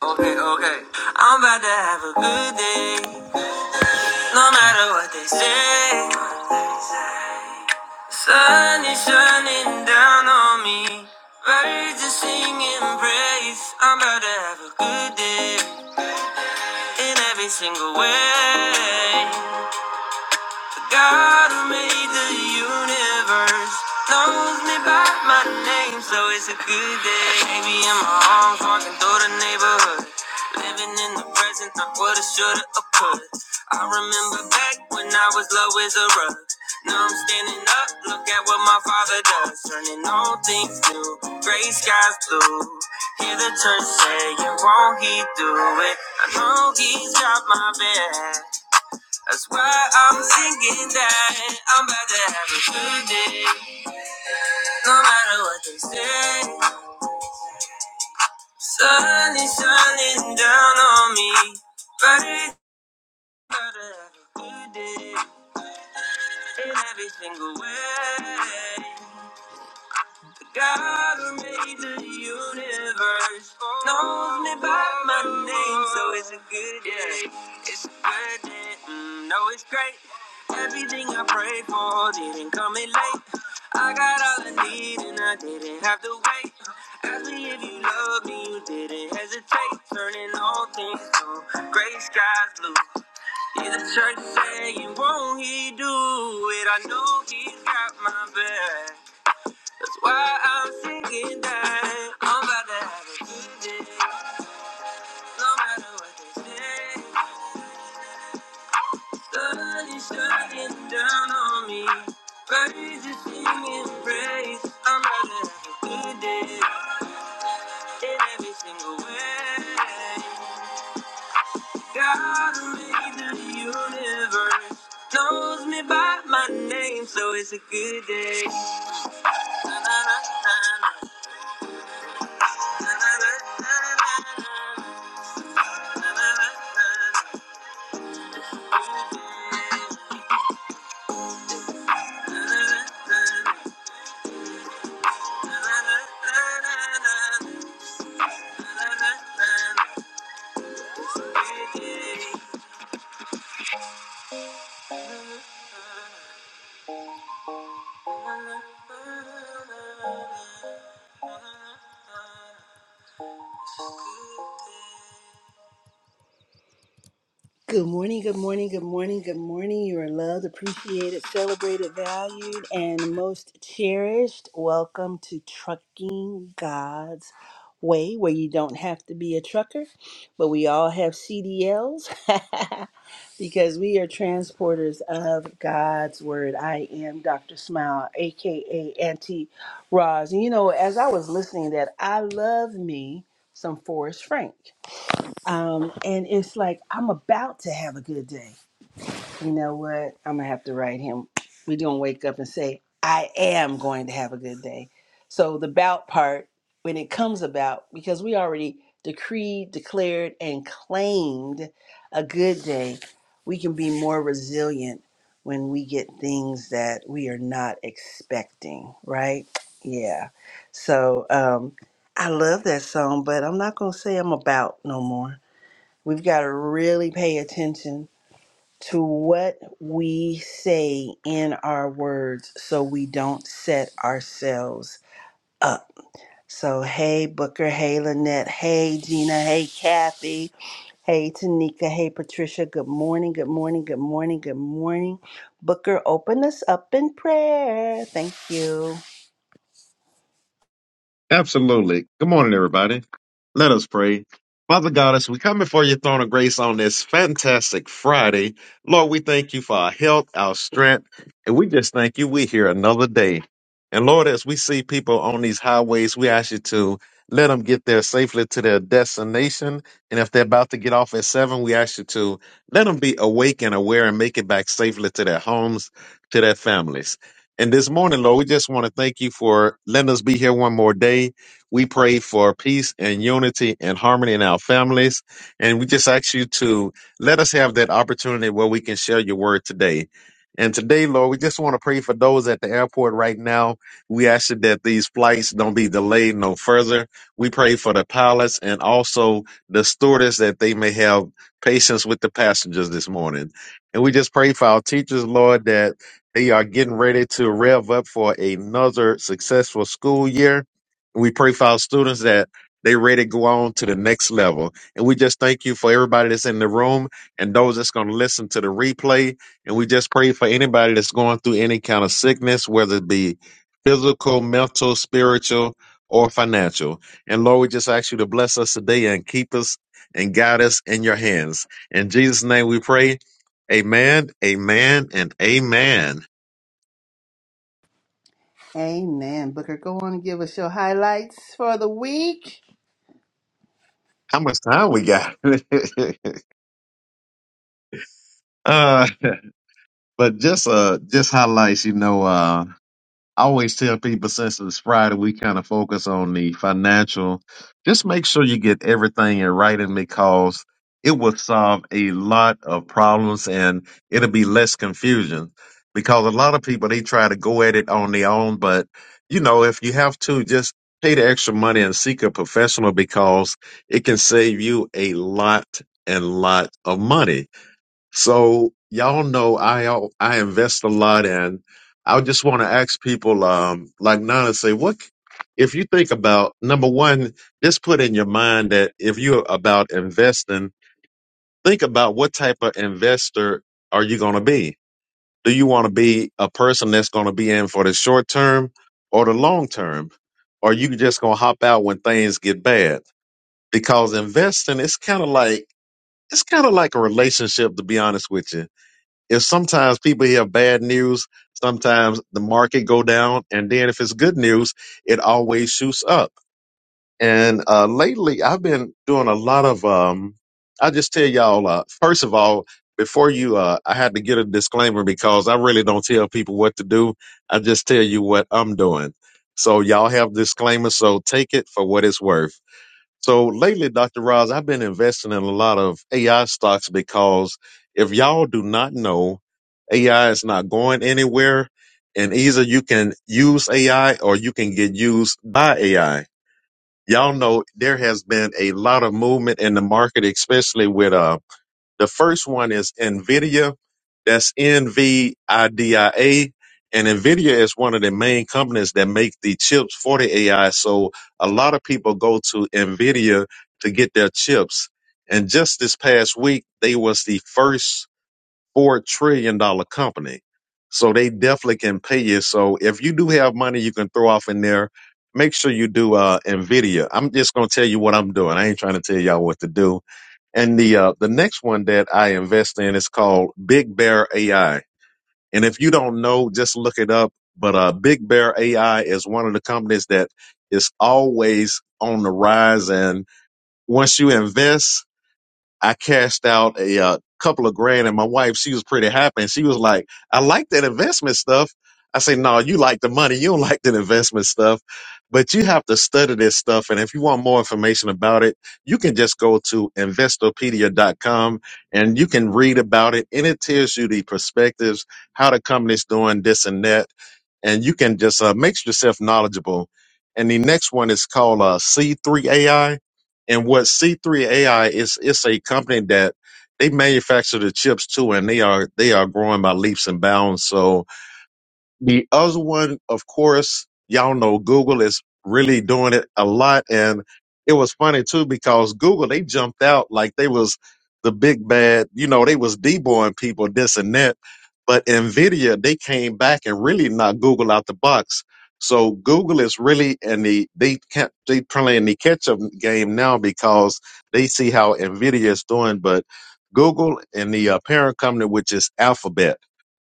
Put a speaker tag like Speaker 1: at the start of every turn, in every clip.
Speaker 1: Okay, okay. I'm about to have a good day, no matter what they say. Sun is shining down on me, birds are singing praise. I'm about to have a good day in every single way. The God who made the universe knows me by my name, so it's a good day. Baby, in my arms, walking through the neighborhood. Living in the present, not what I shoulda or coulda. I remember back when I was low as a rug. Now I'm standing up, look at what my father does. Turning all things new, gray skies blue. Hear the church saying, won't he do it? I know he's got my back. That's why I'm singing that I'm about to have a good day. No matter what they say, sun is shining down on me. But it's about to have a good day in every single way. The God who made the universe knows me by my name, so it's a good day. mm, know it's great. Everything I prayed for didn't come in late. I got all I need and I didn't have to wait. Ask me if you love me, you didn't hesitate. Turning all things to gray skies blue. Hear the church saying, won't he do it? I know he's got my back. That's why I'm singing that. I'm about to have a good day. No matter what they say. Sun is shining down on me. Birds are singing praise. I'm gonna have a good day in every single way. God who made the universe knows me by my name, so it's a good day. Na, na, na, na, na, na, na, na, na, na, na, na, na, na, na. good day. Na, na, na, na, na, na, na, na, na, na, Good morning, good morning, good morning, good morning. You are loved, appreciated, celebrated, valued, and most cherished. Welcome to Trucking God's Way, where you don't have to be a trucker, but we all have CDLs. because we are transporters of God's word. I am Dr. Smile, aka Auntie Roz. And you know, as I was listening to that, I love me some Forrest Frank. Um, and it's like I'm about to have a good day. You know what? I'm gonna have to write him. We don't wake up and say, I am going to have a good day. So the bout part, when it comes about, because we already decreed, declared, and claimed a good day, we can be more resilient when we get things that we are not expecting, right? Yeah. So um I love that song, but I'm not gonna say I'm about no more. We've got to really pay attention to what we say in our words so we don't set ourselves up. So, hey, Booker, hey, Lynette, hey, Gina, hey, Kathy, hey, Tanika, hey, Patricia, good morning, good morning, good morning, good morning. Booker, open us up in prayer. Thank you.
Speaker 2: Absolutely. Good morning, everybody. Let us pray. Father God, as we come before your throne of grace on this fantastic Friday, Lord, we thank you for our health, our strength, and we just thank you we're here another day. And Lord, as we see people on these highways, we ask you to let them get there safely to their destination. And if they're about to get off at seven, we ask you to let them be awake and aware and make it back safely to their homes, to their families. And this morning, Lord, we just want to thank you for letting us be here one more day. We pray for peace and unity and harmony in our families. And we just ask you to let us have that opportunity where we can share your word today. And today, Lord, we just want to pray for those at the airport right now. We ask you that these flights don't be delayed no further. We pray for the pilots and also the stewardess that they may have patience with the passengers this morning. And we just pray for our teachers, Lord, that they are getting ready to rev up for another successful school year. We pray for our students that they ready to go on to the next level. And we just thank you for everybody that's in the room and those that's going to listen to the replay. And we just pray for anybody that's going through any kind of sickness, whether it be physical, mental, spiritual, or financial. And Lord, we just ask you to bless us today and keep us and guide us in your hands. In Jesus' name we pray. Amen, amen, and amen.
Speaker 1: Amen. Booker, go on and give us your highlights for the week.
Speaker 2: how much time we got? uh, but just uh, just highlights, you know. Uh, I always tell people since it's Friday, we kind of focus on the financial. Just make sure you get everything in writing because it will solve a lot of problems and it'll be less confusion. Because a lot of people they try to go at it on their own, but you know, if you have to, just pay the extra money and seek a professional because it can save you a lot and lot of money so y'all know I al- I invest a lot in. I just want to ask people, um, like Nana say, what c- if you think about number one, just put in your mind that if you're about investing, think about what type of investor are you going to be. Do you want to be a person that's going to be in for the short term or the long term, or you just going to hop out when things get bad? Because investing, it's kind of like it's kind of like a relationship, to be honest with you if sometimes people hear bad news, sometimes the market go down, and then if it's good news, it always shoots up. And uh, lately, I've been doing a lot of. Um, I just tell y'all. Uh, first of all, before you, uh, I had to get a disclaimer because I really don't tell people what to do. I just tell you what I'm doing. So y'all have disclaimers. So take it for what it's worth. So lately, Dr. Roz, I've been investing in a lot of AI stocks because if y'all do not know, AI is not going anywhere. And either you can use AI or you can get used by AI. Y'all know there has been a lot of movement in the market, especially with uh, the first one is NVIDIA. That's NVIDIA. And NVIDIA is one of the main companies that make the chips for the AI. So a lot of people go to NVIDIA to get their chips. And just this past week, they was the first $4 trillion dollars company. So they definitely can pay you. So if you do have money you can throw off in there, make sure you do uh, NVIDIA. I'm just going to tell you what I'm doing. I ain't trying to tell y'all what to do and the uh, the next one that I invest in is called Big Bear AI. And if you don't know, just look it up. But uh, Big Bear AI is one of the companies that is always on the rise. And once you invest, I cashed out a uh, couple of grand, and my wife, she was pretty happy, and she was like, "I like that investment stuff." I say, "No, you like the money. You don't like the investment stuff, but you have to study this stuff. And if you want more information about it, you can just go to investopedia.com and you can read about it, and it tells you the perspectives, how the company's doing this and that, and you can just uh, make yourself knowledgeable." And the next one is called uh, C3 AI and what C3 AI is, it's a company that they manufacture the chips too, and they are they are growing by leaps and bounds. So the other one, of course, y'all know Google is really doing it a lot. And it was funny too, because Google, they jumped out like they was the big bad, you know, they was deboing people, this and that. But Nvidia, they came back and really knocked Google out the box. So Google is really in the they can't they playing the catch up game now because they see how Nvidia is doing. But Google and the uh, parent company, which is Alphabet.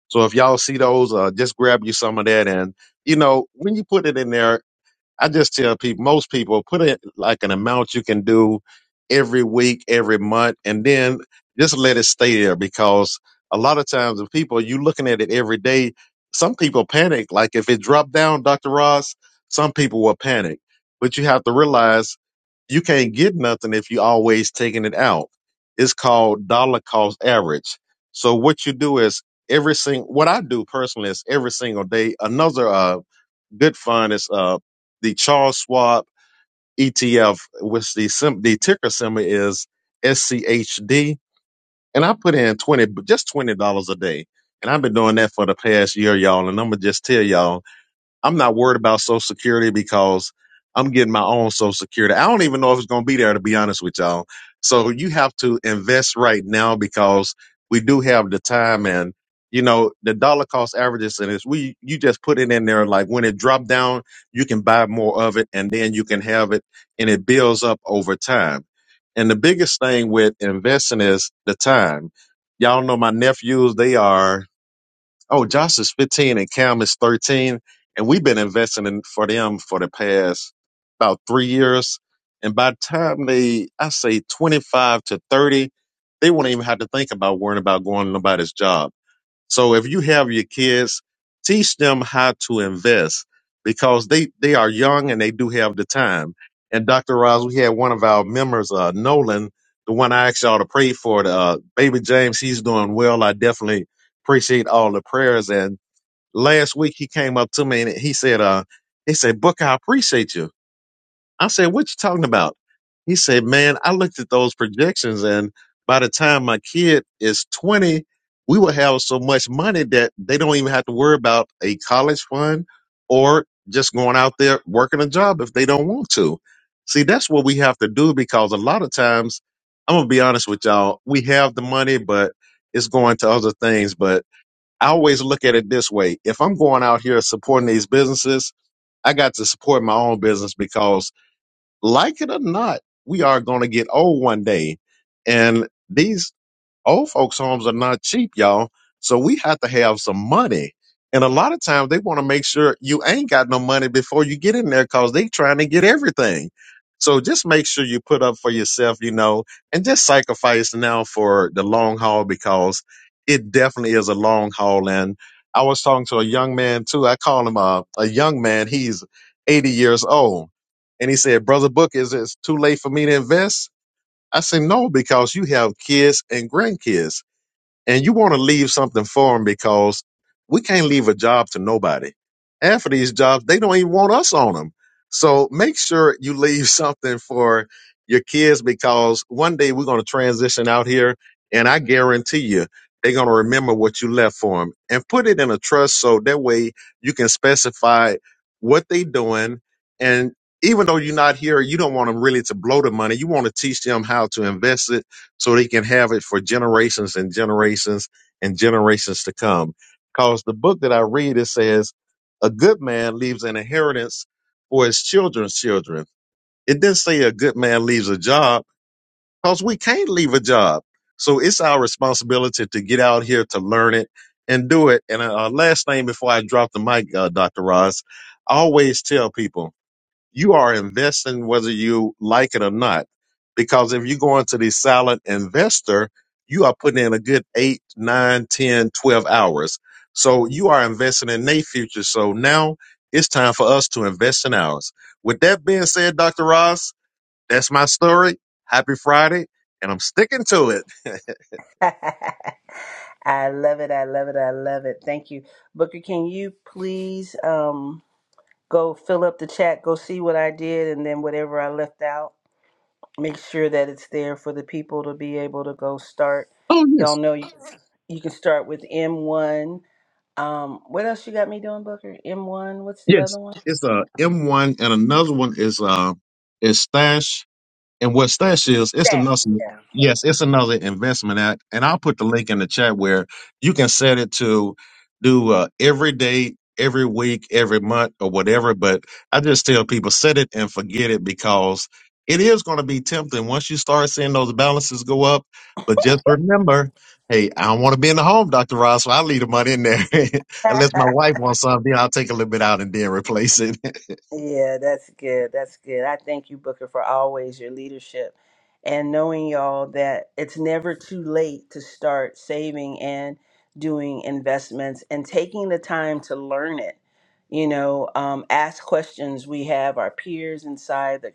Speaker 2: So if y'all see those, uh, just grab you some of that. And, you know, when you put it in there, I just tell people, most people put it like an amount you can do every week, every month, and then just let it stay there because a lot of times the people you looking at it every day, some people panic. Like if it dropped down, Dr. Ross, some people will panic, but you have to realize you can't get nothing if you always taking it out. It's called dollar cost average. So what you do is every single what I do personally is every single day. Another uh, good fund is uh, the Charles Schwab ETF, which the sim- the ticker symbol is SCHD, and I put in twenty just twenty dollars a day, and I've been doing that for the past year, y'all. And I'm gonna just tell y'all I'm not worried about Social Security because I'm getting my own Social Security. I don't even know if it's going to be there, to be honest with y'all. So you have to invest right now because we do have the time and you know the dollar cost averages and it's we you just put it in there like when it dropped down you can buy more of it and then you can have it and it builds up over time and the biggest thing with investing is the time y'all know my nephews they are Oh, Josh is 15 and Cam is 13. And we've been investing in, for them for the past about three years. And by the time they, I say 25 to 30, they won't even have to think about worrying about going to nobody's job. So if you have your kids, teach them how to invest because they, they are young and they do have the time. And Dr. Ross, we had one of our members, uh, Nolan, the one I asked y'all to pray for, the, uh, baby James, he's doing well. I definitely appreciate all the prayers. And last week he came up to me and he said, uh, he said, Book, I appreciate you. I said, what you talking about? He said, man, I looked at those projections and by the time my kid is 20, we will have so much money that they don't even have to worry about a college fund or just going out there working a job if they don't want to. See, that's what we have to do because a lot of times, I'm going to be honest with y'all, we have the money, but it's going to other things. But I always look at it this way. If I'm going out here supporting these businesses, I got to support my own business because like it or not, we are going to get old one day. And these Old folks' homes are not cheap, y'all. So we have to have some money. And a lot of times they want to make sure you ain't got no money before you get in there because they trying to get everything. So just make sure you put up for yourself, you know, and just sacrifice now for the long haul because it definitely is a long haul. And I was talking to a young man too. I call him a, a young man. He's 80 years old. And he said, Brother Book, is it too late for me to invest? I said, no, because you have kids and grandkids and you want to leave something for them because we can't leave a job to nobody. Half of these jobs, they don't even want us on them. So make sure you leave something for your kids because one day we're going to transition out here, and I guarantee you, they're going to remember what you left for them and put it in a trust so that way you can specify what they're doing. And even though you're not here, you don't want them really to blow the money. You want to teach them how to invest it so they can have it for generations and generations and generations to come. Because the book that I read, it says, a good man leaves an inheritance for his children's children. It didn't say a good man leaves a job because we can't leave a job. So it's our responsibility to get out here to learn it and do it. And uh, last thing before I drop the mic, uh, Dr. Ross, I always tell people you are investing whether you like it or not. Because if you go into the silent investor, you are putting in a good eight, nine, ten, twelve hours. So you are investing in their future. So now it's time for us to invest in ours. With that being said, Dr. Ross, that's my story. Happy Friday. And I'm sticking to it.
Speaker 1: I love it. I love it. I love it. Thank you. Booker, can you please? Um, Go fill up the chat, go see what I did, and then whatever I left out, make sure that it's there for the people to be able to go start.
Speaker 2: Oh
Speaker 1: Y'all
Speaker 2: yes,
Speaker 1: know you, can, you can start with M1. Um, what else you got me doing, Booker? M1, what's the other
Speaker 2: yes.
Speaker 1: one?
Speaker 2: It's a M one, and another one is uh is stash. And what Stash is, it's another yes, it's another investment act. And I'll put the link in the chat where you can set it to do uh, every day, every week, every month, or whatever. But I just tell people set it and forget it because it is going to be tempting once you start seeing those balances go up. But just remember, hey, I don't want to be in the home, Doctor Ross, so I leave the money in there. Unless my wife wants something, then I'll take a little bit out and then replace it.
Speaker 1: Yeah, that's good. That's good. I thank you, Booker, for always your leadership and knowing y'all that it's never too late to start saving and doing investments and taking the time to learn it. You know, um, ask questions. We have our peers inside the,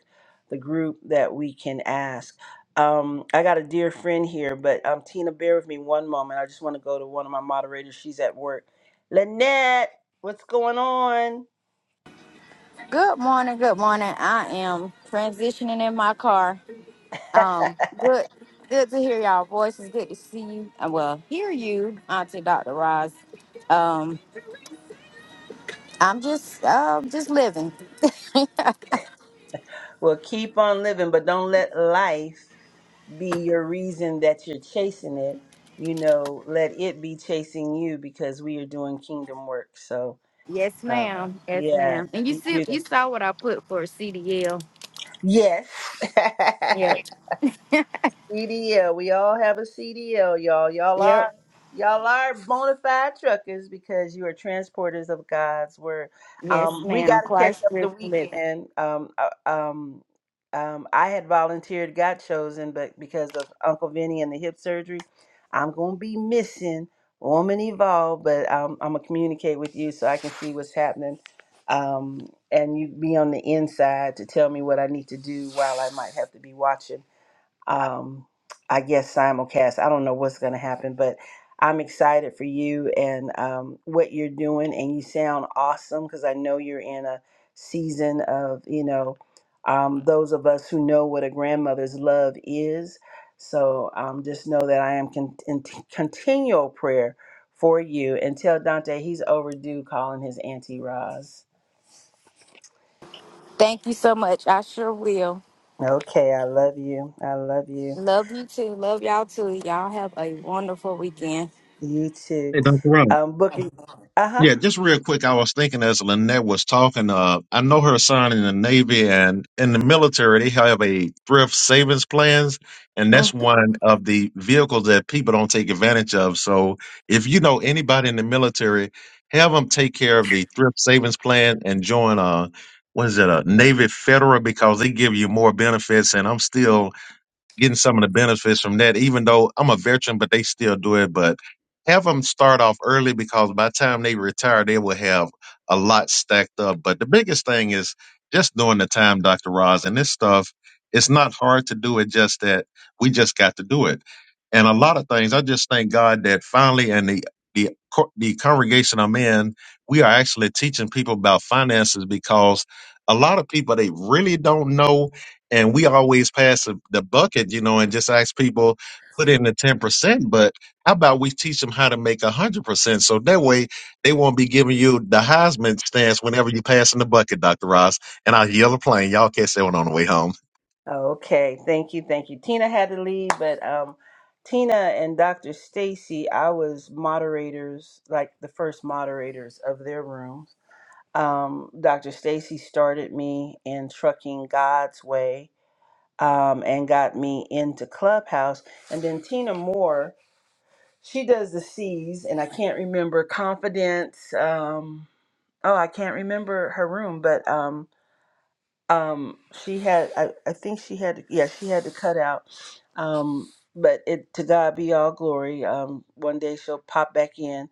Speaker 1: the group that we can ask. Um, I got a dear friend here, but um, Tina, bear with me one moment. I just want to go to one of my moderators. She's at work. Lynette, what's going on?
Speaker 3: Good morning, good morning. I am transitioning in my car. Um, good good to hear y'all voices, good to see you. uh, Well, hear you, Auntie Dr. Roz. Um, I'm just um just living.
Speaker 1: Well, keep on living, but don't let life be your reason that you're chasing it. You know, let it be chasing you because we are doing kingdom work. So,
Speaker 3: Yes,
Speaker 1: uh,
Speaker 3: ma'am. Yes,
Speaker 1: yeah,
Speaker 3: ma'am. And you
Speaker 1: you
Speaker 3: see
Speaker 1: do that.
Speaker 3: you saw what I put for CDL.
Speaker 1: Yes.
Speaker 3: Yep.
Speaker 1: CDL. We all have a CDL, y'all. Y'all
Speaker 3: Yep.
Speaker 1: are y'all are bona fide truckers because you are transporters of God's word.
Speaker 3: Yes,
Speaker 1: Um, we
Speaker 3: ma'am.
Speaker 1: got to catch
Speaker 3: Christ
Speaker 1: up the
Speaker 3: driven living.
Speaker 1: weekend. Um, uh, um, um, I had volunteered, got chosen, but because of Uncle Vinny and the hip surgery, I'm gonna be missing Woman Evolve. But um, I'm gonna communicate with you so I can see what's happening. Um, and you be on the inside to tell me what I need to do while I might have to be watching um, I guess simulcast. I don't know what's going to happen, but I'm excited for you and um, what you're doing. And you sound awesome because I know you're in a season of, you know, um, those of us who know what a grandmother's love is. So um, just know that I am con- in continual prayer for you and tell Dante he's overdue calling his Auntie Roz.
Speaker 3: Thank you so much. I sure will.
Speaker 1: Okay, I love you. I love you.
Speaker 3: Love you too. Love y'all too. Y'all have a wonderful weekend.
Speaker 1: You too.
Speaker 2: Hey, Dr. Rob.
Speaker 1: Um, Bookie. Uh
Speaker 2: Yeah, just real quick, I was thinking as Lynette was talking, uh, I know her son in the Navy and in the military, they have a thrift savings plans, and
Speaker 1: huh.
Speaker 2: that's one of the vehicles that people don't take advantage of. So if you know anybody in the military, have them take care of the thrift savings plan and join a, what is it, a Navy Federal because they give you more benefits. And I'm still getting some of the benefits from that, even though I'm a veteran, but they still do it. But have them start off early because by the time they retire, they will have a lot stacked up. But the biggest thing is just doing the time, Dr. Roz, and this stuff, it's not hard to do it, just that we just got to do it. And a lot of things, I just thank God that finally, and the the, co- the congregation I'm in, we are actually teaching people about finances because a lot of people, they really don't know and we always pass the the bucket, you know, and just ask people put in the ten percent. But how about we teach them how to make a hundred percent, so that way they won't be giving you the Heisman stance whenever you pass in the bucket, Doctor Ross. And I yell a plane. Y'all catch that one on the way home.
Speaker 1: Okay, thank you, thank you. Tina had to leave, but um, Tina and Dr. Stacy, I was moderators, like the first moderators of their rooms. Um, Dr. Stacy started me in trucking God's way, um, and got me into Clubhouse, and then Tina Moore, she does the C's, and I can't remember confidence. Um, oh, I can't remember her room, but um um she had I, I think she had yeah she had to cut out um but it to god be all glory um one day she'll pop back in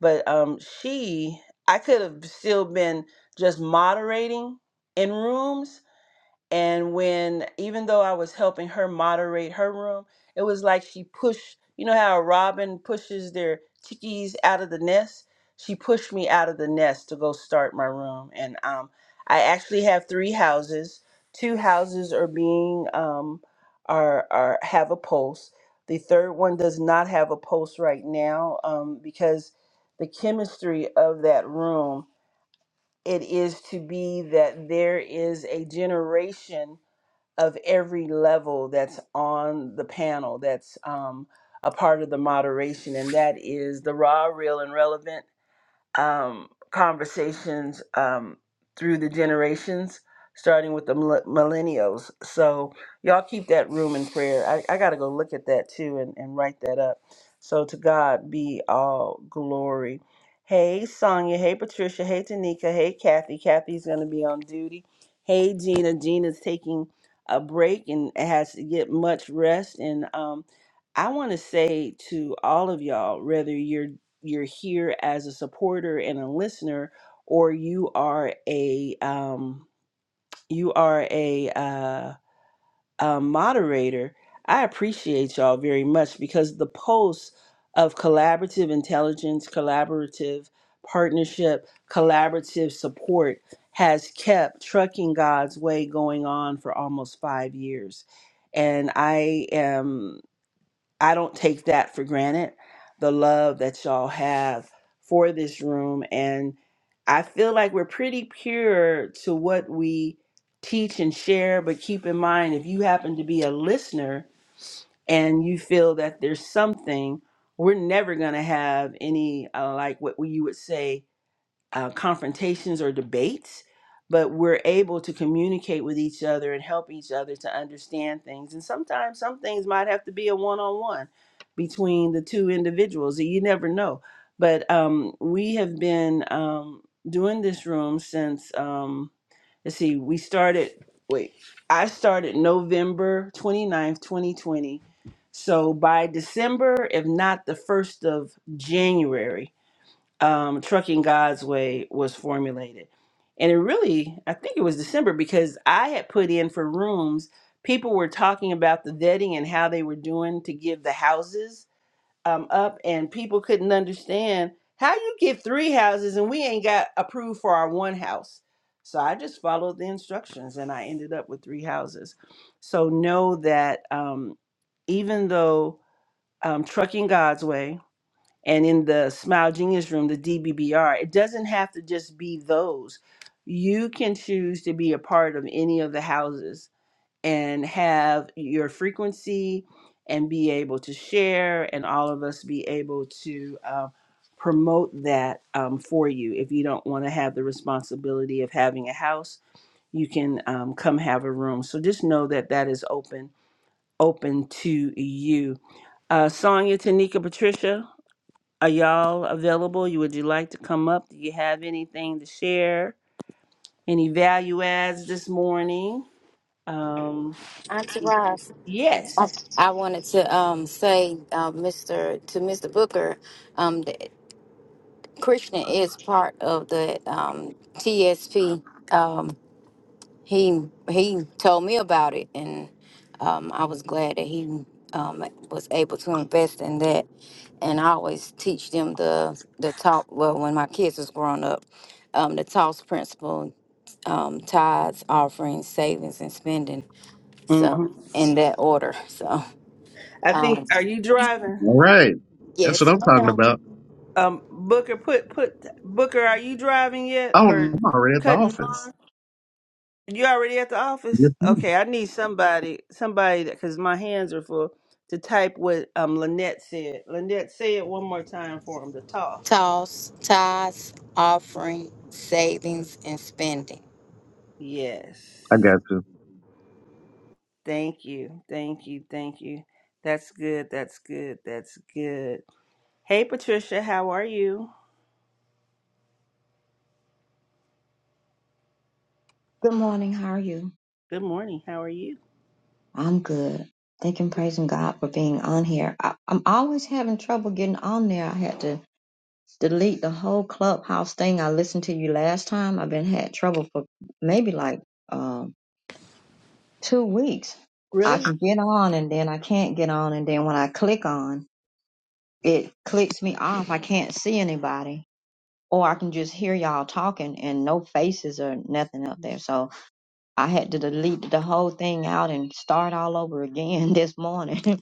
Speaker 1: but um she i could have still been just moderating in rooms and when, even though I was helping her moderate her room, it was like she pushed, you know how a robin pushes their chickies out of the nest? She pushed me out of the nest to go start my room. And um, I actually have three houses. Two houses are being, um, are, are, have a post. The third one does not have a post right now um, because the chemistry of that room, it is to be that there is a generation of every level that's on the panel that's um, a part of the moderation, and that is the raw, real, and relevant um, conversations um, through the generations, starting with the mil- millennials. So y'all keep that room in prayer. I, I got to go look at that too and, and write that up. So to God be all glory. Hey, Sonia. Hey, Patricia. Hey, Tanika. Hey, Kathy. Kathy's going to be on duty. Hey, Gina. Gina's taking a break and has to get much rest. And um, I want to say to all of y'all, whether you're you're here as a supporter and a listener or you are a um, you are a, uh, a moderator i appreciate y'all very much because the pulse of collaborative intelligence collaborative partnership collaborative support has kept trucking god's way going on for almost five years and i am I don't take that for granted. The love that y'all have for this room. And I feel like we're pretty pure to what we teach and share. But keep in mind, if you happen to be a listener and you feel that there's something, we're never going to have any, uh, like what you would say, uh, confrontations or debates, but we're able to communicate with each other and help each other to understand things. And sometimes some things might have to be a one on one between the two individuals. You never know. But um, we have been um, doing this room since, um, let's see, we started, wait, I started November 29th, 2020. So by December, if not the 1st of January, um, Trucking God's Way was formulated. And it really, I think it was December because I had put in for rooms. People were talking about the vetting and how they were doing to give the houses um, up, and people couldn't understand how you get three houses and we ain't got approved for our one house. So I just followed the instructions and I ended up with three houses. So know that um, even though um, Trucking God's Way, and in the Smile Genius Room, the DBBR, it doesn't have to just be those. You can choose to be a part of any of the houses and have your frequency and be able to share, and all of us be able to uh, promote that um, for you. If you don't want to have the responsibility of having a house, you can um, come have a room. So just know that that is open, open to you. Uh, Sonia, Tanika, Patricia, are y'all available? You Would you like to come up? Do you have anything to share? Any value adds this morning? Um,
Speaker 3: Auntie Roz.
Speaker 1: yes.
Speaker 3: I, I wanted to um, say, uh, Mr. to Mr. Booker, um, that Krishna is part of the um, TSP. Um, he he told me about it, and um, I was glad that he um, was able to invest in that. And I always teach them the the talk. Well, when my kids was growing up, um, the toss principle, um, tithes, offerings, savings, and spending. So
Speaker 1: hmm
Speaker 3: in that order. So
Speaker 1: I think.
Speaker 3: um,
Speaker 1: Are you driving?
Speaker 2: Right. that's what
Speaker 3: yes,
Speaker 2: I'm talking
Speaker 3: ma'am.
Speaker 2: about.
Speaker 1: Um, Booker, put put Booker. Are you driving yet
Speaker 2: Oh, no,
Speaker 1: or
Speaker 2: I'm already at the
Speaker 1: cutting lawn?
Speaker 2: office.
Speaker 1: You already at the office?
Speaker 2: Yes, ma'am.
Speaker 1: Okay, I need somebody, somebody that because my hands are full to type what um Lynette said. Lynette, say it one more time for him to toss.
Speaker 3: Toss, tithes, offering, savings, and spending.
Speaker 1: Yes,
Speaker 2: I got you.
Speaker 1: thank you, thank you, thank you. That's good. That's good. That's good. Hey, Patricia, how are you?
Speaker 4: Good morning. How are you?
Speaker 1: Good morning. How are you?
Speaker 4: I'm good. Thank and praising God for being on here. I, I'm always having trouble getting on there. I had to delete the whole clubhouse thing. I listened to you last time. I've been had trouble for maybe like um, two weeks. I
Speaker 1: Really?
Speaker 4: can get on and then I can't get on, and then when I click on, it clicks me off. I can't see anybody, or I can just hear y'all talking and no faces or nothing up there. So I had to delete the whole thing out and start all over again this morning.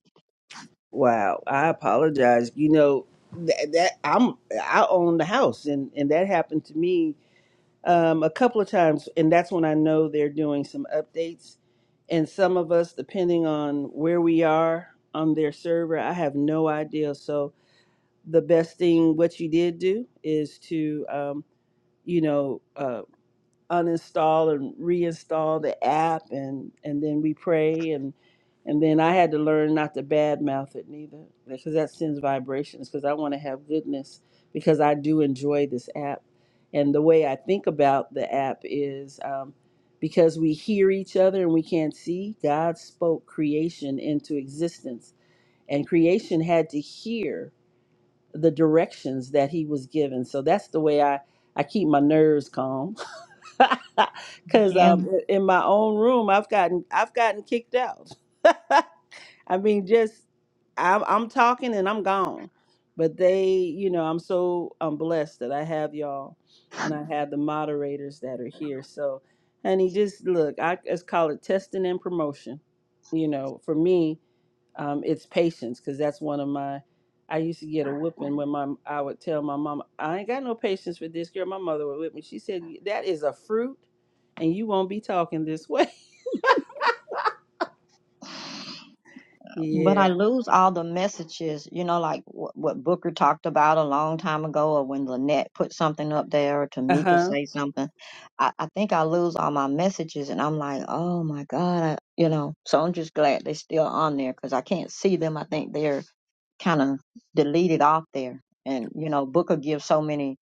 Speaker 1: Wow, I apologize. You know that, that I'm I own the house, and and that happened to me um, a couple of times, and that's when I know they're doing some updates. And some of us, depending on where we are on their server, I have no idea. So the best thing what you did do is to um, you know. uh, uninstall and reinstall the app and and then we pray and and then I had to learn not to badmouth it neither because that sends vibrations because I want to have goodness because I do enjoy this app and the way I think about the app is um, because we hear each other and we can't see God spoke creation into existence and creation had to hear the directions that he was given so that's the way I I keep my nerves calm Cause
Speaker 4: yeah.
Speaker 1: um, in my own room, I've gotten I've gotten kicked out. I mean, just I'm I'm talking and I'm gone. But they, you know, I'm so I'm blessed that I have y'all, and I have the moderators that are here. So, honey, just look, I just call it testing and promotion. You know, for me, um, it's patience because that's one of my i used to get a whooping when my i would tell my mom i ain't got no patience for this girl my mother would whip me she said that is a fruit and you won't be talking this way
Speaker 4: But I
Speaker 1: yeah
Speaker 4: lose all the messages, you know, like what, what Booker talked about a long time ago, or when Lynette put something up there, or Tamika
Speaker 1: uh-huh
Speaker 4: say something. I, I think I lose all my messages, and I'm like, oh my God, I, you know. So I'm just glad they're still on there because I can't see them. I think they're kind of deleted off there. And you know, Booker gives so many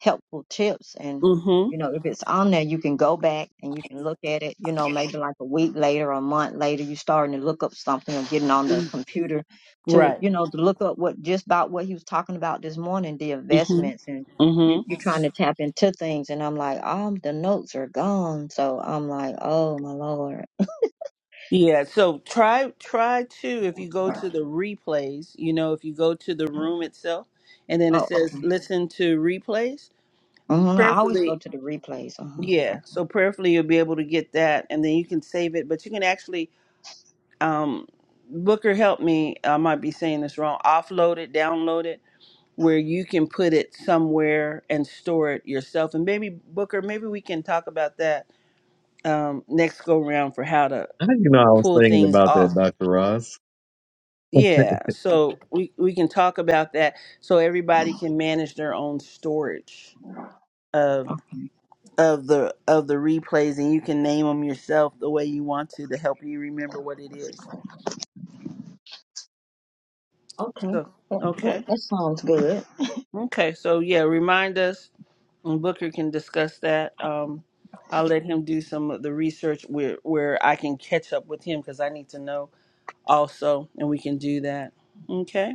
Speaker 4: helpful tips, and
Speaker 1: mm-hmm
Speaker 4: you know, if it's on there, you can go back and you can look at it. You know, maybe like a week later, or a month later, you starting to look up something or getting on the
Speaker 1: Mm.
Speaker 4: computer to
Speaker 1: right
Speaker 4: you know to look up what just about what he was talking about this morning, the
Speaker 1: mm-hmm
Speaker 4: investments and.
Speaker 1: mm-hmm
Speaker 4: you- You're trying to tap into things, and I'm like, oh, the notes are gone. So I'm like, oh my lord.
Speaker 1: yeah so try try to if you go to the replays you know if you go to the room itself and then it
Speaker 4: Oh,
Speaker 1: says
Speaker 4: okay.
Speaker 1: listen to replays
Speaker 4: hmm I always go
Speaker 1: prayerfully
Speaker 4: to the replays. Uh huh.
Speaker 1: yeah so prayerfully you'll be able to get that and then you can save it but you can actually um, Booker helped me. I might be saying this wrong. Offload it, download it, where you can put it somewhere and store it yourself. And maybe Booker, maybe we can talk about that um, next go round for how to
Speaker 2: I didn't know I was
Speaker 1: pull
Speaker 2: thinking
Speaker 1: things
Speaker 2: about that,
Speaker 1: off.
Speaker 2: Doctor Ross.
Speaker 1: Yeah, so we we can talk about that so everybody can manage their own storage of of the of the replays and you can name them yourself the way you want to to help you remember what it is.
Speaker 4: Okay.
Speaker 1: So
Speaker 4: That, that,
Speaker 1: okay.
Speaker 4: that sounds good.
Speaker 1: Okay, so yeah, remind us and Booker can discuss that. Um, I'll let him do some of the research where where I can catch up with him because I need to know also, and we can do that. Okay.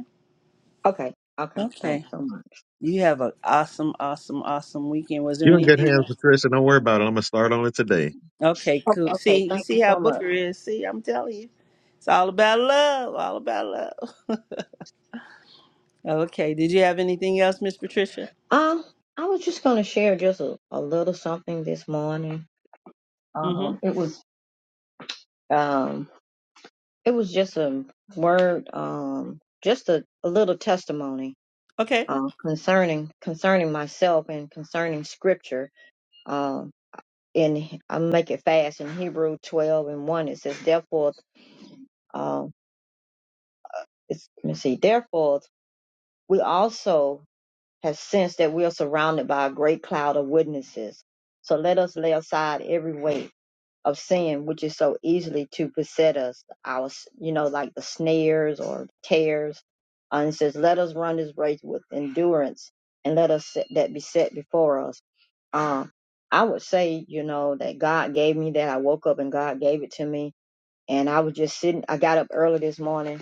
Speaker 4: Okay. Okay.
Speaker 1: Okay.
Speaker 4: Thanks so much.
Speaker 1: You have an awesome, awesome, awesome weekend. Was there
Speaker 2: You're in good
Speaker 1: anything
Speaker 2: hands,
Speaker 1: else?
Speaker 2: Patricia. Don't worry about it. I'm gonna start on it today.
Speaker 1: Okay, cool.
Speaker 4: O- Okay.
Speaker 1: See, you
Speaker 4: Thank you
Speaker 1: see how
Speaker 4: so much.
Speaker 1: Booker is. See, I'm telling you, it's all about love. All about love. Okay. Did you have anything else, Miss Patricia?
Speaker 4: Um, I was just going to share just a, a little something this morning.
Speaker 1: Mm-hmm.
Speaker 4: Um, it was, um, it was just a word, um, just a, a little testimony,
Speaker 1: Okay.
Speaker 4: uh, concerning, concerning myself and concerning scripture. Um, in, I'll make it fast in Hebrew 12 and 1, it says, therefore, um, it's, let me see, therefore, we also Has sensed that we are surrounded by a great cloud of witnesses. So let us lay aside every weight of sin which is so easily to beset us, our you know, like the snares or tears. Uh, And it says, Let us run this race with endurance and let us set that be set before us. Um, I would say, you know, that God gave me that. I woke up and God gave it to me. And I was just sitting I got up early this morning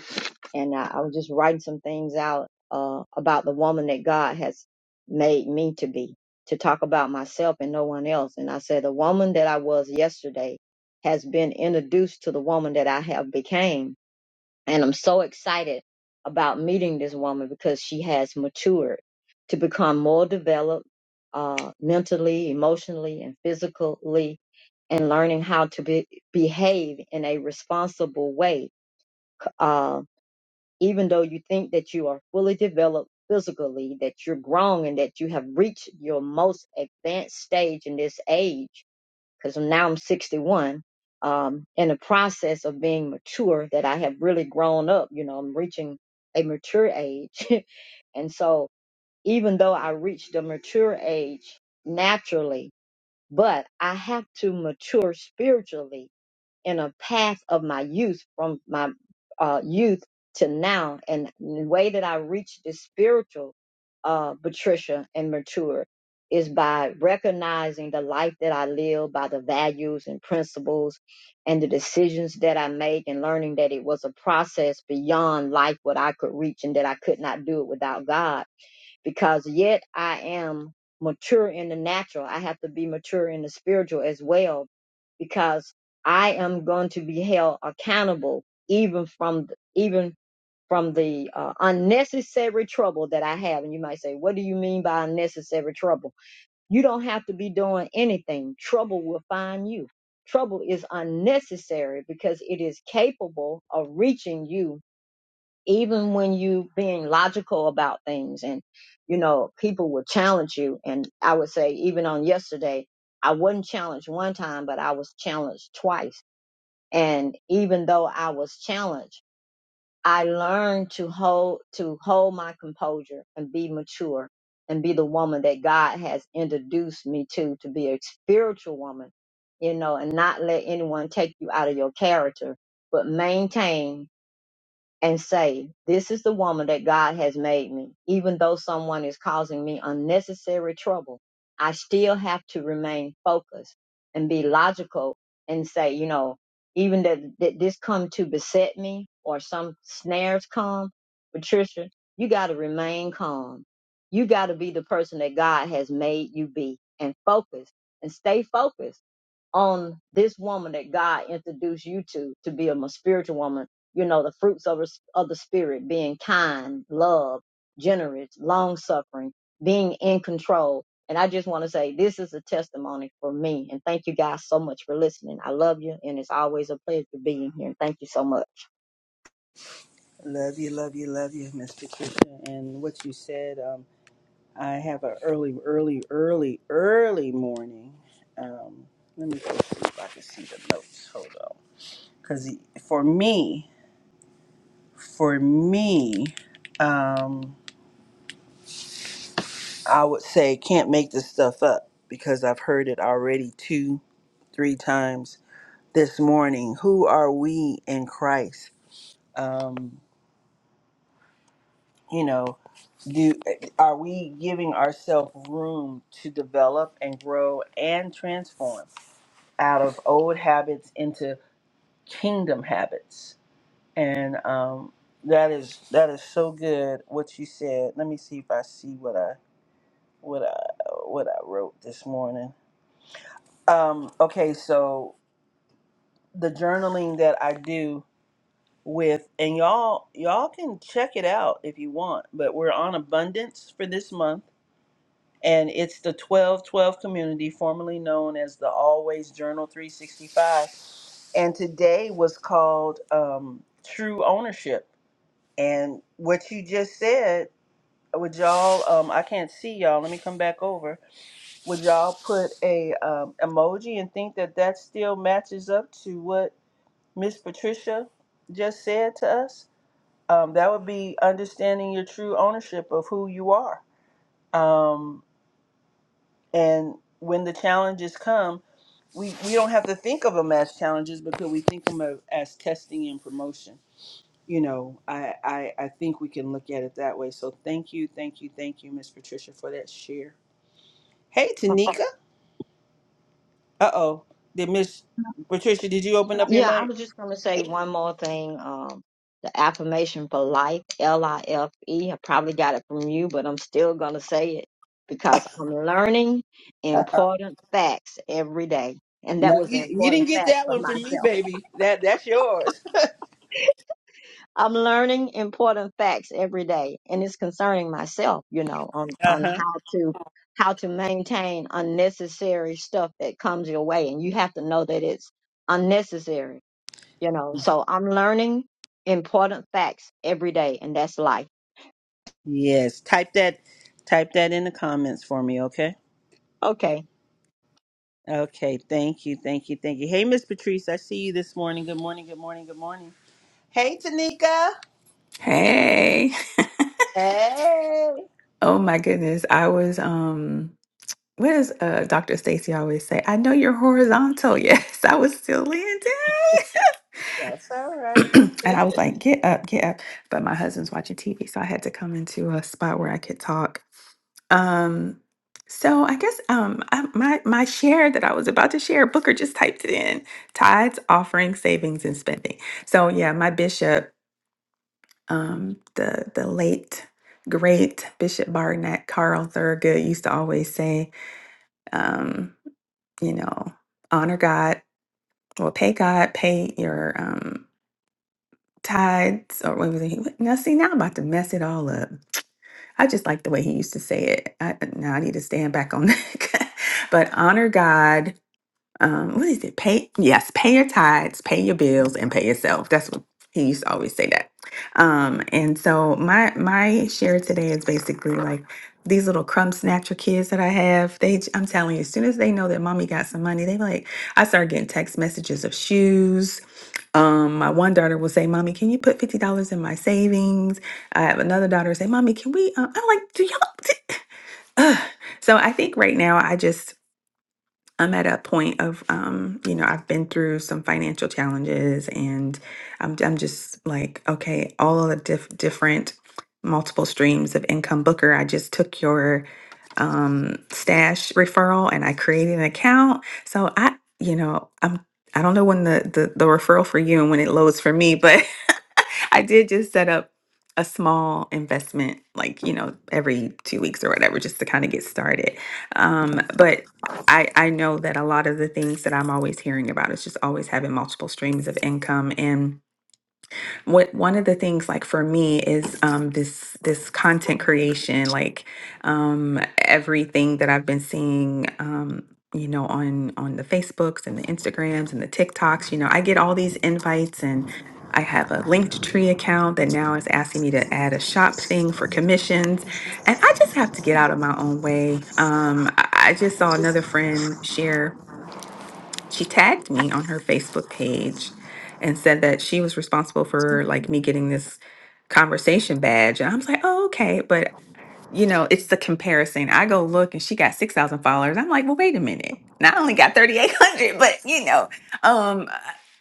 Speaker 4: and I, I was just writing some things out uh, about the woman that God has made me to be, to talk about myself and no one else. And I said, the woman that I was yesterday has been introduced to the woman that I have became, and I'm so excited about meeting this woman because she has matured to become more developed uh, mentally, emotionally, and physically, and learning how to be, behave in a responsible way. Uh, even though you think that you are fully developed physically, that you're grown and that you have reached your most advanced stage in this age, because now I'm 61, um, in the process of being mature, that I have really grown up, you know, I'm reaching a mature age. and so even though I reached a mature age naturally, but I have to mature spiritually in a path of my youth from my uh, youth to now and the way that i reached this spiritual uh, patricia and mature is by recognizing the life that i live by the values and principles and the decisions that i make and learning that it was a process beyond life what i could reach and that i could not do it without god because yet I am mature in the natural. I have to be mature in the spiritual as well because I am going to be held accountable even from even from the uh, unnecessary trouble that I have. And you might say, what do you mean by unnecessary trouble? You don't have to be doing anything. Trouble will find you. Trouble is unnecessary because it is capable of reaching you even when you being logical about things and you know people will challenge you and i would say even on yesterday i wasn't challenged one time but i was challenged twice and even though i was challenged i learned to hold to hold my composure and be mature and be the woman that god has introduced me to to be a spiritual woman you know and not let anyone take you out of your character but maintain and say, This is the woman that God has made me. Even though someone is causing me unnecessary trouble, I still have to remain focused and be logical and say, you know, even that, that this come to beset me or some snares come, Patricia, you got to remain calm. You got to be the person that God has made you be and focus and stay focused on this woman that God introduced you to to be a mo- spiritual woman. You know, the fruits of, the- of the spirit being kind, love, generous, long suffering, being in control. And I just want to say this is a testimony for me. And thank you guys so much for listening. I love you. And it's always a pleasure being here. And thank you so much.
Speaker 1: Love you, love you, love you, Miss Patricia. And what you said. Um, I have an early, early, early, early morning. Um, let me go see if I can see the notes. Hold on, because for me, for me, um, I would say can't make this stuff up because I've heard it already two, three times this morning. Who are we in Christ? Um, you know, do are we giving ourselves room to develop and grow and transform? out of old habits into kingdom habits and um, that is that is so good what you said let me see if i see what i what i what i wrote this morning um okay so the journaling that i do with and y'all y'all can check it out if you want but we're on abundance for this month and it's the 1212 community formerly known as the always journal 365 and today was called um, True Ownership. And what you just said, would y'all? Um, I can't see y'all. Let me come back over. Would y'all put a um, emoji and think that that still matches up to what Miss Patricia just said to us? Um, that would be understanding your true ownership of who you are. Um, and when the challenges come, we, we don't have to think of them as challenges because we think of them as testing and promotion. you know, I, I I think we can look at it that way. So thank you, thank you, thank you, Miss Patricia, for that share. Hey, Tanika. Uh oh. Did Miss Patricia? Did you open up your
Speaker 4: Yeah, I
Speaker 1: mic?
Speaker 4: was just going to say one more thing. Um, the affirmation for life, L I F E. I probably got it from you, but I'm still going to say it because I'm learning important facts every day. And that
Speaker 1: No,
Speaker 4: was
Speaker 1: you,
Speaker 4: an
Speaker 1: you didn't
Speaker 4: important
Speaker 1: get
Speaker 4: fact
Speaker 1: that
Speaker 4: for
Speaker 1: one from me,
Speaker 4: myself.
Speaker 1: baby. That that's yours.
Speaker 4: I'm learning important facts every day, and it's concerning myself, you know, on,
Speaker 1: Uh
Speaker 4: on
Speaker 1: huh.
Speaker 4: how to how to maintain unnecessary stuff that comes your way, and you have to know that it's unnecessary you know so i'm learning important facts every day and that's life
Speaker 1: Yes. Type that. Type that in the comments for me, okay?
Speaker 4: okay
Speaker 1: Okay. Thank you. Thank you. Thank you. Hey, Miss Patrice, I see you this morning. Good morning. Good morning. Good morning. Hey, Tanika.
Speaker 5: Hey.
Speaker 1: Hey.
Speaker 5: Oh my goodness. I was um what does uh Dr. Stacy always say? I know you're horizontal. Yes, I was still landing.
Speaker 1: That's all right.
Speaker 5: and I was like, get up, get up. But my husband's watching TV, so I had to come into a spot where I could talk. Um so I guess um I, my my share that I was about to share, Booker just typed it in. Tides, offering, savings, and spending. So yeah, my bishop um, the the late great Bishop Barnett Carl Thurgood used to always say, um, you know, honor God, well, pay God, pay your um, tithes, or what was it? He- Now, see, now I'm about to mess it all up. I just like the way he used to say it. I, now I need to stand back on that. but honor God um, what is it? Pay yes, pay your tithes, pay your bills, and pay yourself. That's what he used to always say that. Um, and so my my share today is basically like these little crumb snatcher kids that I have. They j- I'm telling you, as soon as they know that mommy got some money, they be like I start getting text messages of shoes. Um, my one daughter will say, "Mommy, can you put fifty dollars in my savings?" I have another daughter say, "Mommy, can we?" Uh, I'm like, "Do y'all?" Ugh. So I think right now I just I'm at a point of, um, you know, I've been through some financial challenges and I'm, I'm just like, okay, all of the diff- different multiple streams of income. Booker, I just took your um, stash referral and I created an account. So I, you know, I'm, I don't know when the, the, the referral for you and when it loads for me, but I did just set up a small investment, like, you know, every two weeks or whatever, just to kind of get started. Um, but I, I know that a lot of the things that I'm always hearing about is just always having multiple streams of income. And what one of the things like for me is um this this content creation like um everything that I've been seeing um you know on on the Facebooks and the Instagrams and the TikToks you know I get all these invites and I have a linked tree account that now is asking me to add a shop thing for commissions and I just have to get out of my own way um I I just saw another friend share she tagged me on her Facebook page and said that she was responsible for like me getting this conversation badge. And I was like, oh, okay. But you know, it's the comparison. I go look and she got 6,000 followers. I'm like, well, wait a minute. Now I only got 3,800, but you know, um,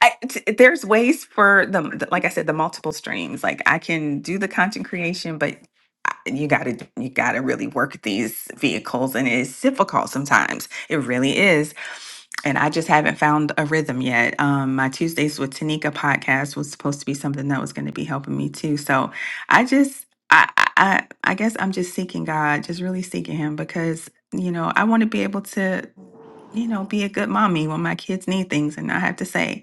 Speaker 5: I, t- there's ways for the, the- like I said, the multiple streams. Like I can do the content creation, but I- you gotta, you gotta really work these vehicles and it's difficult sometimes. It really is. And I just haven't found a rhythm yet. Um, my Tuesdays with Tanika podcast was supposed to be something that was going to be helping me too. So, I just I, I I I guess I'm just seeking God, just really seeking Him because you know I want to be able to you know be a good mommy when my kids need things and I have to say,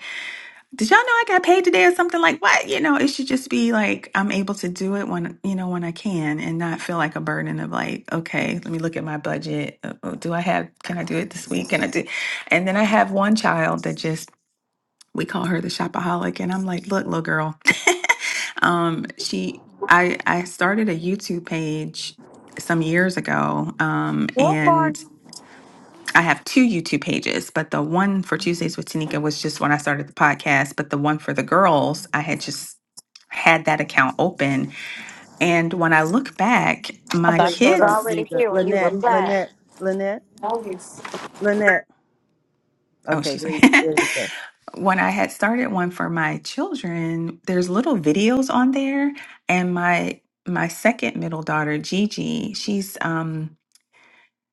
Speaker 5: did y'all know I got paid today or something like what? You know, it should just be like I'm able to do it when you know when I can and not feel like a burden of like okay, let me look at my budget. Uh, uh, Do I have? Can I do it this week? Can I do? And then I have one child that just we call her the shopaholic and i'm like look little girl um she i i started a youtube page some years ago um
Speaker 3: Good
Speaker 5: and
Speaker 3: morning.
Speaker 5: i have two youtube pages but the one for tuesdays with tanika was just when i started the podcast but the one for the girls i had just had that account open and when i look back
Speaker 3: I
Speaker 5: my
Speaker 1: Wait,
Speaker 3: thought you
Speaker 1: hold
Speaker 3: was
Speaker 1: on,
Speaker 5: kids
Speaker 3: already
Speaker 1: Tamika.
Speaker 3: here when you
Speaker 1: Lynette,
Speaker 3: replied.
Speaker 1: Lynette, Lynette, Lynette.
Speaker 5: oh
Speaker 1: Okay,
Speaker 5: she's
Speaker 1: there,
Speaker 5: like
Speaker 1: there we go.
Speaker 5: when I had started one for my children, there's little videos on there, and my my second middle daughter, Gigi, she's um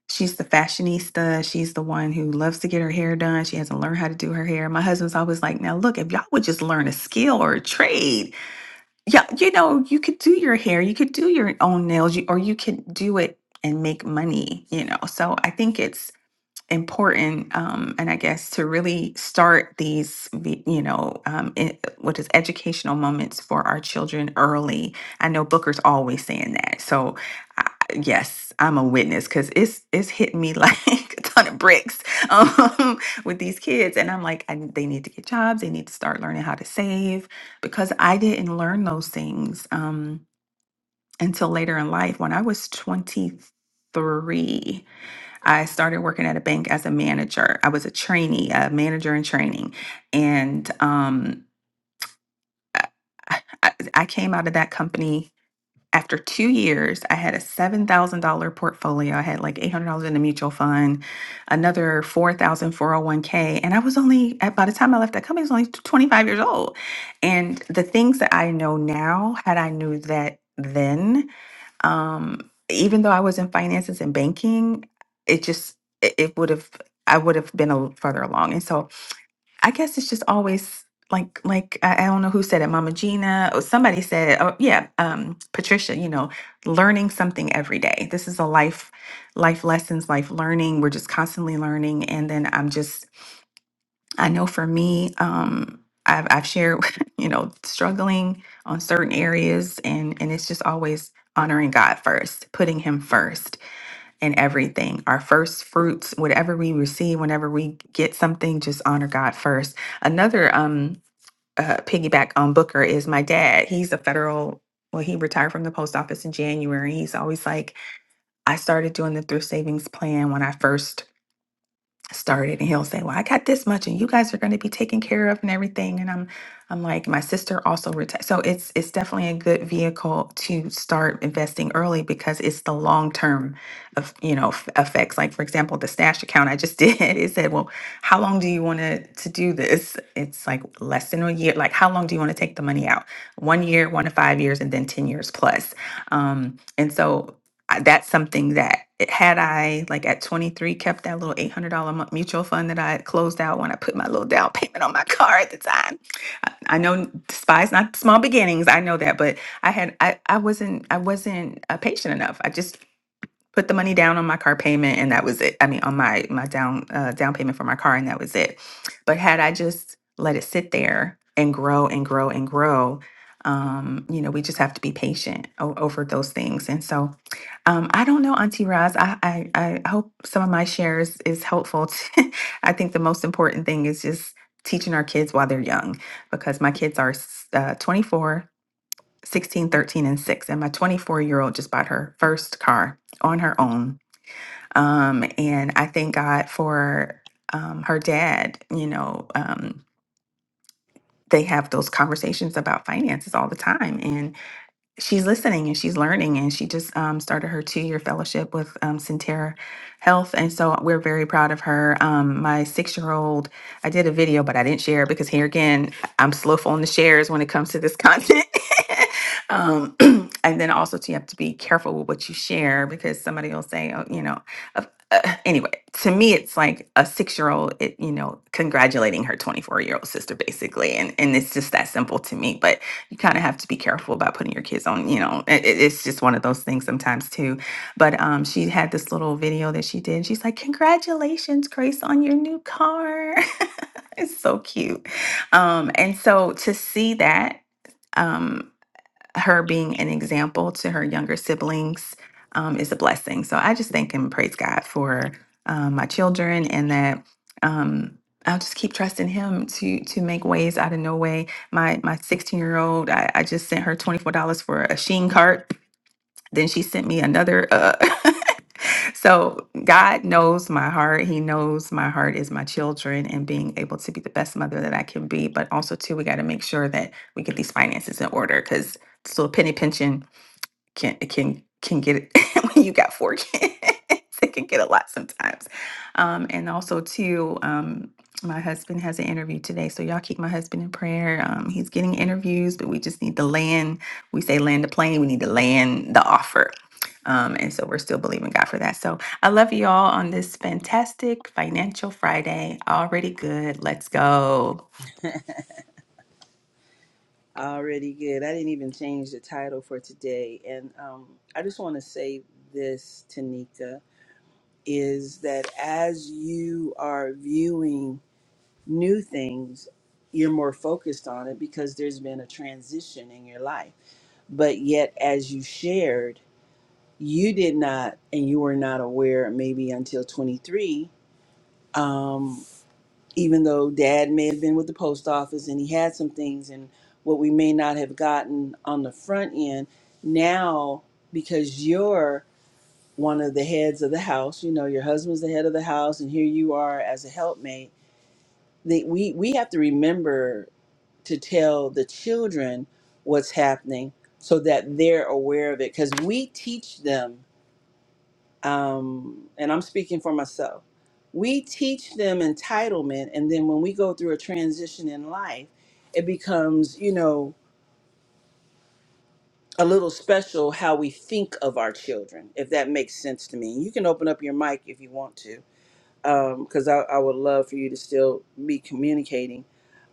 Speaker 5: she's the fashionista. She's the one who loves to get her hair done. She hasn't learned how to do her hair. My husband's always like, "Now look, if y'all would just learn a skill or a trade, yeah, you know, you could do your hair, you could do your own nails, you, or you could do it and make money, you know." So I think it's important um, and i guess to really start these vi- you know um, e- what is educational moments for our children early i know booker's always saying that so I, yes i'm a witness because it's it's hitting me like a ton of bricks um, with these kids and i'm like I, they need to get jobs they need to start learning how to save because i didn't learn those things um, until later in life when i was 23 I started working at a bank as a manager. I was a trainee, a manager in training. And um, I, I I came out of that company after two years. I had a $7,000 portfolio. I had like $800 in the mutual fund, another four thousand four hundred one k And I was only, at- by the time I left that company, I was only 25 years old. And the things that I know now, had I knew that then, um, even though I was in finances and banking, it just it, it would have I would have been a little further along. And so I guess it's just always like like I, I don't know who said it, Mama Gina or somebody said it. Oh yeah, um, Patricia. You know, learning something every day. This is a life life lessons, life learning. We're just constantly learning, and then I'm just I know for me, um, I've, I've shared, you know, struggling on certain areas, and and it's just always honoring God first, putting Him first in everything. Our first fruits, whatever we receive, whenever we get something, just honor God first. Another um, uh, piggyback on Booker is my dad. He's a federal. Well, he retired from the post office in January. He's always like, I started doing the thrift savings plan when I first started and he'll say well i got this much and you guys are going to be taken care of and everything and i'm i'm like my sister also retired so it's it's definitely a good vehicle to start investing early because it's the long term of you know f- effects like for example the stash account i just did it said well how long do you want to to do this it's like less than a year like how long do you want to take the money out one year one to five years and then 10 years plus um and so I- that's something that it- had I like at 23 kept that little $800 mu- mutual fund that I had closed out when I put my little down payment on my car at the time. I, I know despise not small beginnings. I know that, but I had I I wasn't I wasn't uh, patient enough. I just put the money down on my car payment and that was it. I mean, on my my down uh, down payment for my car and that was it. But had I just let it sit there and grow and grow and grow, um, you know, we just have to be patient o- over those things. And so, um, I don't know, Auntie Roz. I, I I hope some of my shares is helpful. To, I think the most important thing is just teaching our kids while they're young because my kids are s- uh, 24 16, 13, and 6. And my 24 year old just bought her first car on her own. Um, and I thank God for um, her dad. You know, um, they have those conversations about finances all the time she's listening and she's learning and she just um, started her two-year fellowship with um, Centera Health and so we're very proud of her. Um, my six-year-old, I did a video but I didn't share it because here again I'm slow on the shares when it comes to this content. um, and then also too, you have to be careful with what you share because somebody will say, oh, you know. Uh, uh, anyway, to me, it's like a six-year-old, it, you know, congratulating her 24-year-old sister, basically, and and it's just that simple to me. But you kind of have to be careful about putting your kids on, you know, it, it- it's just one of those things sometimes too. But um, she had this little video that she did. And she's like, Congratulations, Grace, on your new car. it's so cute. Um, and so to see that, um, her being an example to her younger siblings um, is a blessing. So I just thank and praise God for um, my children and that um, I'll just keep trusting Him to to make ways out of no way. My my 16 year old, I, I just sent her $24 for a Sheen cart. Then she sent me another. Uh, so God knows my heart. He knows my heart is my children and being able to be the best mother that I can be. But also too, we got to make sure that we get these finances in order because this little penny pension can can can get it when you got four kids. It can get a lot sometimes. Um, and also too, um, my husband has an interview today, so y'all keep my husband in prayer. Um, he's getting interviews, but we just need to land. We say land the plane. We need to land the offer. Um, and so we're still believing God for that. So I love you all on this fantastic financial Friday. Already good. Let's go.
Speaker 1: Already good. I didn't even change the title for today. And um, I just want to say this, Tanika, is that as you are viewing new things, you're more focused on it because there's been a transition in your life. But yet, as you shared, you did not, and you were not aware maybe until 23 um. even though dad may have been with the post office and he had some things and what we may not have gotten on the front end now because you're one of the heads of the house you know your husband's the head of the house and here you are as a helpmate that we we have to remember to tell the children what's happening so that they're aware of it because we teach them um, and I'm speaking for myself, we teach them entitlement. And then when we go through a transition in life, it becomes, you know, a little special how we think of our children, if that makes sense to me. You can open up your mic if you want to, because I, I would love for you to still be communicating.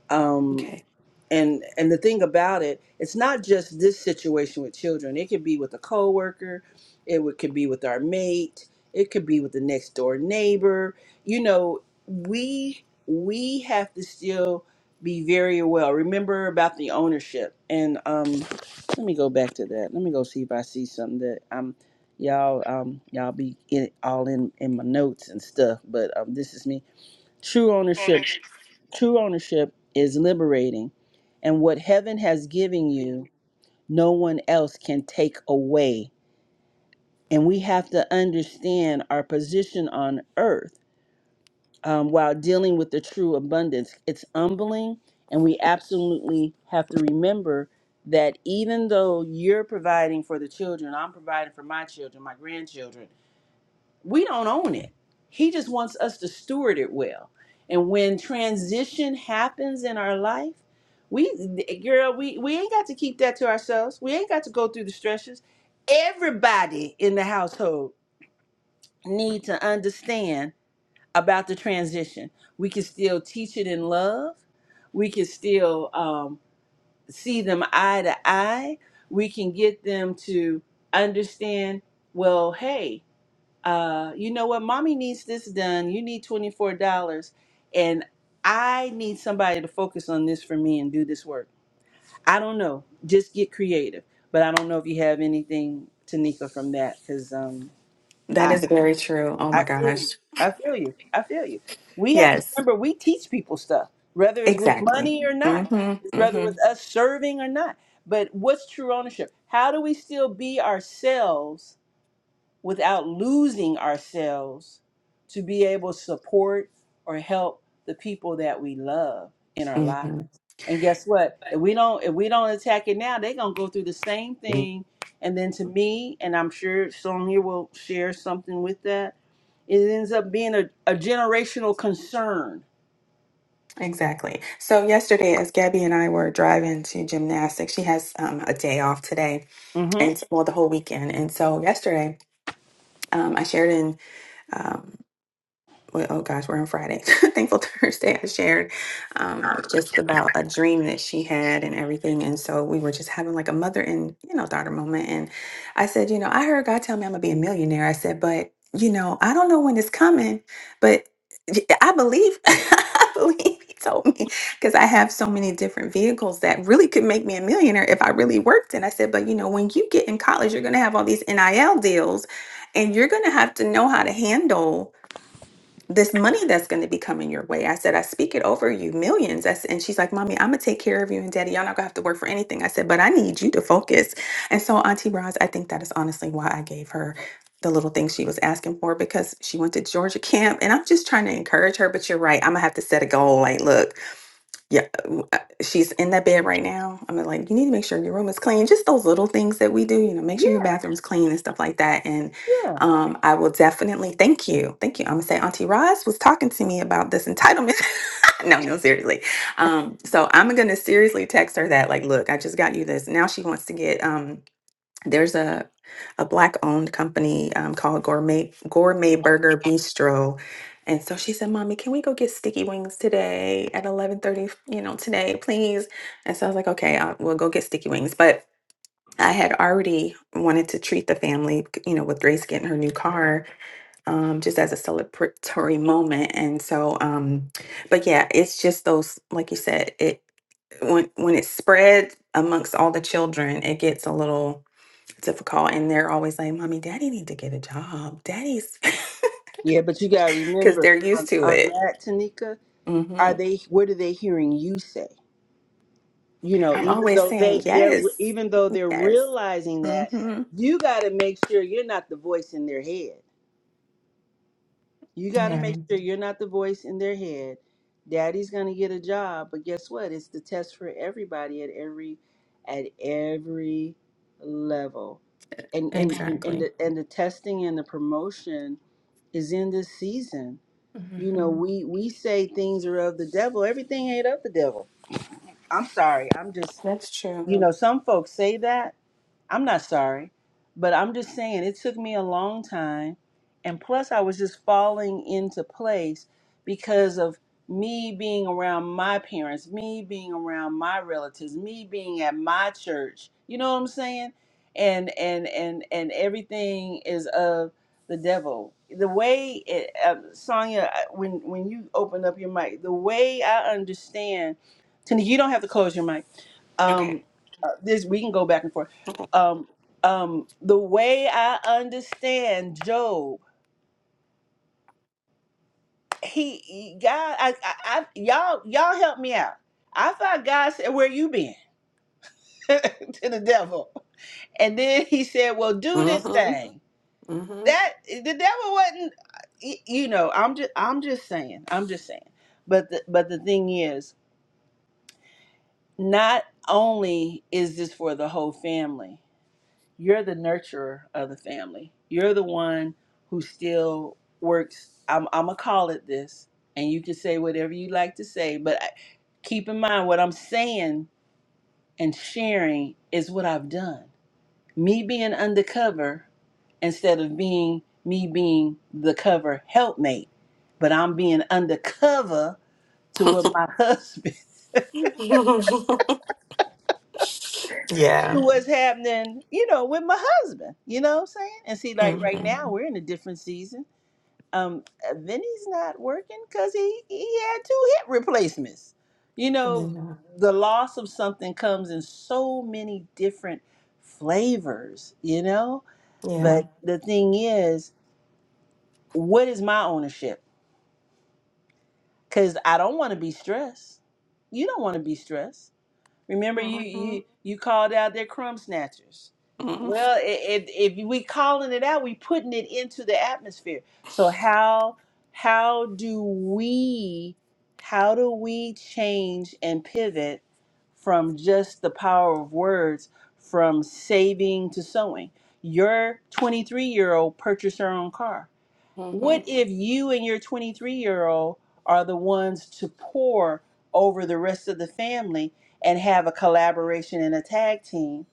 Speaker 1: Um,
Speaker 5: Okay.
Speaker 1: and and the thing about it it's not just this situation with children it could be with a coworker it would, could be with our mate it could be with the next door neighbor you know we we have to still be very well remember about the ownership and um let me go back to that let me go see if i see something that i'm y'all um y'all be in all in in my notes and stuff but um this is me true ownership True ownership is liberating, and what heaven has given you, no one else can take away. And we have to understand our position on earth um, while dealing with the true abundance. It's humbling, and we absolutely have to remember that even though you're providing for the children, I'm providing for my children, my grandchildren we don't own it. He just wants us to steward it well. And when transition happens in our life, we girl, we, we ain't got to keep that to ourselves. We ain't got to go through the stresses. Everybody in the household need to understand about the transition. We can still teach it in love. We can still um, see them eye to eye. We can get them to understand, well, hey, uh, you know what, mommy needs this done. You need $24. And I need somebody to focus on this for me and do this work. I don't know. Just get creative. But I don't know if you have anything, Tanika, from that because um,
Speaker 5: That
Speaker 1: I,
Speaker 5: is very true. Oh
Speaker 1: I
Speaker 5: my
Speaker 1: feel
Speaker 5: gosh.
Speaker 1: you. I feel you. I feel you. We have to
Speaker 5: Yes,
Speaker 1: remember we teach people stuff, whether it's with
Speaker 5: exactly.
Speaker 1: money or not,
Speaker 5: Mm-hmm.
Speaker 1: whether with us serving or not. But what's true ownership? How do we still be ourselves without losing ourselves to be able to support or help the people that we love in our lives.
Speaker 5: hmm
Speaker 1: And guess what? If we don't if we don't attack it now, they're gonna go through the same thing. And then to me, and I'm sure Sonia will share something with that, it ends up being a, a generational concern.
Speaker 5: Exactly. So yesterday, as Gabby and I were driving to gymnastics, she has um, a day off today,
Speaker 1: Mm-hmm.
Speaker 5: and well, the whole weekend. And so yesterday, um, I shared in. um, well, oh gosh, we're on Friday. Thankful Thursday, I shared um, just about a dream that she had and everything. And so we were just having like a mother and, you know, daughter moment. And I said, you know, I heard God tell me I'm going to be a millionaire. I said, but, you know, I don't know when it's coming, but I believe, I believe he told me because I have so many different vehicles that really could make me a millionaire if I really worked. And I said, but, you know, when you get in college, you're going to have all these NIL deals and you're going to have to know how to handle this money that's going to be coming your way. I said, I speak it over you, millions. I said, and she's like, Mommy, I'm going to take care of you and Daddy. Y'all not going to have to work for anything. I said, But I need you to focus. And so, Auntie Roz, I think that is honestly why I gave her the little things she was asking for because she went to Georgia camp. And I'm just trying to encourage her. But you're right. I'm going to have to set a goal. Like, look, yeah, w- uh, she's in that bed right now. I'm like, you need to make sure your room is clean. Just those little things that we do, you know, make sure your
Speaker 1: Yeah,
Speaker 5: bathroom's clean and stuff like that. And
Speaker 1: yeah.
Speaker 5: um, I will definitely thank you, thank you. I'm gonna say Auntie Roz was talking to me about this entitlement. no, no, seriously. Um, so I'm gonna seriously text her that, like, look, I just got you this. Now she wants to get. um there's a a black owned company um, called Gourmet Gourmet Burger Bistro, and so she said, "Mommy, can we go get sticky wings today at eleven thirty? You know, today, please." And so I was like, "Okay, I'll, we'll go get sticky wings." But I had already wanted to treat the family, you know, with Grace getting her new car, um, just as a celebratory moment. And so, um, but yeah, it's just those, like you said, it when when it's spread amongst all the children, it gets a little difficult and they're always like mommy daddy need to get a job daddy's
Speaker 1: Yeah, but you gotta
Speaker 5: because
Speaker 1: remember
Speaker 5: they're used
Speaker 1: on,
Speaker 5: to
Speaker 1: on
Speaker 5: it
Speaker 1: that, Tanika,
Speaker 5: hmm
Speaker 1: are they what are they hearing you say? you know
Speaker 5: i'm
Speaker 1: even
Speaker 5: always
Speaker 1: though
Speaker 5: saying
Speaker 1: they they're
Speaker 5: yes
Speaker 1: even though they're
Speaker 5: yes
Speaker 1: realizing that
Speaker 5: hmm
Speaker 1: you got to make sure you're not the voice in their head you got to
Speaker 5: Yeah,
Speaker 1: make sure you're not the voice in their head daddy's going to get a job but guess what it's the test for everybody at every at every level and and and, and
Speaker 5: exactly.
Speaker 1: the, and the testing and the promotion is in this season
Speaker 5: Mhm.
Speaker 1: you know we we say things are of the devil everything ain't of the devil i'm sorry i'm just
Speaker 5: that's true
Speaker 1: you know some folks say that I'm not sorry, but I'm just saying it took me a long time. And plus, I was just falling into place because of me being around my parents, me being around my relatives, me being at my church. You know what I'm saying? And and and and everything is of the devil. The way it, uh, Sonia, I- when when you open up your mic, the way I understand, Tanika, you don't have to close your mic um
Speaker 5: okay
Speaker 1: uh, this we can go back and forth
Speaker 5: okay
Speaker 1: um um the way i understand job he, he- god I, I i y'all y'all help me out i thought god said where you been to the devil and then he said well do this
Speaker 5: hmm
Speaker 1: thing that the devil wasn't y- you know i'm just i'm just saying i'm just saying but the, but the thing is not only is this for the whole family you're the nurturer of the family. You're the one who still works. I'm, I'm going to call it this. And you can say whatever you like to say, but I, keep in mind what I'm saying and sharing is what I've done. Me being undercover instead of being me being the cover helpmate, but I'm being undercover to
Speaker 5: hmm
Speaker 1: what my husband, to
Speaker 5: Yeah.
Speaker 1: what's happening, you know, with my husband. You know what I'm saying? And see, like
Speaker 5: hmm
Speaker 1: right now, we're in a different season um Vinny's not working because he he had two hip replacements. You know,
Speaker 5: Yeah.
Speaker 1: the loss of something comes in so many different flavors, you know?
Speaker 5: Yeah.
Speaker 1: But the thing is, what is my ownership? Cuz I don't want to be stressed. You don't want to be stressed Remember, you you you called out their crumb snatchers.
Speaker 5: hmm
Speaker 1: Well, i- if if we calling it out, we putting it into the atmosphere. So how how do we how do we change and pivot from just the power of words, from saving to sowing? Your 23 year old purchased her own car.
Speaker 5: hmm
Speaker 1: What if you and your 23 year old are the ones to pour over the rest of the family and have a collaboration and a tag team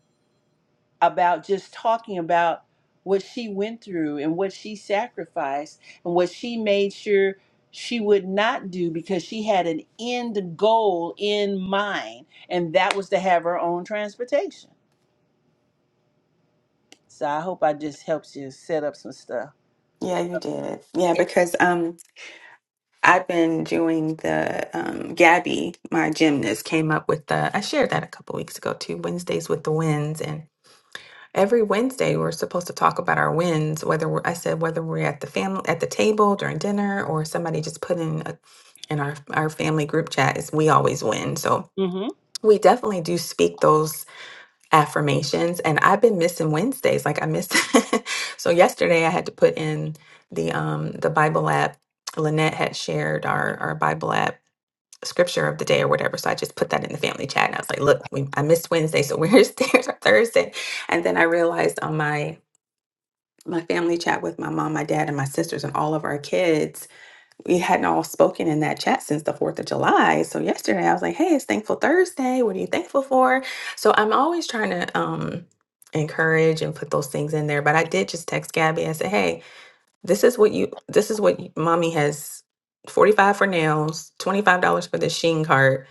Speaker 1: about just talking about what she went through and what she sacrificed and what she made sure she would not do because she had an end goal in mind, and that was to have her own transportation. So I hope I just helps you set up some stuff.
Speaker 5: Yeah, you did. Yeah, because um, I've been doing the um, Gabby, my gymnast, came up with the. I shared that a couple weeks ago too. Wednesdays with the wins, and every Wednesday we're supposed to talk about our wins. Whether we're, I said whether we're at the family at the table during dinner, or somebody just put in a, in our our family group chat is we always win. So we definitely do speak those affirmations, and I've been missing Wednesdays. Like I missed. so yesterday I had to put in the um the Bible app. Lynette had shared our our Bible app scripture of the day or whatever. So I just put that in the family chat and I was like, look, we, I missed Wednesday, so where's there's our Thursday? And then I realized on my my family chat with my mom, my dad, and my sisters and all of our kids, we hadn't all spoken in that chat since the 4th of July. So yesterday I was like, hey, it's thankful Thursday. What are you thankful for? So I'm always trying to um encourage and put those things in there. But I did just text Gabby. I said, hey, this is what you this is what you- mommy has 45 for nails, $25 for the sheen cart,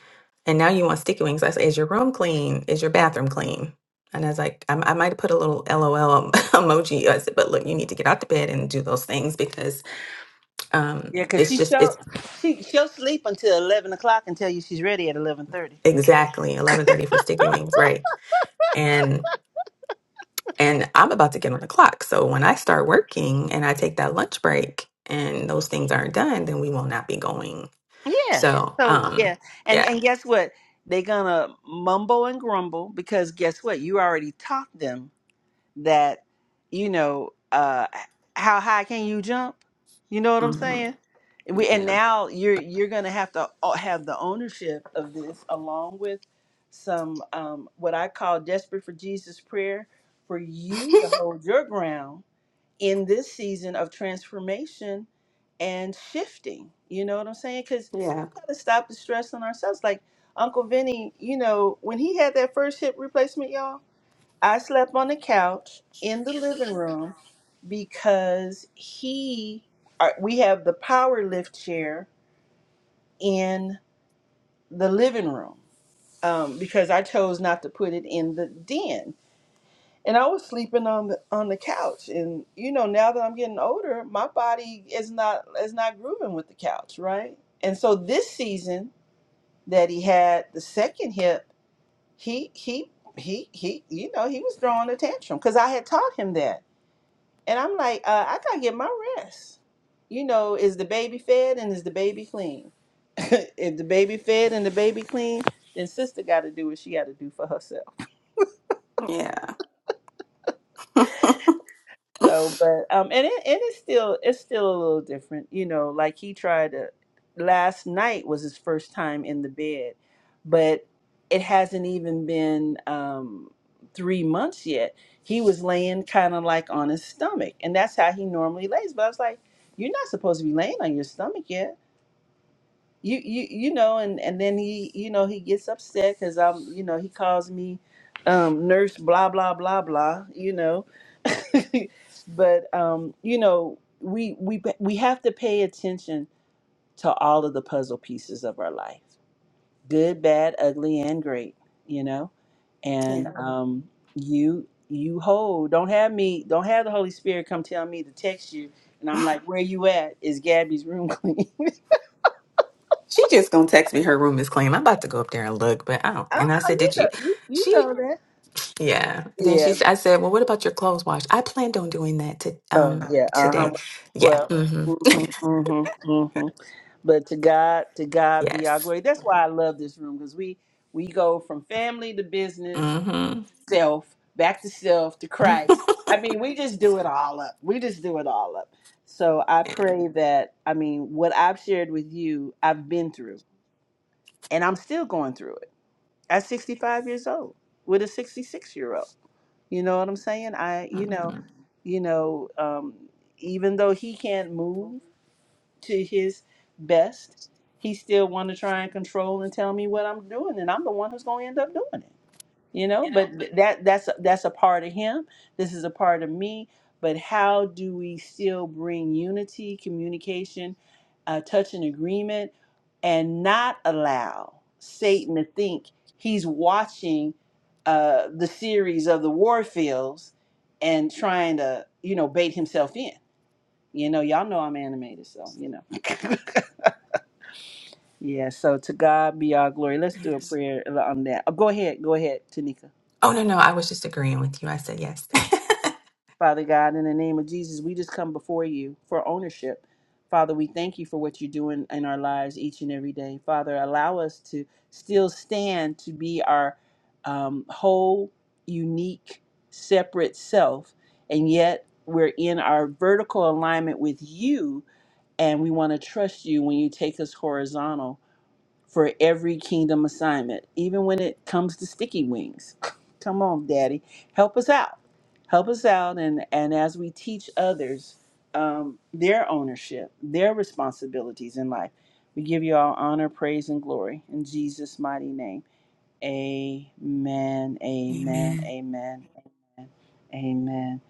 Speaker 5: and now you want sticky wings. I say, is your room clean? Is your bathroom clean? And I was like, I, I might have put a little LOL em- emoji. I said, but look, you need to get out the bed and do those things because um,
Speaker 1: Yeah, cause
Speaker 5: it's
Speaker 1: she
Speaker 5: just
Speaker 1: she'll
Speaker 5: it's
Speaker 1: she she'll sleep until eleven o'clock and tell you she's ready at eleven thirty.
Speaker 5: exactly 11:30 for sticky wings, right? And and I'm about to get on the clock. So when I start working and I take that lunch break and those things aren't done, then we will not be going.
Speaker 1: Yeah.
Speaker 5: So
Speaker 1: So yeah,
Speaker 5: um,
Speaker 1: and
Speaker 5: yeah,
Speaker 1: and guess what? They're gonna mumble and grumble because guess what? You already taught them that, you know, uh, how high can you jump? You know what I'm
Speaker 5: Mhm.
Speaker 1: saying? We and
Speaker 5: Yeah.
Speaker 1: now you're you're gonna have to o- have the ownership of this along with some um, what I call desperate for Jesus prayer for you to hold your ground in this season of transformation and shifting. You know what I'm saying? Because
Speaker 5: Yeah.
Speaker 1: we got to stop the stress on ourselves. Like Uncle Vinny, you know, when he had that first hip replacement, y'all, I slept on the couch in the living room because he, our- we have the power lift chair in the living room um, because I chose not to put it in the den and I was sleeping on the on the couch. And you know, now that I'm getting older, my body is not is not grooving with the couch, right? And so this season that he had the second hip, he he he he, you know, he was throwing a tantrum because I had taught him that, and I'm like, uh, I gotta get my rest. You know, is the baby fed and is the baby clean? if the baby fed and the baby clean, then sister got to do what she got to do for herself.
Speaker 5: Yeah.
Speaker 1: So, but um, and it and it's still it's still a little different, you know. Like he tried to last night was his first time in the bed, but it hasn't even been um three months yet. He was laying kind of like on his stomach, and that's how he normally lays. But I was like, you're not supposed to be laying on your stomach yet you you you know and and then he you know he gets upset because i'm you know he calls me um nurse blah blah blah blah you know but um you know we we we have to pay attention to all of the puzzle pieces of our life good bad ugly and great you know
Speaker 5: Yeah.
Speaker 1: and Mhm. um you you hold don't have me don't have the holy spirit come tell me to text you and i'm like where you at is gabby's room clean
Speaker 5: She just gonna text me her room is clean. I'm about to go up there and look, but I don't
Speaker 1: I,
Speaker 5: and I
Speaker 1: I,
Speaker 5: said,
Speaker 1: you
Speaker 5: Did you
Speaker 1: know you, you
Speaker 5: she
Speaker 1: know that
Speaker 5: yeah. Then she
Speaker 1: Yeah.
Speaker 5: I said, Well what about your clothes wash? I planned on doing that to
Speaker 1: Oh,
Speaker 5: um
Speaker 1: yeah. Uh huh.
Speaker 5: today. Yeah.
Speaker 1: Well.
Speaker 5: hmm
Speaker 1: Mhm. Mhm. Mhm. But to God, to God be our
Speaker 5: Yes.
Speaker 1: glory. That's why I love this room because we we go from family to business,
Speaker 5: hmm
Speaker 1: self back to self to Christ. I mean, we just do it all up. We just do it all up. So I
Speaker 5: yeah.
Speaker 1: pray that I mean what I've shared with you, I've been through, and I'm still going through it at 65 years old with a 66 year old. You know what I'm saying? I, you know,
Speaker 5: hmm
Speaker 1: you know, um, even though he can't move to his best, he still want to try and control and tell me what I'm doing, and I'm the one who's going to end up doing it you know but th- that that's that's a part of him this is a part of me but how do we still bring unity communication uh, touch and agreement and not allow satan to think he's watching uh, the series of the war fields and trying to you know bait himself in you know y'all know i'm animated so you know yeah so to god be our glory let's do a
Speaker 5: Yes.
Speaker 1: prayer uh, on that oh, go ahead go ahead tanika
Speaker 5: Oh no, no, I was just agreeing with you. I said yes.
Speaker 1: Father God, in the name of Jesus, we just come before you for ownership. Father, we thank you for what you're doing in our lives each and every day. Father, allow us to still stand to be our um, whole, unique, separate self, and yet we're in our vertical alignment with you, and we want to trust you when you take us horizontal for every kingdom assignment, even when it comes to sticky wings. Come on, Daddy, help us out. Help us out, and and as we teach others um, their ownership, their responsibilities in life, we give you all honor, praise, and glory in Jesus' mighty name. Amen. Amen.
Speaker 5: Amen.
Speaker 1: Amen. Amen. Amen.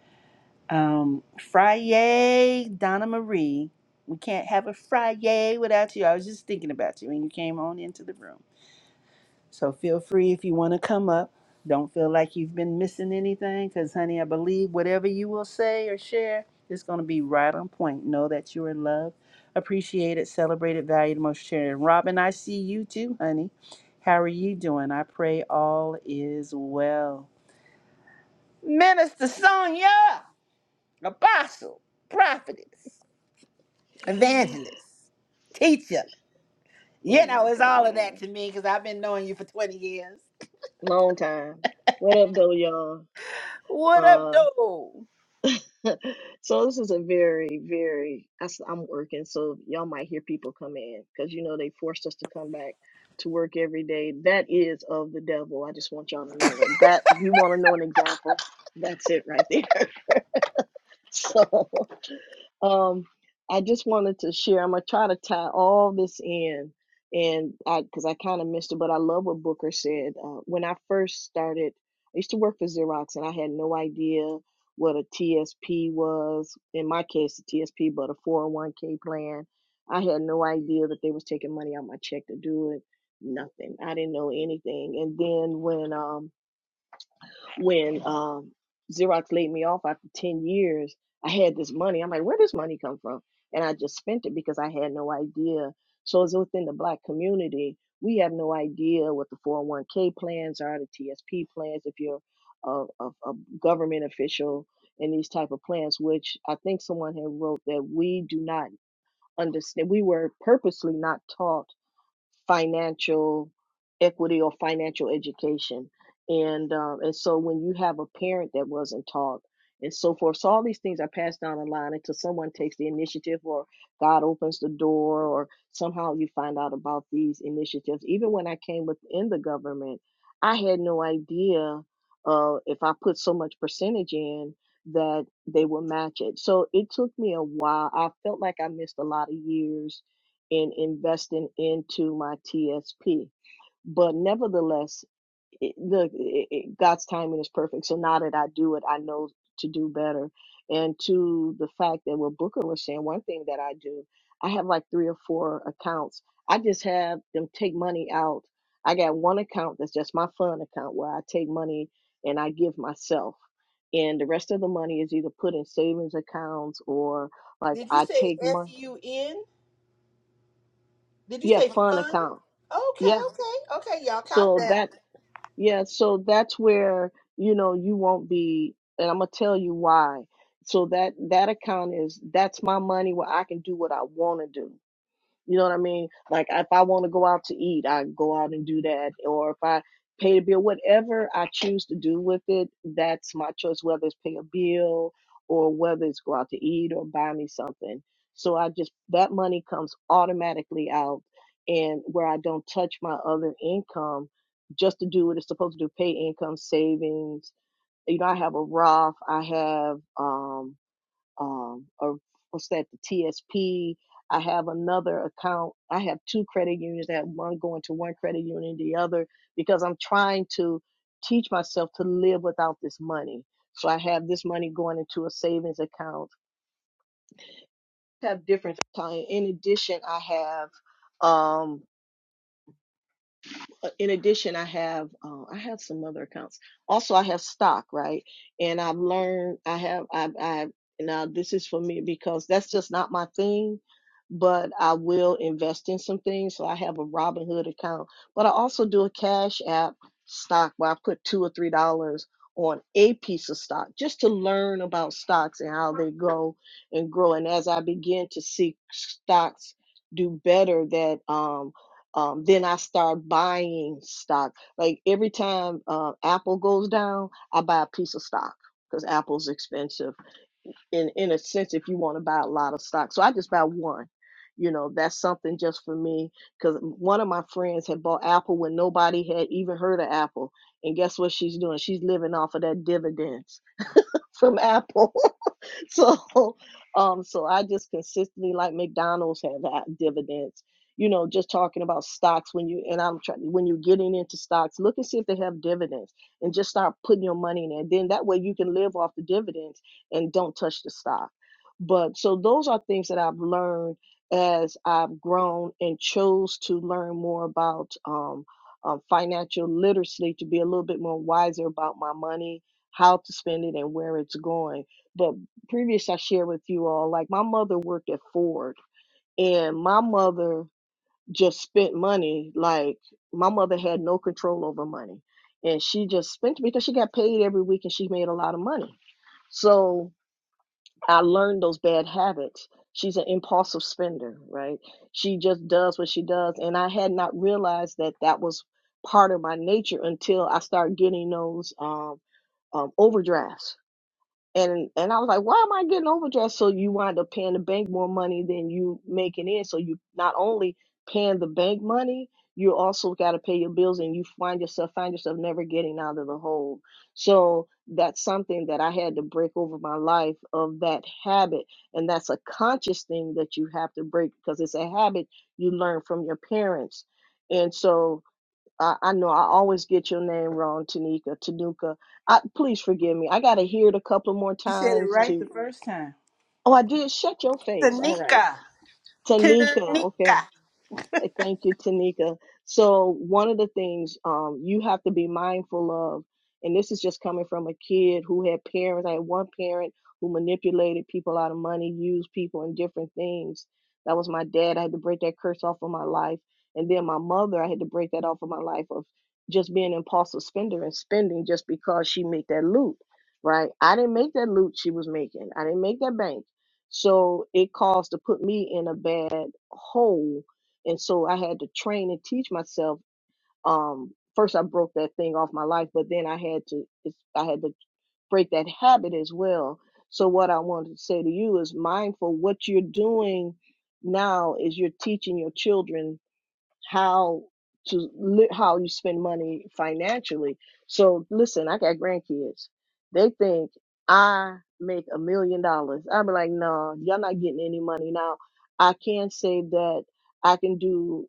Speaker 1: Um, Friday, Donna Marie. We can't have a Friday without you. I was just thinking about you when you came on into the room. So feel free if you want to come up. Don't feel like you've been missing anything because, honey, I believe whatever you will say or share is going to be right on point. Know that you are loved, appreciated, celebrated, valued, most cherished. Robin, I see you too, honey. How are you doing? I pray all is well. Minister Sonia, apostle, prophetess,
Speaker 6: Oh
Speaker 1: evangelist, teacher. You
Speaker 6: my
Speaker 1: know, it's all of that
Speaker 6: God.
Speaker 1: to me because I've been knowing you for 20 years.
Speaker 6: Long time. What up, though, y'all?
Speaker 1: What up,
Speaker 6: Uh,
Speaker 1: though?
Speaker 6: so this is a very, very, I s- I'm working, so y'all might hear people come in because you know they forced us to come back to work every day. That is of the devil. I just want y'all to know that. That you want to know an example? That's it right there. So um, I just wanted to share. I'm gonna try to tie all this in, and I because I kind of missed it, but I love what Booker said. Uh, when I first started, I used to work for Xerox, and I had no idea what a TSP was. In my case, a TSP, but a 401k plan. I had no idea that they was taking money out my check to do it. Nothing. I didn't know anything. And then when um when um, Xerox laid me off after 10 years, I had this money. I'm like, where does money come from? And I just spent it because I had no idea. So as within the black community, we have no idea what the 401k plans are, the TSP plans, if you're a, a, a government official and these type of plans, which I think someone had wrote that we do not understand. We were purposely not taught financial equity or financial education. And um, and so when you have a parent that wasn't taught and so forth, so all these things are passed down the line until someone takes the initiative or God opens the door or somehow you find out about these initiatives. Even when I came within the government, I had no idea uh, if I put so much percentage in that they would match it. So it took me a while. I felt like I missed a lot of years in investing into my TSP. But nevertheless, it, look, it, God's timing is perfect. So now that I do it, I know to do better. And to the fact that what Booker was saying, one thing that I do, I have like three or four accounts. I just have them take money out. I got one account that's just my fun account where I take money and I give myself. And the rest of the money is either put in savings accounts or like
Speaker 1: Did you
Speaker 6: I
Speaker 1: say
Speaker 6: take
Speaker 1: F
Speaker 6: money.
Speaker 1: U N? Did you
Speaker 6: Yeah,
Speaker 1: say
Speaker 6: fun
Speaker 1: fun?
Speaker 6: account.
Speaker 1: Okay,
Speaker 6: Yeah,
Speaker 1: okay, okay. Y'all caught
Speaker 6: So
Speaker 1: that.
Speaker 6: that, yeah, so that's where, you know, you won't be, and I'm gonna tell you why. So that that account is that's my money where I can do what I want to do. You know what I mean? Like if I want to go out to eat, I go out and do that. Or if I pay the bill, whatever I choose to do with it, that's my choice, whether it's pay a bill or whether it's go out to eat or buy me something. So I just that money comes automatically out and where I don't touch my other income just to do what it's supposed to do, pay income savings. You know, I have a Roth, I have um um or what's that the TSP I have another account I have two credit unions I have one going to one credit union the other because I'm trying to teach myself to live without this money so I have this money going into a savings account I have different in addition I have um uh, in addition, I have uh, I have some other accounts. Also, I have stock, right? And I've learned I have I I now this is for me because that's just not my thing, but I will invest in some things. So I have a Robinhood account, but I also do a Cash App stock where I put two or three dollars on a piece of stock just to learn about stocks and how they go and grow. And as I begin to see stocks do better, that um um, then I start buying stock. Like every time uh, Apple goes down, I buy a piece of stock because Apple's expensive. In in a sense, if you want to buy a lot of stock, so I just buy one. You know, that's something just for me because one of my friends had bought Apple when nobody had even heard of Apple, and guess what she's doing? She's living off of that dividends from Apple. so um so i just consistently like mcdonald's have had dividends you know just talking about stocks when you and i'm trying when you're getting into stocks look and see if they have dividends and just start putting your money in there then that way you can live off the dividends and don't touch the stock but so those are things that i've learned as i've grown and chose to learn more about um, um, financial literacy to be a little bit more wiser about my money how to spend it and where it's going but previous I shared with you all, like my mother worked at Ford and my mother just spent money. Like my mother had no control over money and she just spent because she got paid every week and she made a lot of money. So I learned those bad habits. She's an impulsive spender, right? She just does what she does. And I had not realized that that was part of my nature until I started getting those um, um, overdrafts and and I was like, why am I getting overdraft? So you wind up paying the bank more money than you making in. So you not only paying the bank money, you also got to pay your bills, and you find yourself find yourself never getting out of the hole. So that's something that I had to break over my life of that habit, and that's a conscious thing that you have to break because it's a habit you learn from your parents, and so I, I know I always get your name wrong, Tanika, Tanuka. I, please forgive me. I got to hear it a couple more
Speaker 1: You said it
Speaker 6: times
Speaker 1: right
Speaker 6: to.
Speaker 1: the first time.
Speaker 6: Oh, I did. Shut your face. All right,
Speaker 1: Tanika.
Speaker 6: Tanika.
Speaker 1: Tanika.
Speaker 6: Okay. Hey, Thank you, Tanika. So one of the things um, you have to be mindful of, and this is just coming from a kid who had parents. I had one parent who manipulated people out of money, used people in different things. That was my dad. I had to break that curse off of my life. And then my mother, I had to break that off of my life of just being an impulsive spender and spending just because she made that loot, right? I didn't make that loot she was making. I didn't make that bank. So it caused to put me in a bad hole and so I had to train and teach myself. Um, first I broke that thing off my life, but then I had to I had to break that habit as well. So what I wanted to say to you is mindful. What you're doing now is you're teaching your children how to li- how you spend money financially. So listen, I got grandkids. They think I make a million dollars. i be like, no, y'all not getting any money now. I can say that I can do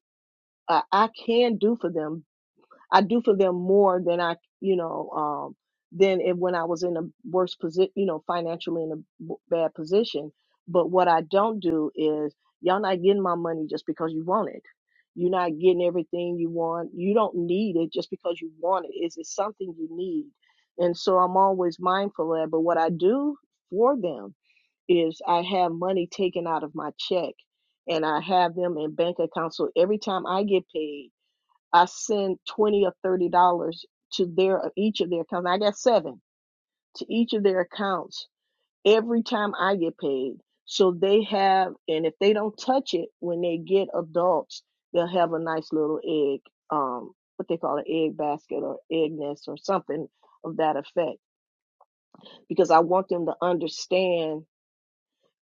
Speaker 6: uh, I can do for them. I do for them more than I, you know, um, than if, when I was in a worse position, you know, financially in a b- bad position. But what I don't do is y'all not getting my money just because you want it. You're not getting everything you want. You don't need it just because you want it. Is it something you need? And so I'm always mindful of that. But what I do for them is I have money taken out of my check and I have them in bank accounts. So every time I get paid, I send twenty or thirty dollars to their uh, each of their accounts. I got seven to each of their accounts every time I get paid. So they have, and if they don't touch it when they get adults, they'll have a nice little egg, um, what they call an egg basket or egg nest or something of that effect. Because I want them to understand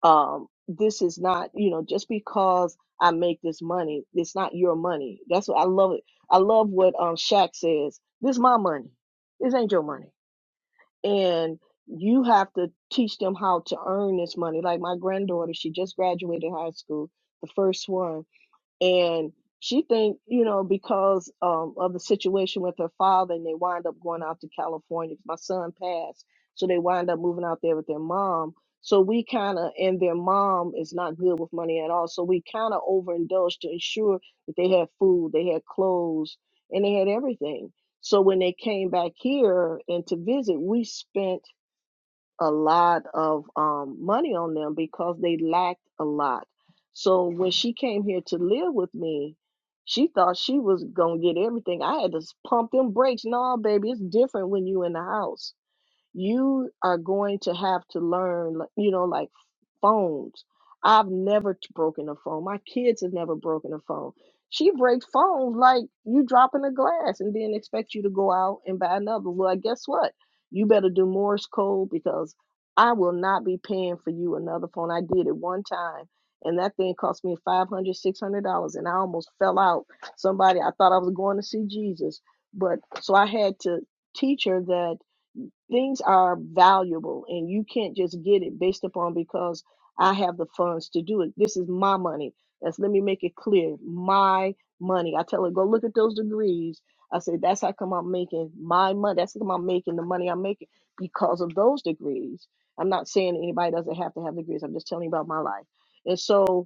Speaker 6: um, this is not, you know, just because I make this money, it's not your money. That's what I love it. I love what um Shaq says. This is my money. This ain't your money. And you have to teach them how to earn this money. Like my granddaughter, she just graduated high school, the first one and she think you know because um, of the situation with her father and they wind up going out to California. my son passed so they wind up moving out there with their mom so we kind of and their mom is not good with money at all so we kind of overindulged to ensure that they had food they had clothes and they had everything so when they came back here and to visit we spent a lot of um, money on them because they lacked a lot. So when she came here to live with me, she thought she was gonna get everything. I had to s- pump them brakes. No, baby, it's different when you in the house you are going to have to learn, like, you know, like phones. I've never t- broken a phone. My kids have never broken a phone. She breaks phones like you dropping a glass and then expect you to go out and buy another. Well, guess what? You better do Morse code because I will not be paying for you another phone. I did it one time and that thing cost me five hundred, six hundred dollars and I almost fell out. Somebody, I thought I was going to see Jesus. But so I had to teach her that things are valuable and you can't just get it based upon because I have the funds to do it. This is my money. That's let me make it clear. My money. I tell her, go look at those degrees. I say, that's how come I'm making my money. That's how come I'm making the money I'm making because of those degrees. I'm not saying anybody doesn't have to have degrees. I'm just telling you about my life. And so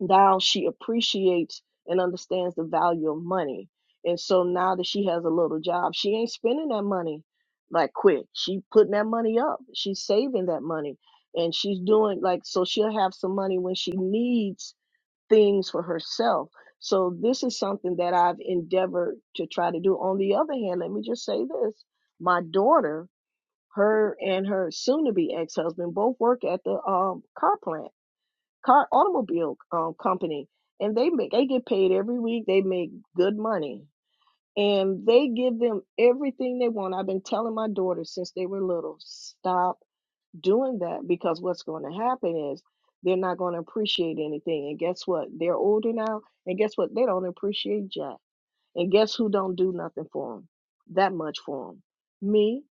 Speaker 6: now she appreciates and understands the value of money. And so now that she has a little job, she ain't spending that money like quick. She putting that money up. She's saving that money. And she's doing like so she'll have some money when she needs things for herself. So this is something that I've endeavored to try to do. On the other hand, let me just say this. My daughter, her and her soon to be ex-husband both work at the um car plant car automobile um, company, and they make they get paid every week. They make good money, and they give them everything they want. I've been telling my daughters since they were little, stop doing that because what's going to happen is they're not going to appreciate anything. And guess what? They're older now, and guess what? They don't appreciate jack. And guess who don't do nothing for them? That much for them. Me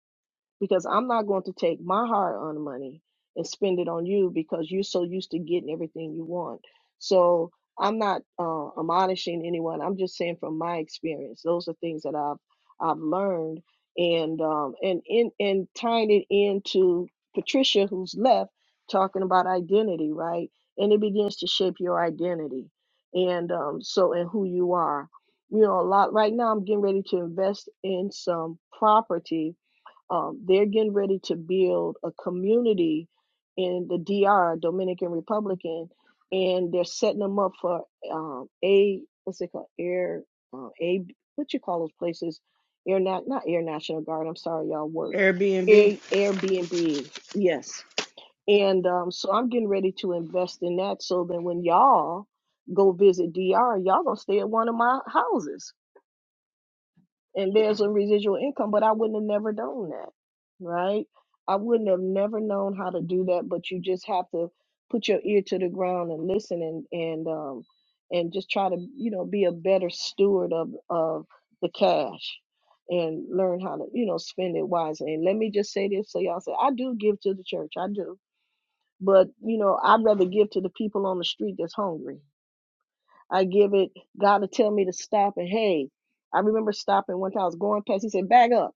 Speaker 6: because I'm not going to take my hard earned money and spend it on you because you're so used to getting everything you want. So I'm not uh, admonishing anyone. I'm just saying from my experience, those are things that I've I've learned and um, and in and tying it into Patricia who's left talking about identity, right? And it begins to shape your identity and um, so and who you are. You know, a lot right now I'm getting ready to invest in some property um, they're getting ready to build a community in the DR, Dominican Republican, and they're setting them up for um, a what's it called? Air uh, a what you call those places? Air not not Air National Guard. I'm sorry, y'all work. Air Airbnb, yes. And um, so I'm getting ready to invest in that so that when y'all go visit DR, y'all gonna stay at one of my houses and there's a residual income, but I wouldn't have never done that, right? I wouldn't have never known how to do that, but you just have to put your ear to the ground and listen and and um and just try to, you know, be a better steward of of the cash and learn how to, you know, spend it wisely. And let me just say this so y'all say I do give to the church. I do. But, you know, I'd rather give to the people on the street that's hungry I give it, God will tell me to stop. And hey, I remember stopping one time I was going past. He said, Back up.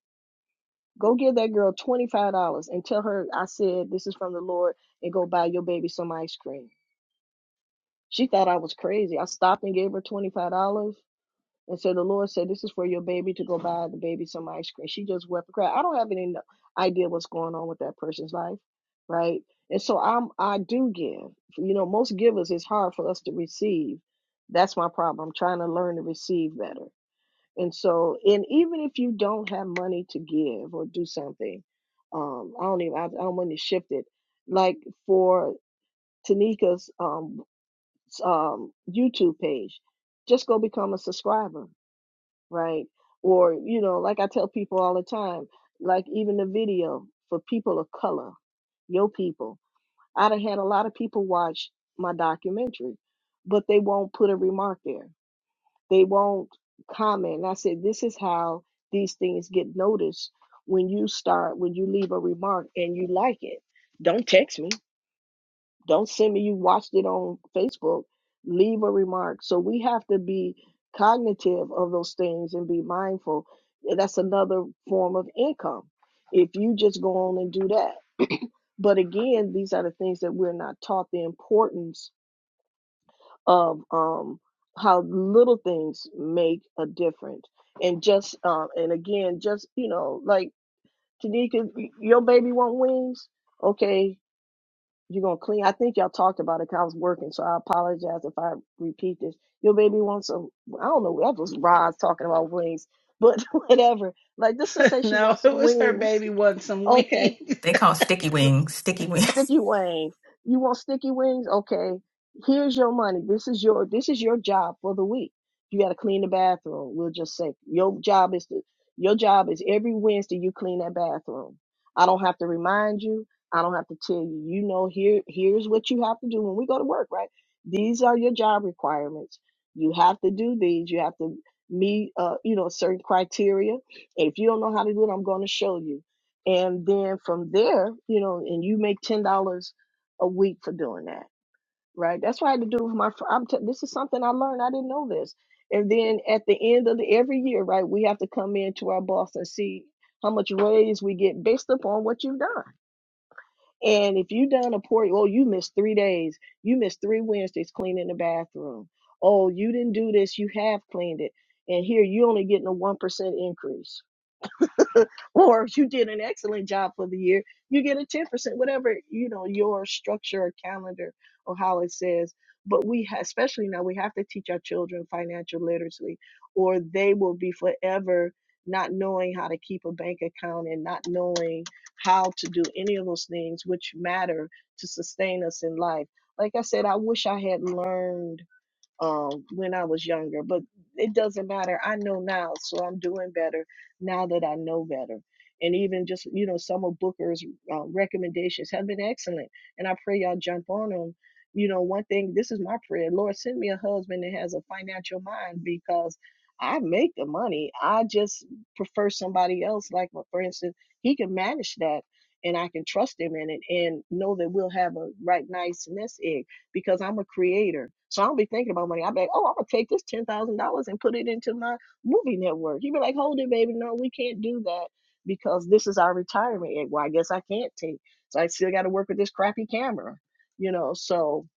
Speaker 6: Go give that girl $25 and tell her I said, This is from the Lord and go buy your baby some ice cream. She thought I was crazy. I stopped and gave her $25. And so the Lord said, This is for your baby to go buy the baby some ice cream. She just wept and cried. I don't have any no- idea what's going on with that person's life, right? And so I'm I do give. You know, most givers it's hard for us to receive. That's my problem. I'm trying to learn to receive better. And so, and even if you don't have money to give or do something, um, I don't even I, I don't want to shift it. Like for Tanika's um um YouTube page, just go become a subscriber right? Or, you know, like I tell people all the time, like even the video for people of color, your people. I'd have had a lot of people watch my documentary, but they won't put a remark there. They won't comment. And I said, this is how these things get noticed when you start, when you leave a remark and you like it. Don't text me don't send me you watched it on Facebook. Leave a remark. So we have to be cognitive of those things and be mindful. Yeah, That's another form of income if you just go on and do that. But again, these are the things that we're not taught the importance of um, how little things make a difference. And just um, and again, just you know, like Tanika, your baby want wings. Okay, you're gonna clean. I think y'all talked about it 'cause I was working, so I apologize if I repeat this. Your baby wants some. I don't know. That was Roz talking about wings, but whatever. Like this to say she
Speaker 1: no,
Speaker 6: wants
Speaker 1: it
Speaker 6: some
Speaker 1: was her
Speaker 6: wings.
Speaker 1: baby wanting some
Speaker 6: Okay.
Speaker 1: wings.
Speaker 5: They call sticky
Speaker 6: so
Speaker 5: wings, sticky wings.
Speaker 6: sticky wings. You want sticky wings? Okay. Here's your money. This is your this is your job for the week. You got to clean the bathroom. We'll just say your job is to your job is every Wednesday you clean that bathroom. I don't have to remind you. I don't have to tell you. You know here here's what you have to do when we go to work, right? These are your job requirements. You have to do these. You have to meet uh you know certain criteria. If you don't know how to do it, I'm going to show you and then from there, you know, and you make ten dollars a week for doing that, right? That's what I had to do with my. fr- I'm t- this is something I learned. I didn't know this. And then at the end of the, every year, right, we have to come in to our boss and see how much raise we get based upon what you've done. And if you done a poor, oh, you missed three days, you missed three Wednesdays cleaning the bathroom. Oh, you didn't do this, you have cleaned it, and here you only getting a one percent increase or if you did an excellent job for the year, you get a 10%, whatever, you know, your structure or calendar or how it says. But we, ha- especially now, we have to teach our children financial literacy, or they will be forever not knowing how to keep a bank account and not knowing how to do any of those things which matter to sustain us in life. Like I said, I wish I had learned um, when I was younger, but it doesn't matter. I know now, so I'm doing better now that I know better. And even just, you know, some of Booker's uh, recommendations have been excellent. And I pray y'all jump on them. You know, one thing, this is my prayer Lord, send me a husband that has a financial mind because I make the money. I just prefer somebody else, like, for instance, he can manage that and I can trust him in it and know that we'll have a right, nice nest egg because I'm a creator. So I don't be thinking about money. I be like, oh, I'm gonna take this ten thousand dollars and put it into my movie network. You be like, hold it, baby. No, we can't do that because this is our retirement. egg. Well, I guess I can't take. So I still got to work with this crappy camera, you know. So,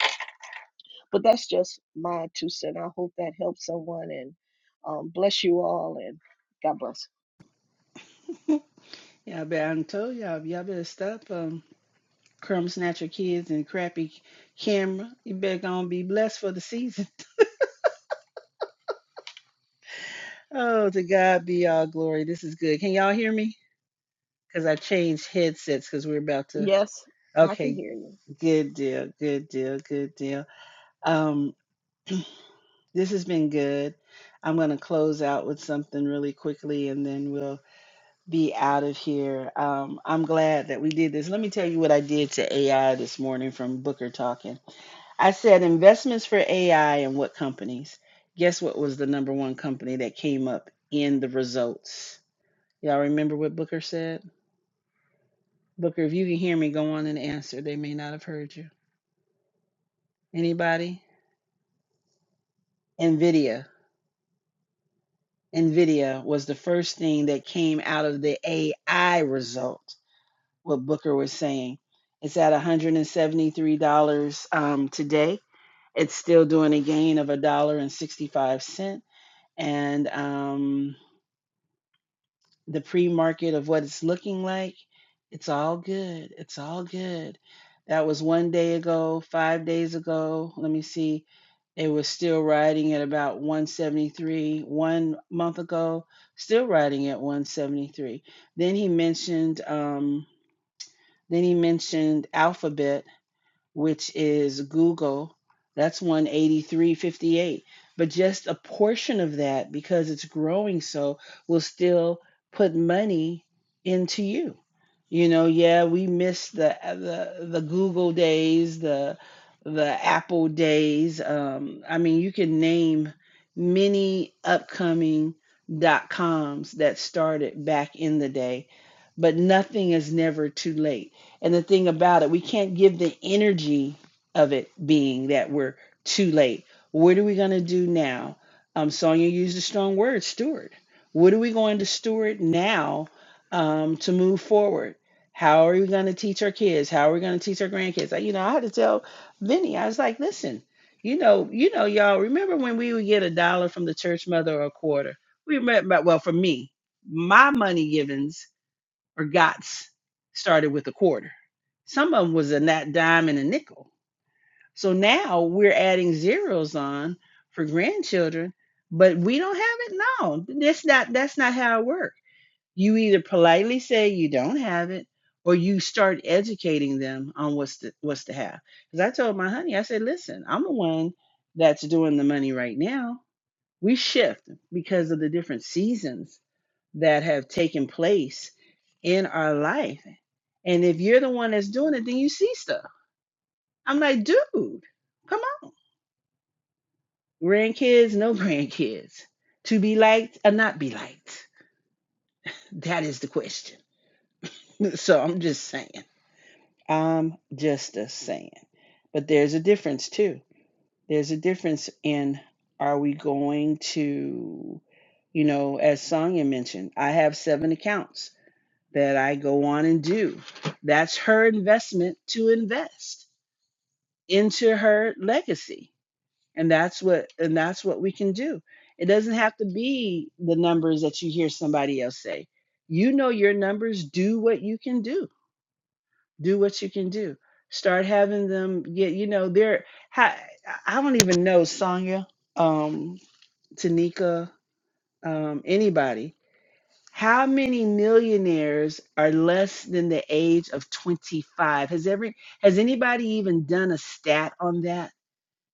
Speaker 6: but that's just my two cents. I hope that helps someone and um, bless you all and God bless.
Speaker 1: Yeah, but I told y'all, y'all better stop um, crumb snatcher kids and crappy camera. You better gonna be blessed for the season. Oh, to God be all glory. This is good. Can y'all hear me? Because I changed headsets because we're about to.
Speaker 6: Yes, I can
Speaker 1: Okay,
Speaker 6: hear you.
Speaker 1: good deal, good deal, good deal. Um, this has been good. I'm going to close out with something really quickly and then we'll be out of here. Um, I'm glad that we did this. Let me tell you what I did to AI this morning from Booker Talking. I said investments for AI and what companies. Guess what was the number one company that came up in the results? Y'all remember what Booker said? Booker, if you can hear me, go on and answer. They may not have heard you. Anybody? NVIDIA. NVIDIA was the first thing that came out of the AI result, what Booker was saying. It's at $173 um, today. It's still doing a gain of $1.65. And, sixty-five cents. And um, the pre-market of what it's looking like it's all good it's all good that was one day ago five days ago let me see it was still riding at about 173 one month ago still riding at 173 then he mentioned um then he mentioned alphabet which is Google. That's 183.58. But just a portion of that, because it's growing so, will still put money into you. You know, yeah, we miss the the the Google days, the the Apple days. Um, I mean, you can name many upcoming dot coms that started back in the day, but nothing is never too late and the thing about it, we can't give the energy of it being that we're too late. What are we going to do now? Um, Sonia used a strong word, steward. What are we going to steward now um, to move forward? How are we going to teach our kids? How are we going to teach our grandkids? Like, You know, I had to tell Vinny, I was like, listen, you know, you know, y'all remember when we would get a dollar from the church mother or a quarter? We remember, well, for me, my money givings or GOTS started with a quarter. Some of them was a nat dime and a nickel. So now we're adding zeros on for grandchildren, but we don't have it. No, that's not that's not how it works. You either politely say you don't have it, or you start educating them on what's to, what's to have. Because I told my honey, I said, listen, I'm the one that's doing the money right now. We shift because of the different seasons that have taken place in our life. And if you're the one that's doing it, then you see stuff. I'm like, dude, come on. Grandkids, no grandkids. To be liked or not be liked. That is the question. So I'm just saying. I'm just a saying. But there's a difference too. There's a difference in are we going to, you know, as Sonya mentioned, I have seven accounts that I go on and do. That's her investment to invest into her legacy. And that's what and that's what we can do. It doesn't have to be the numbers that you hear somebody else say. You know your numbers, do what you can do. Do what you can do. Start having them get, you know, they're I I don't even know Sonya, um, Tanika, um, anybody How many millionaires are less than the age of 25? Has every has anybody even done a stat on that?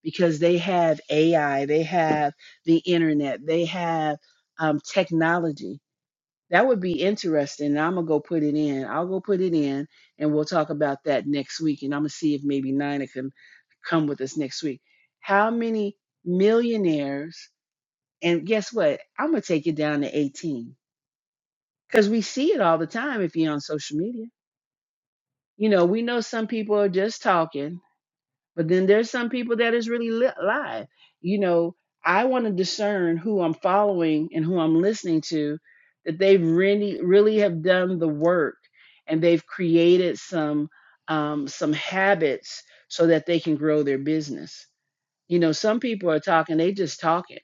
Speaker 1: Because they have AI, they have the internet, they have um, technology. That would be interesting. And I'm gonna go put it in. I'll go put it in, and we'll talk about that next week. And I'm gonna see if maybe Nina can come with us next week. How many millionaires? And guess what? I'm gonna take it down to 18 because we see it all the time if you're on social media. You know, we know some people are just talking, but then there's some people that is really li- live. You know, I want to discern who I'm following and who I'm listening to, that they really, really have done the work and they've created some um, some habits so that they can grow their business. You know, some people are talking, they just talking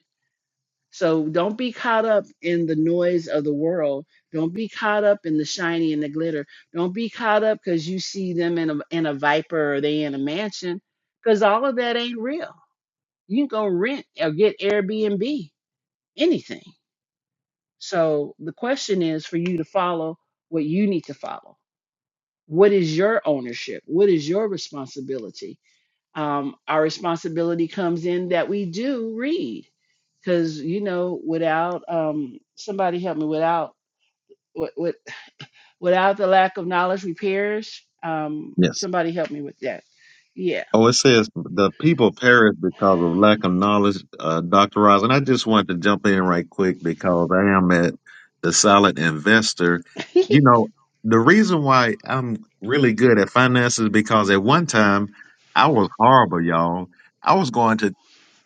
Speaker 1: so don't be caught up in the noise of the world. Don't be caught up in the shiny and the glitter. Don't be caught up because you see them in a in a viper or they in a mansion, because all of that ain't real. You can go rent or get Airbnb, anything. So the question is for you to follow what you need to follow. What is your ownership? What is your responsibility? um, our responsibility comes in that we do read because you know without um, somebody help me without with, with, without the lack of knowledge repairs um,
Speaker 2: Yes.
Speaker 1: somebody help me with that yeah
Speaker 2: Oh, it says the people perish because of lack of knowledge, uh, Dr. Ross. And I just wanted to jump in right quick because I am at the solid investor. You know, the reason why I'm really good at finances because at one time I was horrible, y'all. I was going to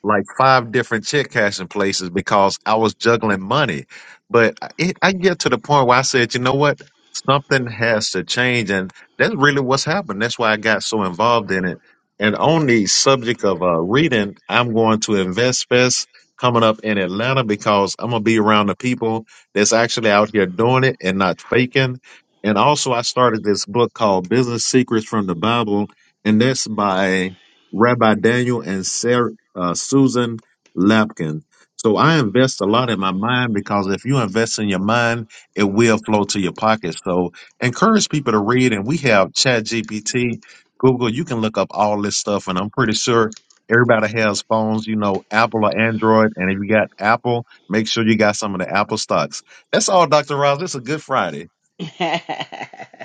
Speaker 2: like five different check cashing places because I was juggling money. But I- it, I get to the point where I said, you know what? Something has to change. And that's really what's happened. That's why I got so involved in it. And on the subject of uh, reading, I'm going to Invest Fest coming up in Atlanta because I'm going to be around the people that's actually out here doing it and not faking. And also, I started this book called Business Secrets from the Bible, and that's by Rabbi Daniel and Sarah uh, Susan Lapkin. So I invest a lot in my mind because if you invest in your mind, it will flow to your pocket. So encourage people to read. And we have ChatGPT, Google. You can look up all this stuff. And I'm pretty sure everybody has phones, you know, Apple or Android. And if you got Apple, make sure you got some of the Apple stocks. That's all, Dr. Ross. It's a good Friday.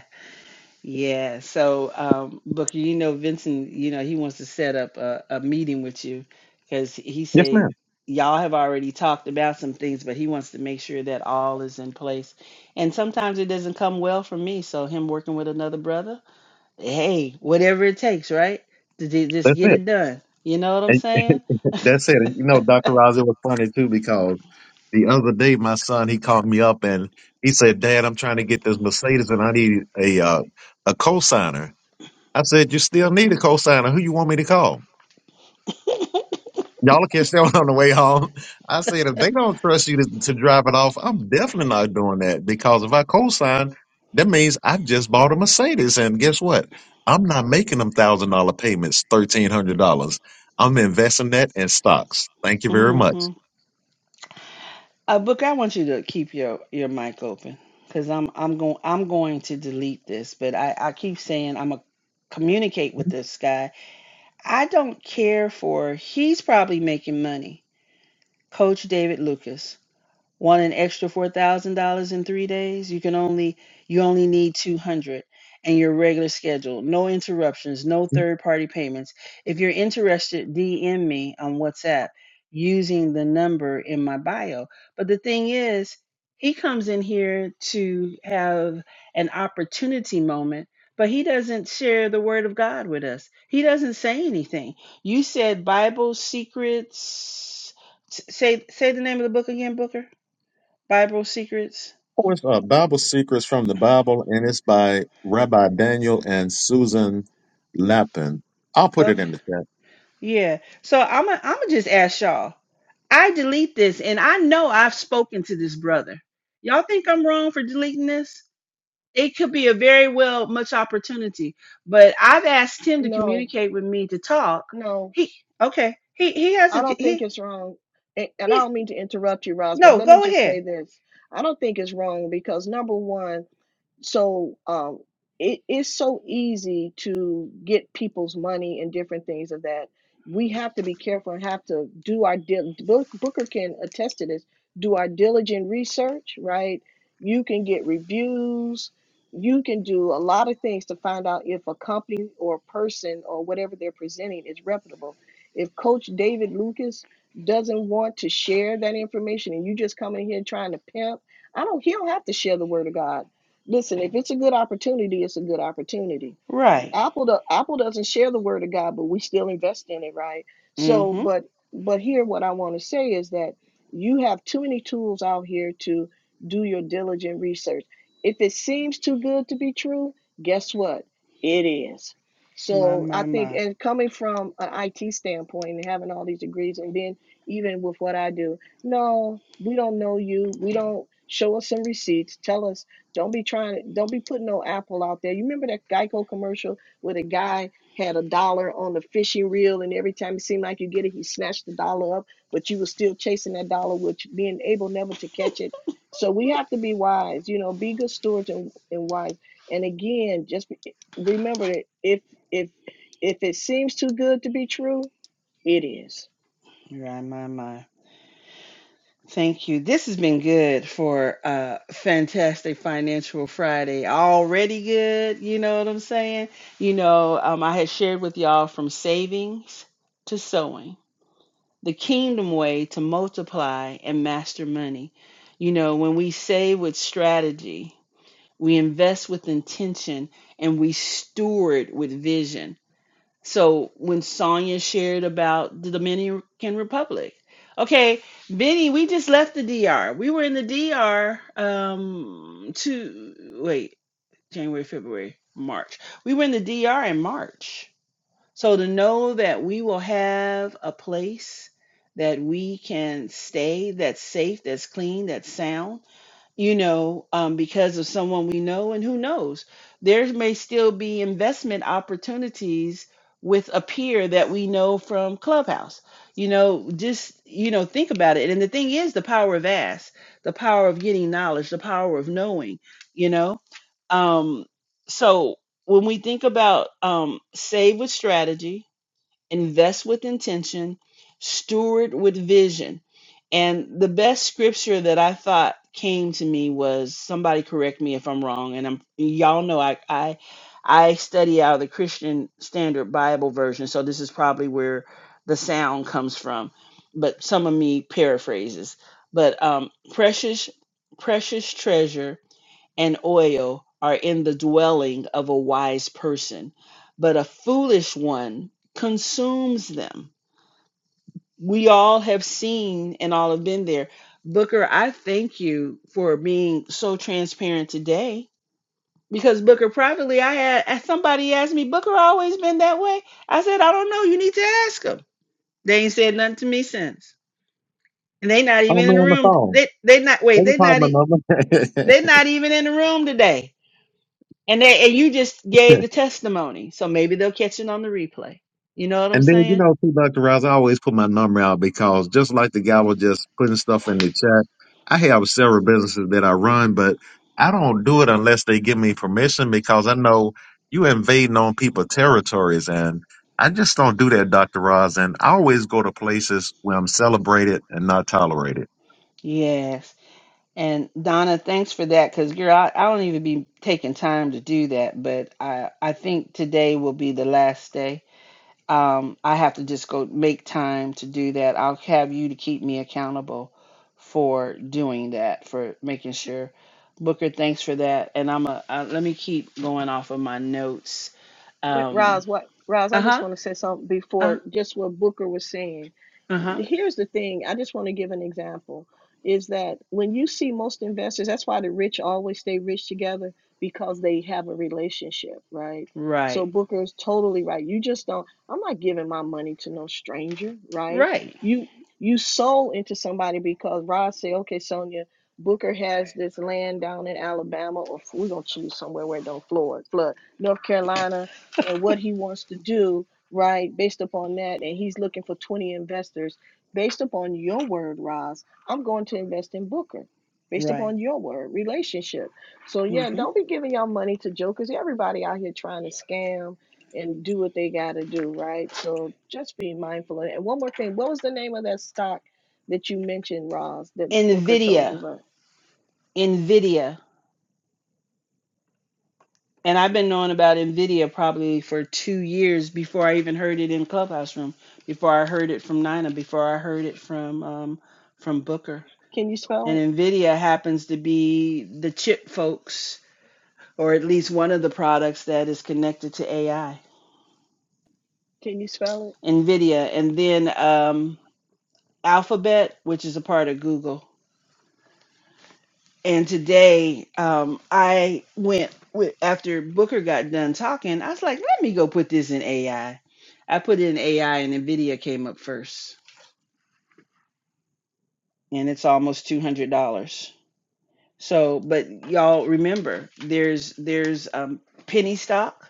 Speaker 1: Yeah. So, um, Booker, you know, Vincent, you know, he wants to set up a, a meeting with you because he
Speaker 2: Yes,
Speaker 1: said
Speaker 2: ma'am.
Speaker 1: y'all have already talked about some things, but he wants to make sure that all is in place. And sometimes it doesn't come well for me. So, him working with another brother, hey, whatever it takes, right? To ju- just
Speaker 2: That's
Speaker 1: get
Speaker 2: it.
Speaker 1: it done. You know what I'm
Speaker 2: And
Speaker 1: saying?
Speaker 2: that's it. And you know, Dr. Ross, it was funny too because The other day, my son he called me up and he said, "Dad, I'm trying to get this Mercedes and I need a uh, a cosigner." I said, "You still need a cosigner. Who you want me to call?" Y'all will catch that one on the way home. I said, "If they don't trust you to, to drive it off, I'm definitely not doing that because if I cosign, that means I just bought a Mercedes and guess what? I'm not making them thousand dollar payments, thirteen hundred dollars. I'm investing that in stocks. Thank you very much."
Speaker 1: Mm-hmm. Uh, Book, I want you to keep your your mic open because I'm I'm going I'm going to delete this, but I I keep saying I'm gonna communicate with this guy. I don't care for he's probably making money. Coach David Lucas want an extra four thousand dollars in three days you can only you only need 200 and your regular schedule no interruptions no third party payments if you're interested dm me on whatsapp using the number in my bio but the thing is he comes in here to have an opportunity moment but he doesn't share the word of god with us he doesn't say anything you said bible secrets S- say say the name of the book again booker Bible secrets.
Speaker 2: What's up? Bible Secrets from the Bible, and it's by Rabbi Daniel and Susan Lappin. I'll put it
Speaker 1: Okay.
Speaker 2: in the chat.
Speaker 1: Yeah. So I'm gonna I'm gonna just ask y'all. I delete this, and I know I've spoken to this brother. Y'all think I'm wrong for deleting this? It could be a very well much opportunity, but I've asked him to
Speaker 6: No,
Speaker 1: communicate with me to talk.
Speaker 6: no,
Speaker 1: He okay. He he
Speaker 6: I
Speaker 1: hasn't.
Speaker 6: don't think
Speaker 1: He
Speaker 6: it's wrong. a- And I
Speaker 1: yeah.
Speaker 6: don't mean to interrupt you, Ross, but
Speaker 1: No,
Speaker 6: let me
Speaker 1: go
Speaker 6: just say
Speaker 1: ahead.
Speaker 6: this. I don't think it's wrong because number one, so um, it is so easy to get people's money and different things of that. We have to be careful and have to do our dil- Book- Booker can attest to this. Do our diligent research, right? You can get reviews. You can do a lot of things to find out if a company or person or whatever they're presenting is reputable. If Coach David Lucas doesn't want to share that information and you just coming in here trying to pimp, I don't. He don't have to share the word of God Listen, if it's a good opportunity, it's a good opportunity.
Speaker 1: Right.
Speaker 6: Apple do, Apple doesn't share the word of God, but we still invest in it, right? So,
Speaker 1: Mm-hmm.
Speaker 6: but but here what I want to say is that you have too many tools out here to do your diligent research. If it seems too good to be true, guess what? It is.
Speaker 1: My
Speaker 6: So I
Speaker 1: my
Speaker 6: think,
Speaker 1: my.
Speaker 6: and coming from an IT standpoint and having all these degrees, and then even with what I do, no, we don't know you. We don't show us some receipts. Tell us don't be trying to don't be putting no apple out there. You remember that Geico commercial? where the guy had a dollar on the fishing reel, and every time it seemed like you get it, he snatched the dollar up, but you were still chasing that dollar, which being able never to catch it. So we have to be wise, you know, be good stewards and, and wise. And again, just be- remember that if if if it seems too good to be true, it is.
Speaker 1: Right my my. Thank you. This has been good for uh fantastic financial Friday. Already good, you know what I'm saying? You know, um I had shared with y'all from savings to sowing, the kingdom way to multiply and master money. You know, when we save with strategy, we invest with intention and we steward with vision so when Sonia shared about the Dominican Republic, okay, Benny, we just left the DR. We were in the DR um to wait January, February, March. We were in the DR in March. So to know that we will have a place that we can stay that's safe, that's clean, that's sound you know, um, because of someone we know, and who knows, there may still be investment opportunities with a peer that we know from Clubhouse. You know, just you know, think about it. And the thing is, the power of ask, the power of getting knowledge, the power of knowing. You know, um, so when we think about um, save with strategy, invest with intention, steward with vision. And the best scripture that I thought came to me was somebody correct me if I'm wrong. And I'm y'all know I I I study out of the Christian Standard Bible version, so this is probably where the sound comes from. But some of me paraphrases. But um, precious, precious treasure and oil are in the dwelling of a wise person, but a foolish one consumes them. We all have seen and all have been there. Booker, I thank you for being so transparent today. Because Booker, privately, I had somebody asked me, Booker always been that way. I said, I don't know. You need to ask them. They ain't said nothing to me since, and they not
Speaker 2: Oh,
Speaker 1: even
Speaker 2: man,
Speaker 1: in the
Speaker 2: on the
Speaker 1: room.
Speaker 2: phone.
Speaker 1: They they not wait.
Speaker 2: Let me
Speaker 1: They
Speaker 2: call
Speaker 1: not
Speaker 2: my
Speaker 1: e-
Speaker 2: number.
Speaker 1: they not even in the room today. And they, and you just gave the testimony, so maybe they'll catch it on the replay. You know what I'm
Speaker 2: And then, you
Speaker 1: saying?
Speaker 2: know, too, Dr. Rouse, I always put my number out because just like the guy was just putting stuff in the chat, I have several businesses that I run, but I don't do it unless they give me permission because I know you invading on people's territories. And I just don't do that, Dr. Roz. And I always go to places where I'm celebrated and not tolerated.
Speaker 1: Yes. And Donna, thanks for that, because girl, I, I don't even be taking time to do that, but I I think today will be the last day. Um, I have to just go make time to do that. I'll have you to keep me accountable for doing that, for making sure. Booker, thanks for that. And I'm a uh, let me keep going off of my notes.
Speaker 6: What,
Speaker 1: Um,
Speaker 6: Roz, what, Roz, I
Speaker 1: uh
Speaker 6: just
Speaker 1: huh.
Speaker 6: want to say something
Speaker 1: Uh
Speaker 6: before just what Booker was saying.
Speaker 1: huh.
Speaker 6: Here's the thing, I just want to give an example is that when you see most investors, that's why the rich always stay rich together because they have a relationship, right? So
Speaker 1: Right.
Speaker 6: Booker is totally right. You just don't, I'm not giving my money to no stranger, right?
Speaker 1: Right.
Speaker 6: You you sold into somebody because Roz say, okay, Sonia, Booker has this land down in Alabama, or f- we're gonna choose somewhere where it don't flood, flood. North Carolina, and what he wants to do, right? Based upon that, and he's looking for 20 investors. Based upon your word, Roz, I'm going to invest in Booker. Based
Speaker 1: Right.
Speaker 6: upon your word, relationship. So yeah,
Speaker 1: hmm
Speaker 6: don't be giving your money to jokers. Everybody out here trying to scam and do what they gotta do, right? So just be mindful of it. And one more thing, what was the name of that stock that you mentioned, Roz, that Booker told you
Speaker 1: NVIDIA.
Speaker 6: about?
Speaker 1: NVIDIA. And I've been knowing about NVIDIA probably for two years before I even heard it in Clubhouse Room, before I heard it from Nina, before I heard it from um, from Booker.
Speaker 6: Can you spell
Speaker 1: And NVIDIA happens to be the chip folks, or at least one of the products that is connected to AI.
Speaker 6: it? Can you spell it?
Speaker 1: NVIDIA. And then um, Alphabet, which is a part of Google. And today, um, I went with after Booker got done talking. I was like, let me go put this in AI. I I put it in AI, and Nvidia came up first, and it's almost two hundred dollars. So, but y'all remember, there's there's um, penny stock.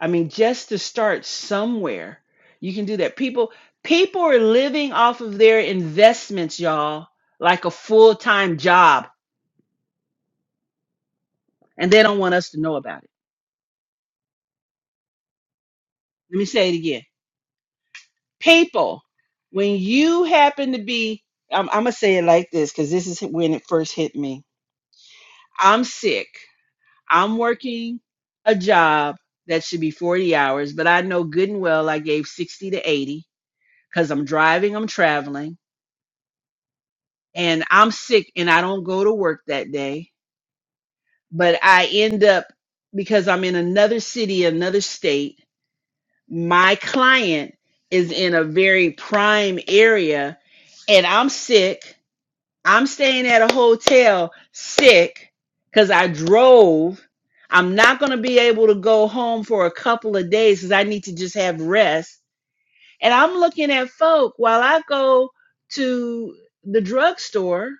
Speaker 1: I mean, just to start somewhere, you can do that. People people are living off of their investments, y'all, like a full time job, and they don't want us to know about it. Let me say it again people when you happen to be i'm, I'm gonna say it like this because this is when it first hit me i'm sick i'm working a job that should be 40 hours but i know good and well i gave 60 to 80 because i'm driving i'm traveling and i'm sick and i don't go to work that day but i end up because i'm in another city another state my client is in a very prime area and i'm sick I'm staying at a hotel sick because I drove. I'm not going to be able to go home for a couple of days because I need to just have rest. And I'm looking at folk while I go to the drugstore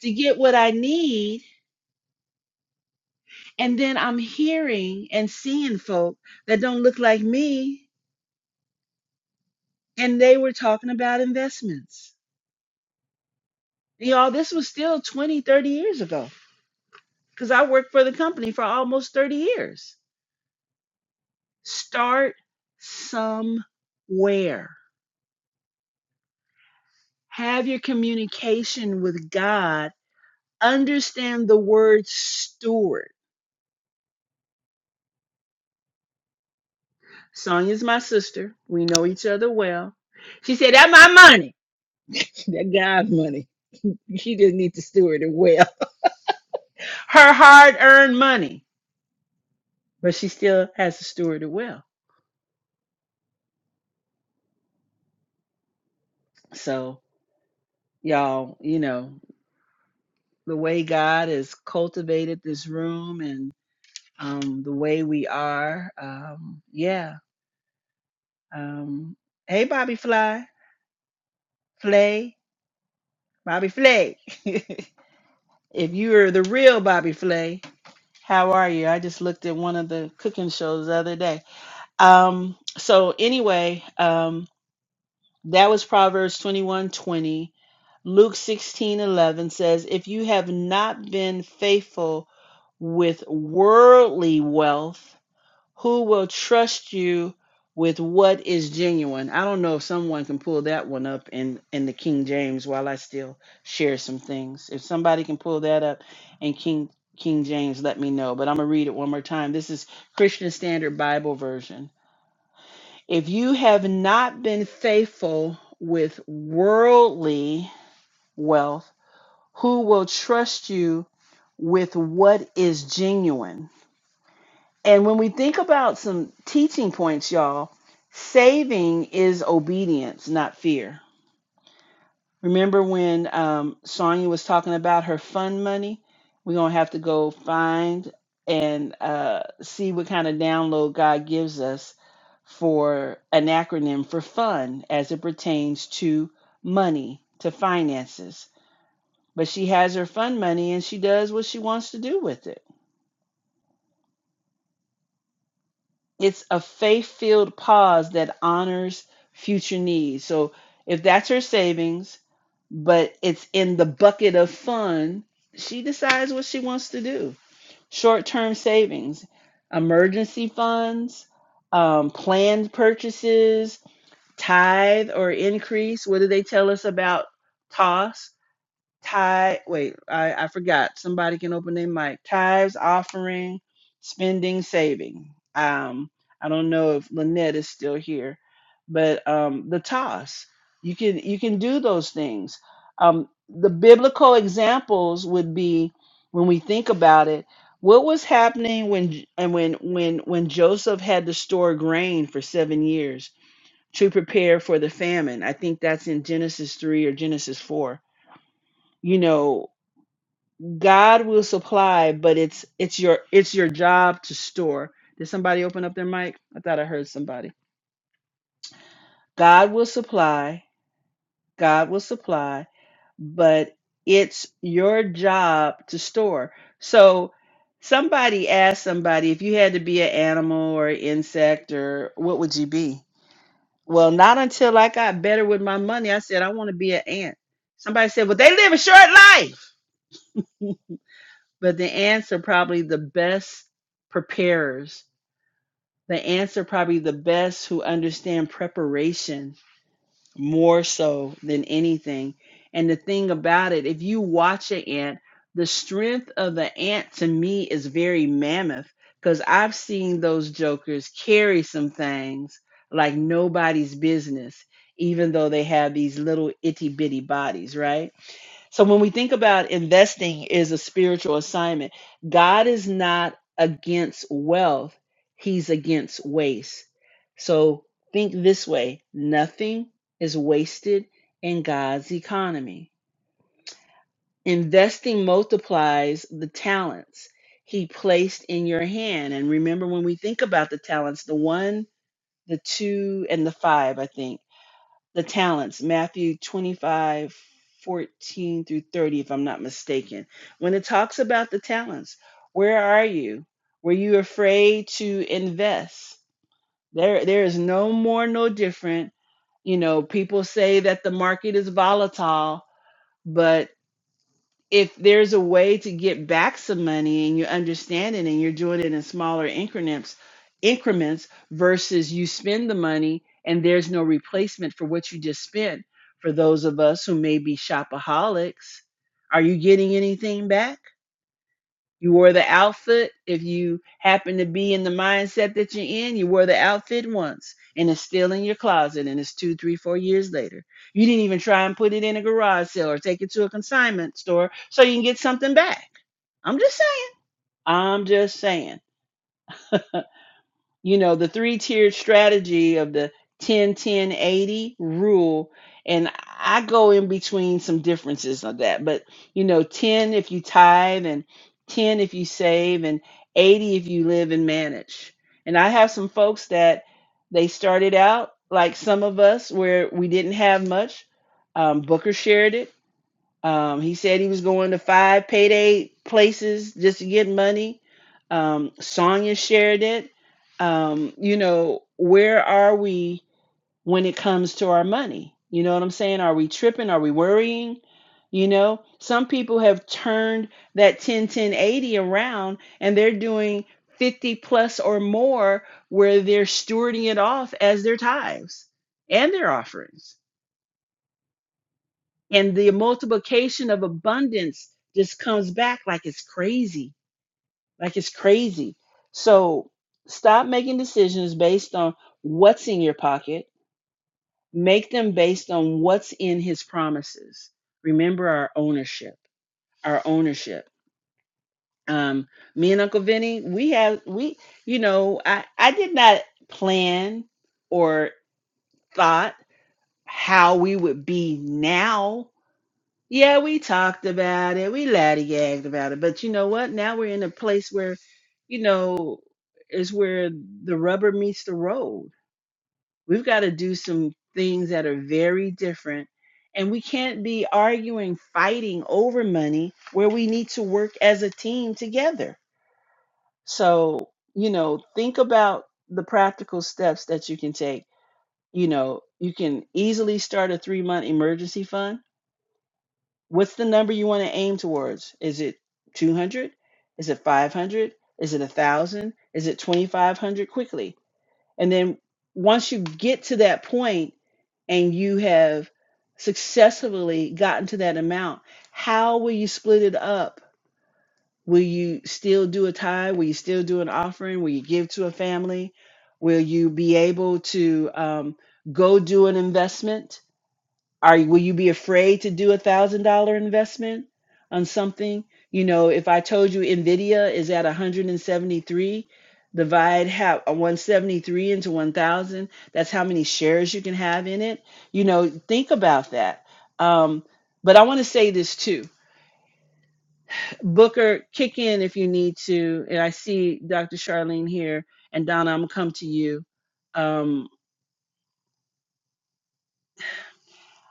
Speaker 1: to get what I need. And then I'm hearing and seeing folk that don't look like me. And they were talking about investments. Y'all, this was still 20, 30 years ago because I worked for the company for almost 30 years Start somewhere. Have your communication with God. Understand the word steward. Sonya's my sister. We know each other well. She said, That's my money. That God's money. She just needs to steward it well. Her hard earned money. But she still has to steward it well. So, y'all, you know, the way God has cultivated this room and um, the way we are, um, yeah, Um, hey, Bobby Fly, Flay, Bobby Flay. if you are the real Bobby Flay, how are you? I just looked at one of the cooking shows the other day. Um, so anyway, um, that was Proverbs twenty-one twenty. Luke sixteen eleven says, If you have not been faithful with worldly wealth, who will trust you with what is genuine. I don't know if someone can pull that one up in in the King James while I still share some things. If somebody can pull that up in King King James, let me know. But I'm going to read it one more time. This is Christian Standard Bible version. If you have not been faithful with worldly wealth, who will trust you with what is genuine? And when we think about some teaching points, y'all, saving is obedience, not fear. Remember when um, Sonya was talking about her fund money? We're going to have to go find and uh, see what kind of download God gives us for an acronym for fun as it pertains to money, to finances. But she has her fund money and she does what she wants to do with it it's a faith filled pause that honors future needs. So if that's her savings, but it's in the bucket of fun, she decides what she wants to do. Short term savings, emergency funds, um, planned purchases, tithe or increase. What do they tell us about TOS? tithe. Wait, I, I forgot. Somebody can open their mic. Tithes, offering, spending, saving. Um, I don't know if Lynette is still here, but um, the toss. You can you can do those things. Um, the biblical examples would be when we think about it. What was happening when J- and when when when Joseph had to store grain for seven years to prepare for the famine? I think that's in Genesis three or Genesis four you know God will supply, but it's it's your it's your job to store. Did somebody open up their mic? I thought I heard somebody. God will supply, God will supply, but it's your job to store. So somebody asked somebody if you had to be an animal or an insect or what would you be? Well, not until I got better with my money. I said I want to be an ant. Somebody said, "Well, they live a short life." But the ants are probably the best preparers The ants are probably the best who understand preparation more so than anything. And the thing about it, if you watch an ant, the strength of the ant to me is very mammoth because I've seen those jokers carry some things like nobody's business, even though they have these little itty bitty bodies, right? So when we think about investing is a spiritual assignment, God is not against wealth, he's against waste. So think this way, nothing is wasted in God's economy. Investing multiplies the talents he placed in your hand. And remember when we think about the talents, the 1, the 2 and the 5, I think the talents, Matthew 25 14 through 30, if I'm not mistaken. When it talks about the talents, where are you? Were you afraid to invest? There, there is no more, no different. You know, people say that the market is volatile, but if there's a way to get back some money and you understand it and you're doing it in smaller increments increments versus you spend the money and there's no replacement for what you just spent for those of us who may be shopaholics are you getting anything back you wore the outfit. If you happen to be in the mindset that you're in, you wore the outfit once and it's still in your closet and it's two, three, four years later. You didn't even try and put it in a garage sale or take it to a consignment store so you can get something back. I'm just saying. I'm just saying you know the three tiered strategy of the 10 10 80 rule and i go in between some differences on that but you know 10 if you tithe and 10 if you save and 80 if you live and manage and i have some folks that they started out like some of us where we didn't have much um, booker shared it um, he said he was going to five payday places just to get money. Um, Sonia shared it. Um, you know, where are we when it comes to our money? You know what I'm saying? Are we tripping? Are we worrying? You know, some people have turned that 10 10 80 around and they're doing 50 plus or more where they're stewarding it off as their tithes and their offerings and the multiplication of abundance just comes back like it's crazy like it's crazy so stop making decisions based on what's in your pocket make them based on what's in his promises remember our ownership our ownership um me and uncle vinny we have we you know i i did not plan or thought how we would be now Yeah, we talked about it. We laddy-gagged about it. But you know what? Now we're in a place where, you know, is where the rubber meets the road. We've got to do some things that are very different. And we can't be arguing, fighting over money where we need to work as a team together. So, you know, think about the practical steps that you can take. You know, you can easily start a three month emergency fund What's the number you want to aim towards? Is it 200? Is it 500? Is it 1,000? Is it 2,500 quickly? And then once you get to that point and you have successfully gotten to that amount, how will you split it up? Will you still do a tithe? Will you still do an offering? Will you give to a family? Will you be able to um, go do an investment? are will you be afraid to do a thousand dollar investment on something you know if i told you nvidia is at 173 divide have 173 into 1000 that's how many shares you can have in it you know think about that um, but i want to say this too booker kick in if you need to and i see dr charlene here and donna i'm gonna come to you Um,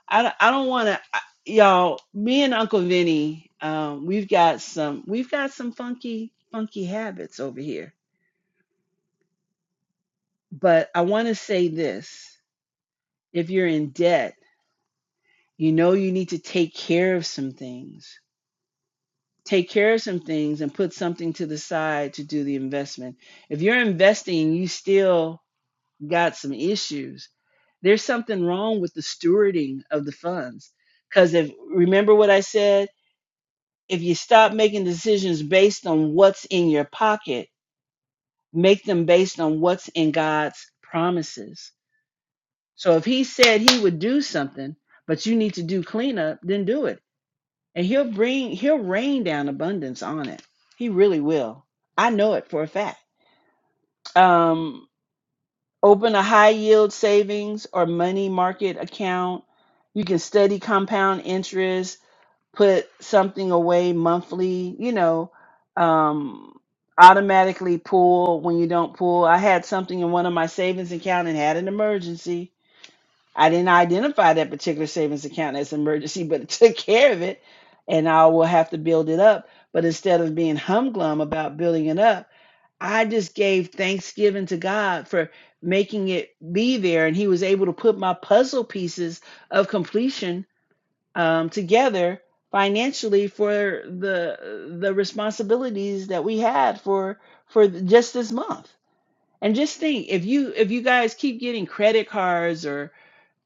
Speaker 1: I don't- I don't want to y'all. Me and Uncle Vinny, um, we've got some we've got some funky funky habits over here. But I want to say this: if you're in debt, you know you need to take care of some things. Take care of some things and put something to the side to do the investment. If you're investing, and you still got some issues. There's something wrong with the stewarding of the funds. Because if remember what I said, if you stop making decisions based on what's in your pocket, make them based on what's in God's promises. So if he said he would do something, but you need to do cleanup, then do it. And he'll bring he'll rain down abundance on it. He really will. I know it for a fact. Um open a high yield savings or money market account. You can study compound interest put something away monthly, you know, um, automatically pull when you don't pull. I had something in one of my savings account and had an emergency. I didn't identify that particular savings account as emergency, but it took care of it, and I will have to build it up. But instead of being humglum about building it up, I just gave thanksgiving to God for making it be there, and He was able to put my puzzle pieces of completion um, together financially for the the responsibilities that we had for for just this month. And just think, if you if you guys keep getting credit cards or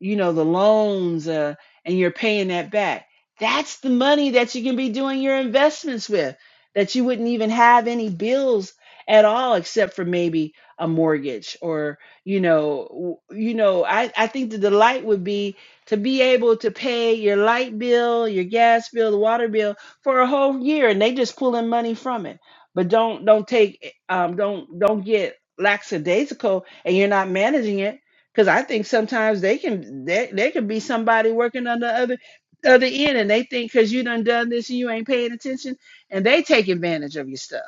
Speaker 1: you know, the loans, uh, and you're paying that back. That's the money that you can be doing your investments with, that you wouldn't even have any bills at all, except for maybe a mortgage or, you know, w- you know, I, I think the delight would be to be able to pay your light bill, your gas bill, the water bill for a whole year, and they just pulling money from it. But don't don't take um, don't don't get lackadaisical, and you're not managing it because I think sometimes they can they, they can be somebody working on the other other end and they think because you done done this and you ain't paying attention and they take advantage of your stuff.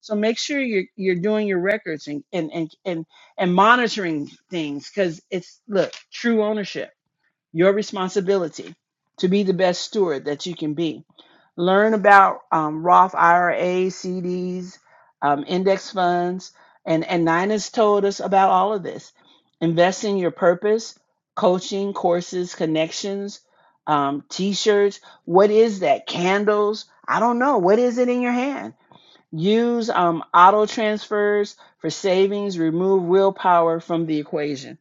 Speaker 1: So make sure you're you're doing your records and and and and, and monitoring things because it's look, true ownership your responsibility to be the best steward that you can be. Learn about um, Roth IRAs, CDs, um, index funds, and, and Nina's told us about all of this. Invest in your purpose, coaching, courses, connections, um, t shirts. What is that? Candles? I don't know. What is it in your hand? Use um, auto transfers for savings, remove willpower from the equation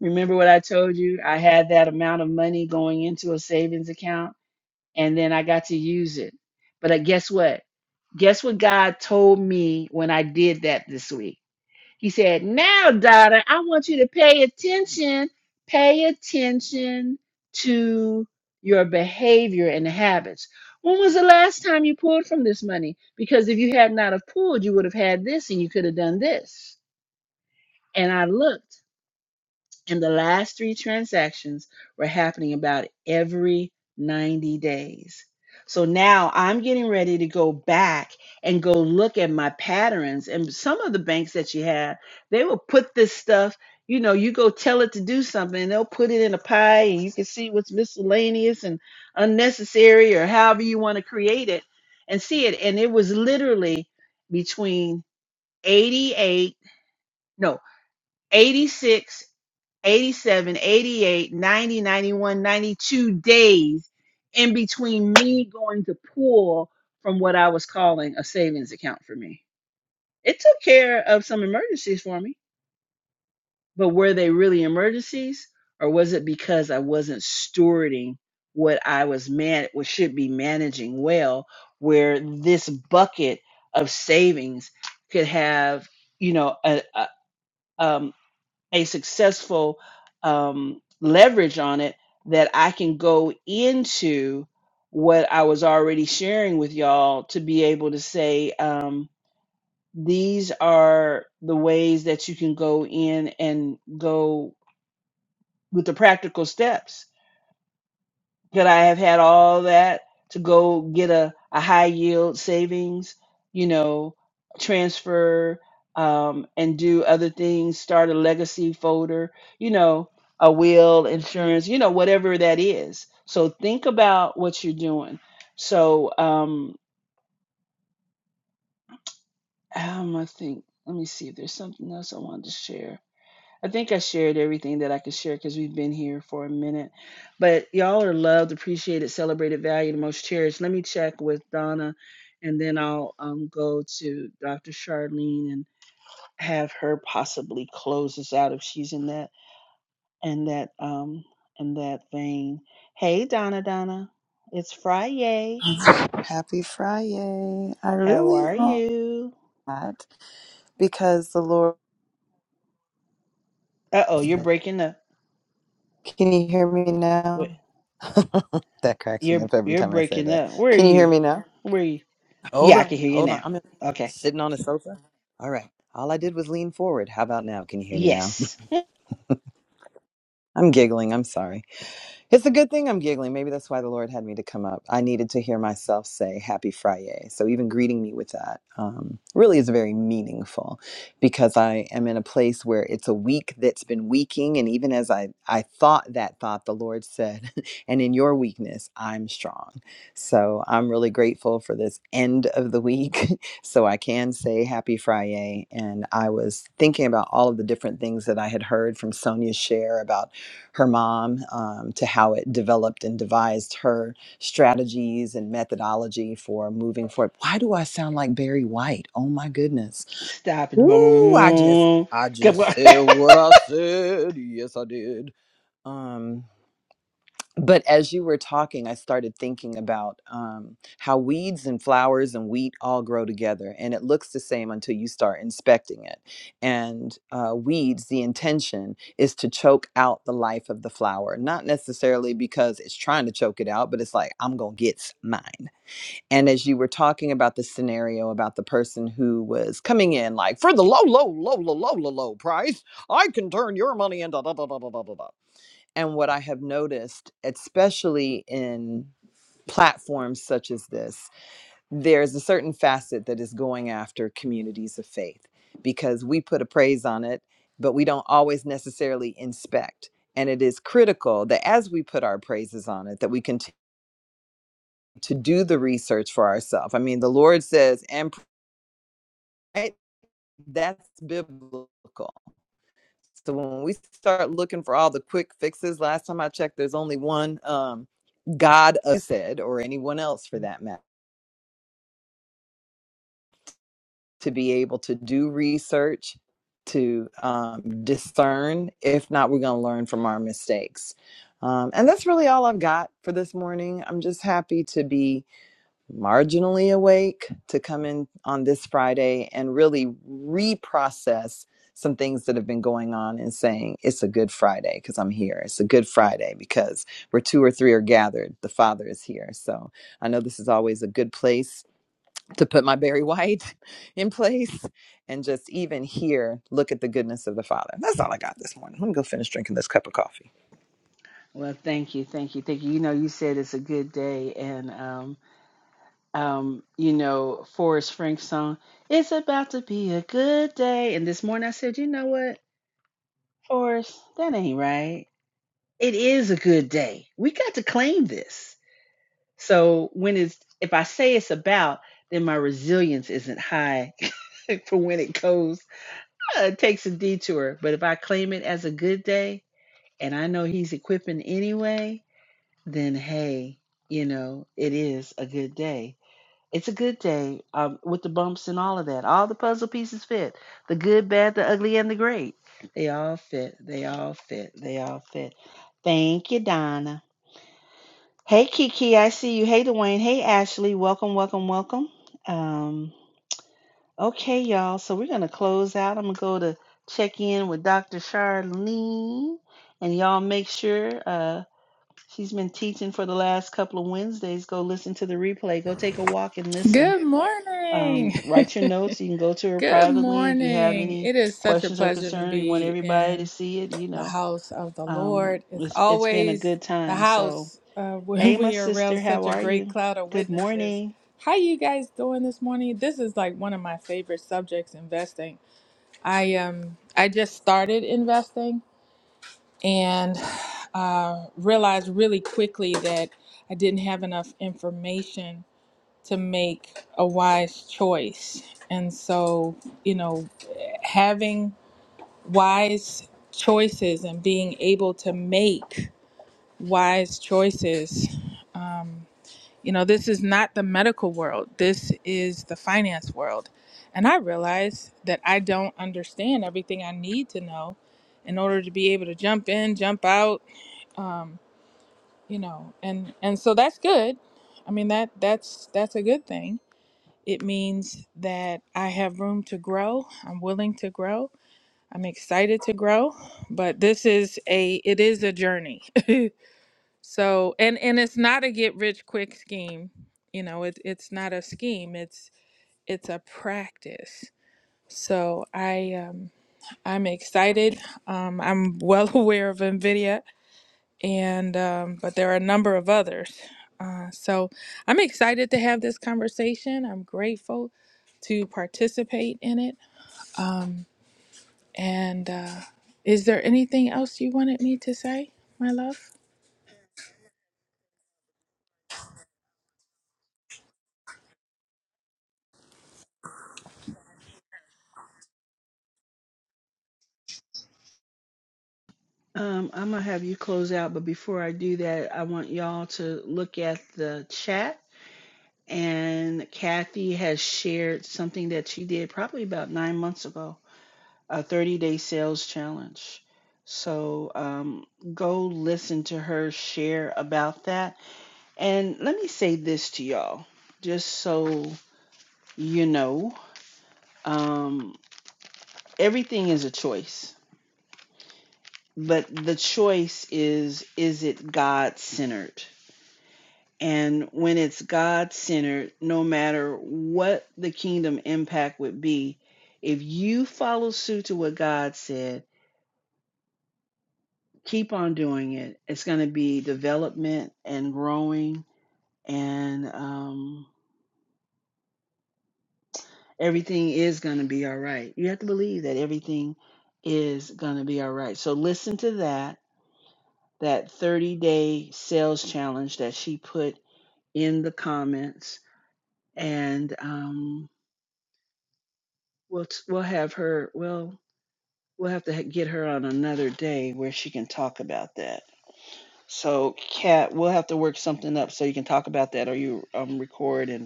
Speaker 1: Remember what I told you? I had that amount of money going into a savings account and then I got to use it. But uh, guess what? Guess what God told me when I did that this week? He said, Now, daughter, I want you to pay attention, pay attention to your behavior and habits. When was the last time you pulled from this money? Because if you had not have pulled, you would have had this and you could have done this. And I looked. And the last three transactions were happening about every 90 days. So now I'm getting ready to go back and go look at my patterns. And some of the banks that you have, they will put this stuff, you know, you go tell it to do something and they'll put it in a pie and you can see what's miscellaneous and unnecessary or however you want to create it and see it. And it was literally between 88, no 86, 87, 88, 90, 91, 92 days in between me going to pull from what I was calling a savings account for me. It took care of some emergencies for me, but were they really emergencies or was it because I wasn't stewarding what I was man what should be managing well where this bucket of savings could have, you know, a, a- um a successful um, leverage on it that I can go into what I was already sharing with y'all to be able to say, um, these are the ways that you can go in and go with the practical steps could I have had all that to go get a, a high yield savings, you know, transfer um, and do other things, start a legacy folder, you know, a will, insurance, you know, whatever that is. So think about what you're doing. So um, um, I think, let me see if there's something else I wanted to share. I think I shared everything that I could share because we've been here for a minute. But y'all are loved, appreciated, celebrated, valued, and most cherished. Let me check with Donna and then I'll um, go to Dr. Charlene and have her possibly close us out if she's in that in that um in that vein. Hey Donna Donna. It's Friday.
Speaker 7: Happy Friday. I
Speaker 1: How
Speaker 7: really
Speaker 1: are
Speaker 7: want
Speaker 1: you?
Speaker 7: that because the Lord.
Speaker 1: Uh oh, you're breaking up.
Speaker 7: Can you hear me
Speaker 1: Wait,
Speaker 7: now? that cracks me
Speaker 1: you're
Speaker 7: up every
Speaker 1: you're
Speaker 7: time I say
Speaker 1: breaking
Speaker 7: that.
Speaker 1: up. Where are
Speaker 7: Can you hear
Speaker 1: you?
Speaker 7: me now?
Speaker 1: Where are you?
Speaker 7: Hold
Speaker 1: Yeah, I can
Speaker 7: on.
Speaker 1: hear you
Speaker 7: Hold on.
Speaker 1: now.
Speaker 7: I'm in-
Speaker 1: Okay.
Speaker 7: sitting on a sofa. All right. All I did was lean forward. How about now? Can you hear me now?
Speaker 1: Yes.
Speaker 7: I'm giggling. I'm sorry. It's a good thing I'm giggling. Maybe that's why the Lord had me to come up. I needed to hear myself say Happy Friday. So even greeting me with that um, really is very meaningful because I am in a place where it's a week that's been weaking. And even as I, I thought that thought, the Lord said, and in your weakness, I'm strong. So I'm really grateful for this end of the week. so I can say Happy Friday. And I was thinking about all of the different things that I had heard from Sonia share about her mom um, to how it developed and devised her strategies and methodology for moving forward. Why do I sound like Barry White? Oh my goodness.
Speaker 1: Stop it.
Speaker 7: Woo, I just
Speaker 1: Boom.
Speaker 7: I
Speaker 1: Come
Speaker 7: just
Speaker 1: on.
Speaker 7: said what I said. Yes, I did. Um but as you were talking i started thinking about um, how weeds and flowers and wheat all grow together and it looks the same until you start inspecting it and uh, weeds the intention is to choke out the life of the flower not necessarily because it's trying to choke it out but it's like i'm gonna get s- mine and as you were talking about the scenario about the person who was coming in like for the low low low low low low low price i can turn your money into da da da da da da da." And what I have noticed, especially in platforms such as this, there's a certain facet that is going after communities of faith because we put a praise on it, but we don't always necessarily inspect. And it is critical that as we put our praises on it, that we continue to do the research for ourselves. I mean, the Lord says, and pray, that's biblical. So when we start looking for all the quick fixes, last time I checked, there's only one um, God uh, said, or anyone else for that matter, to be able to do research, to um, discern. If not, we're going to learn from our mistakes. Um, and that's really all I've got for this morning. I'm just happy to be marginally awake to come in on this Friday and really reprocess some things that have been going on and saying it's a good Friday because I'm here. It's a good Friday because where two or three are gathered, the Father is here. So I know this is always a good place to put my Barry White in place and just even here look at the goodness of the Father. That's all I got this morning. Let me go finish drinking this cup of coffee.
Speaker 1: well, thank you, thank you, thank you. You know, you said it's a good day, and um, um, you know, Forrest Frank's song, "It's about to be a good day." And this morning, I said, you know what, Forrest, that ain't right. It is a good day. We got to claim this. So when it's if I say it's about, then my resilience isn't high for when it goes. Uh, It takes a detour, but if I claim it as a good day and I know he's equipping anyway, then hey, you know, it is a good day. It's a good day um, with the bumps and all of that. All the puzzle pieces fit the good, bad, the ugly, and the great. They all fit. They all fit. They all fit. Thank you, Donna. Hey, Kiki, I see you. Hey, Dwayne. Hey, Ashley. Welcome, welcome, welcome. Um, okay, y'all. So we're going to close out. I'm going to go to check in with Dr. Charlene. And y'all make sure. uh, She's been teaching for the last couple of Wednesdays. Go listen to the replay. Go take a walk and listen.
Speaker 8: Good morning.
Speaker 1: Um, write your notes. You can go to her
Speaker 8: Good
Speaker 1: privately if you have
Speaker 8: morning.
Speaker 1: any
Speaker 8: It is such a
Speaker 1: questions or
Speaker 8: pleasure to
Speaker 1: concerns. You want
Speaker 8: be
Speaker 1: everybody to
Speaker 8: in
Speaker 1: see it. You
Speaker 8: the
Speaker 1: know,
Speaker 8: house of the
Speaker 1: um,
Speaker 8: Lord. It's
Speaker 1: it's, it's been a
Speaker 8: always
Speaker 1: good
Speaker 8: the
Speaker 1: time. So,
Speaker 8: house uh, when
Speaker 1: hey, my
Speaker 8: we are around
Speaker 1: sister, how
Speaker 8: such a
Speaker 1: are
Speaker 8: great
Speaker 1: you?
Speaker 8: cloud of
Speaker 1: Good
Speaker 8: witnesses.
Speaker 1: morning.
Speaker 8: How you guys doing this morning? This is like one of my favorite subjects, investing. I um I just started investing and uh, realized really quickly that I didn't have enough information to make a wise choice. And so, you know, having wise choices and being able to make wise choices. Um, you know, this is not the medical world, this is the finance world. And I realize that I don't understand everything I need to know in order to be able to jump in, jump out, um, you know, and, and so that's good. I mean that that's that's a good thing it means that I have room to grow. I'm willing to grow. I'm excited to grow, but this is a it is a journey. so, and and it's not a get rich quick scheme. You know, it's it's not a scheme. It's it's a practice. So, I um I'm excited. Um I'm well aware of Nvidia and um, but there are a number of others. Uh, so I'm excited to have this conversation. I'm grateful to participate in it. Um, and uh, is there anything else you wanted me to say, my love?
Speaker 1: Um, I'm gonna have you close out, but before I do that, I want y'all to look at the chat. And Kathy has shared something that she did probably about nine months ago a 30 day sales challenge. So um, go listen to her share about that. And let me say this to y'all, just so you know um, everything is a choice, but the choice is is it God centered? And when it's God centered, no matter what the kingdom impact would be, if you follow suit to what God said, keep on doing it. It's going to be development and growing, and um, everything is going to be all right. You have to believe that everything is going to be all right. So listen to that that 30 day sales challenge that she put in the comments, and um, we'll we'll have her. Well, we'll have to ha- get her on another day where she can talk about that. So, Kat, we'll have to work something up so you can talk about that, or you um, record and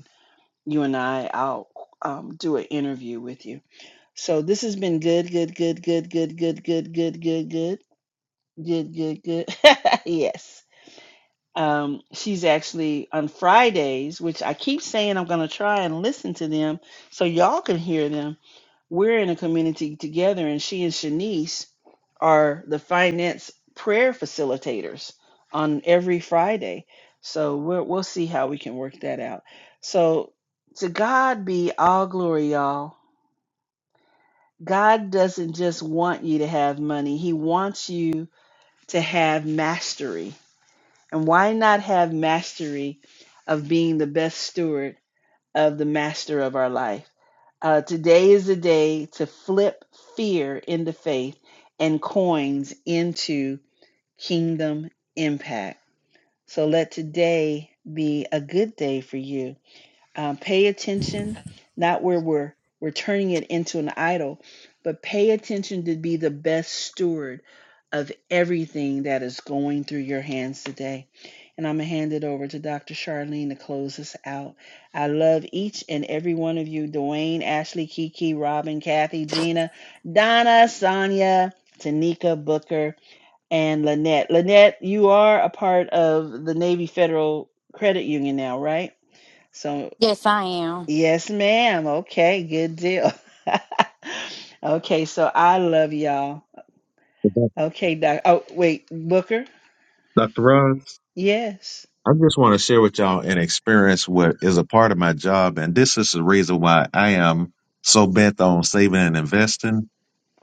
Speaker 1: you and I, I'll um, do an interview with you. So this has been good, good, good, good, good, good, good, good, good, good, good, good, good. yes. Um, she's actually on Fridays, which I keep saying I'm going to try and listen to them so y'all can hear them we're in a community together, and she and Shanice are the finance prayer facilitators on every Friday. So we're, we'll see how we can work that out. So to God be all glory, y'all. God doesn't just want you to have money, He wants you to have mastery. And why not have mastery of being the best steward? of the master of our life. Uh, today is the day to flip fear into faith and coins into kingdom impact. So let today be a good day for you um, pay attention not where we're we're turning it into an idol but pay attention to be the best steward of everything that is going through your hands today and i'm going to hand it over to dr charlene to close us out i love each and every one of you dwayne ashley kiki robin kathy gina donna sonia tanika booker and lynette lynette you are a part of the navy federal credit union now right so
Speaker 3: Yes, I am.
Speaker 1: Yes, ma'am. Okay, good deal. okay, so I love y'all. Okay, doc. Oh, wait, Booker?
Speaker 2: Dr. Roz,
Speaker 1: Yes.
Speaker 2: I just want to share with y'all an experience what is a part of my job. And this is the reason why I am so bent on saving and investing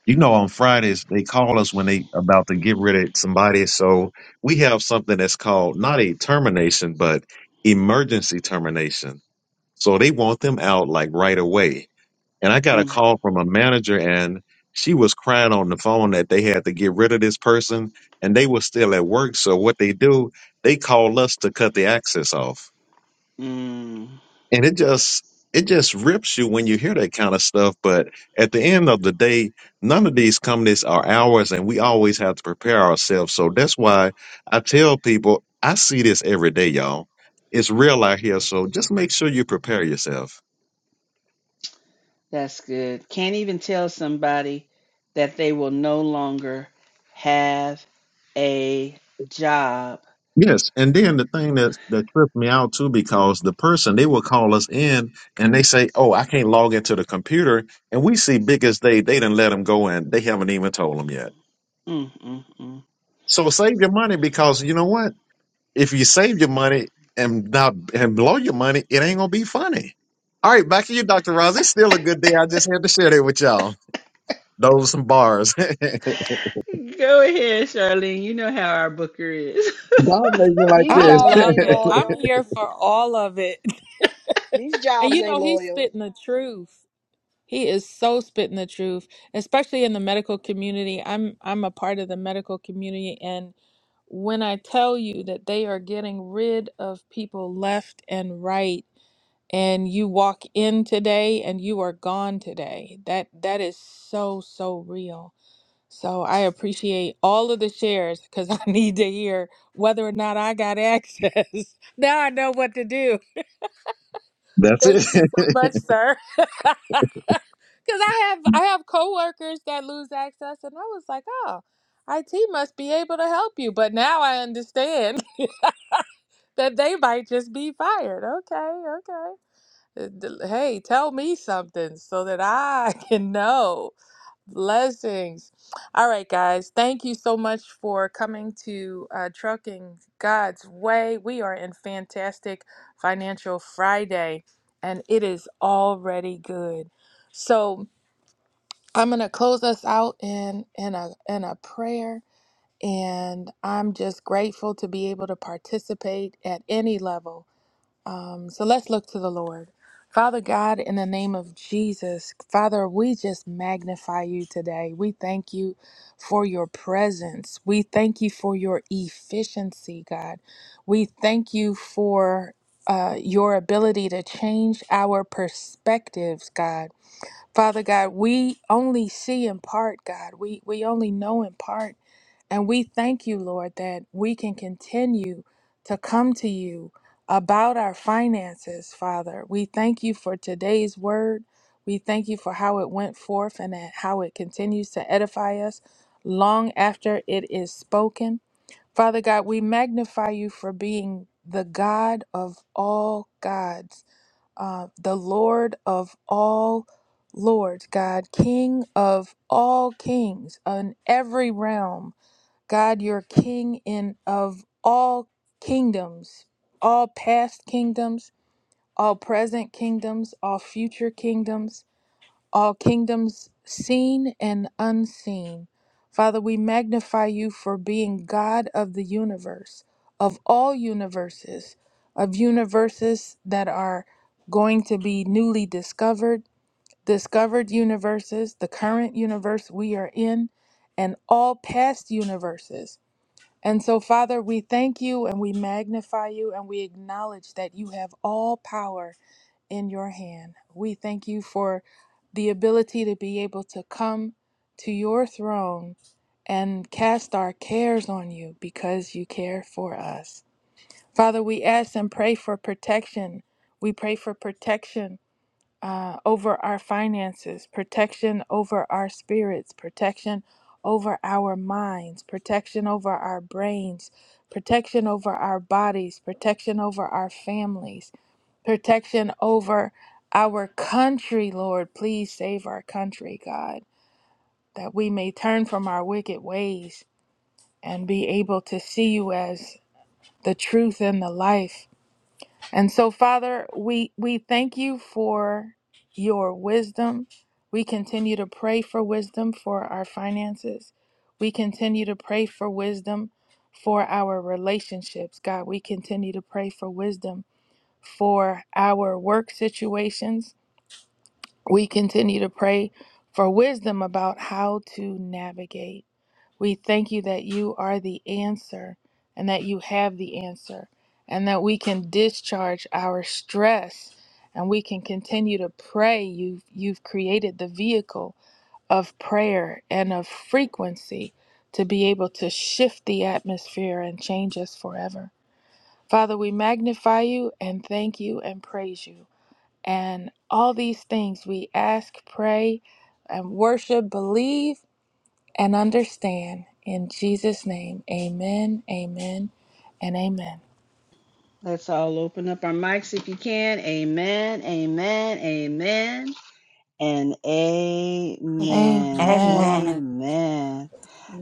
Speaker 2: You know, on Fridays they call us when they about to get rid of somebody. So we have something that's called not a termination, but emergency termination. So they want them out like right away. And I got a
Speaker 1: Mm,
Speaker 2: call from a manager and she was crying on the phone that they had to get rid of this person and they were still at work. So what they do, they call us to cut the access off
Speaker 1: mm,
Speaker 2: and it just it just rips you when you hear that kind of stuff but at the end of the day none of these companies are ours and we always have to prepare ourselves so that's why i tell people i see this every day y'all it's real out here so just make sure you prepare yourself
Speaker 1: that's good. Can't even tell somebody that they will no longer have a job.
Speaker 2: yes and then the thing that that tripped me out too because the person they will call us in and they say oh i can't log into the computer and we see big as they they didn't let them go and they haven't even told them yet
Speaker 1: Mm, mm,
Speaker 2: so save your money because you know what If you save your money and not and blow your money, it ain't gonna be funny. All right, back to you, Dr. Roz. It's still a good day. I just had to share that with y'all. Those are some bars. God
Speaker 1: mm. Go ahead, Charlene. You know how our Booker is.
Speaker 2: made me like
Speaker 6: These
Speaker 8: I
Speaker 2: this.
Speaker 6: jobs
Speaker 8: love
Speaker 6: ain't
Speaker 8: it. I'm
Speaker 6: loyal.
Speaker 8: here for all of it.
Speaker 6: These
Speaker 8: And
Speaker 6: jobs
Speaker 8: you
Speaker 6: ain't
Speaker 8: know, he's
Speaker 6: loyal.
Speaker 8: spitting the truth. He is so spitting the truth, especially in the medical community. I'm I'm a part of the medical community and when I tell you that they are getting rid of people left and right and you walk in today and you are gone today. That that is so so real. So I appreciate all of the shares because I need to hear whether or not I got access. now I know what to do.
Speaker 2: That's
Speaker 8: Thank you
Speaker 2: it.
Speaker 8: so much, sir. Because I have I have coworkers that lose access, and I was like, oh, IT must be able to help you. But now I understand that they might just be fired. Okay, okay. Uh, d- Hey, tell me something so that I can know. Blessings. All right, guys. Thank you so much for coming to uh, Trucking God's Way. We are in fantastic Financial Friday, and it is already good. So I'm gonna close us out in in a in a prayer, and I'm just grateful to be able to participate at any level um, so let's look to the Lord. Father God, in the name of Jesus, Father, we just magnify you today. We thank you for your presence. We thank you for your efficiency, God. We thank you for uh, your ability to change our perspectives, God. Father God, we only see in part, God. We, we only know in part. And we thank you, Lord, that we can continue to come to you about our finances, Father. We thank you for today's word. We thank you for how it went forth and that how it continues to edify us long after it is spoken. Father God, we magnify you for being the God of all gods, uh, the Lord of all lords, God, King of all kings in every realm God, you're king in of all kingdoms, all past kingdoms, all present kingdoms, all future kingdoms, all kingdoms seen and unseen. Father, we magnify you for being God of the universe, of all universes, of universes that are going to be newly discovered, discovered universes, the current universe we are in, and all past universes and so, Father, we thank you and we magnify you and we acknowledge that you have all power in your hand. We thank you for the ability to be able to come to your throne and cast our cares on you because you care for us. Father, we ask and pray for protection. We pray for protection uh, over our finances, protection over our spirits, protection over our minds, protection over our brains, protection over our bodies, protection over our families, protection over our country, Lord. Please save our country, God, that we may turn from our wicked ways and be able to see you as the truth and the life and so, Father, we, we thank you for your wisdom. We continue to pray for wisdom for our finances. We continue to pray for wisdom for our relationships. God, we continue to pray for wisdom for our work situations. We continue to pray for wisdom about how to navigate. We thank you that you are the answer and that you have the answer and that we can discharge our stress and we can continue to pray. You've, you've created the vehicle of prayer and of frequency to be able to shift the atmosphere and change us forever. Father, we magnify you and thank you and praise you. And all these things we ask, pray, and worship, believe and understand. In Jesus' name, amen, amen, and amen.
Speaker 1: Let's all open up our mics if you can. Amen, amen, amen. and amen.
Speaker 8: Amen.
Speaker 3: Amen.
Speaker 1: Amen.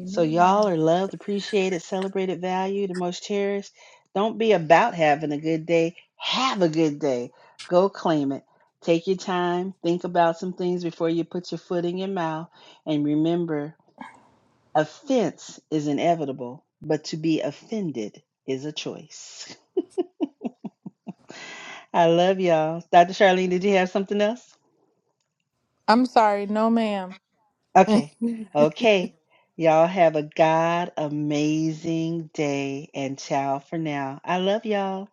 Speaker 1: So, y'all are loved, appreciated, celebrated, valued, and most cherished. Don't be about having a good day. Have a good day. Go claim it. Take your time. Think about some things before you put your foot in your mouth. And remember, offense is inevitable, but to be offended is a choice. I love y'all. Dr. Charlene, did you have something else?
Speaker 8: I'm sorry, no, ma'am.
Speaker 1: Okay. Okay. Y'all have a God amazing day and ciao for now. I love y'all.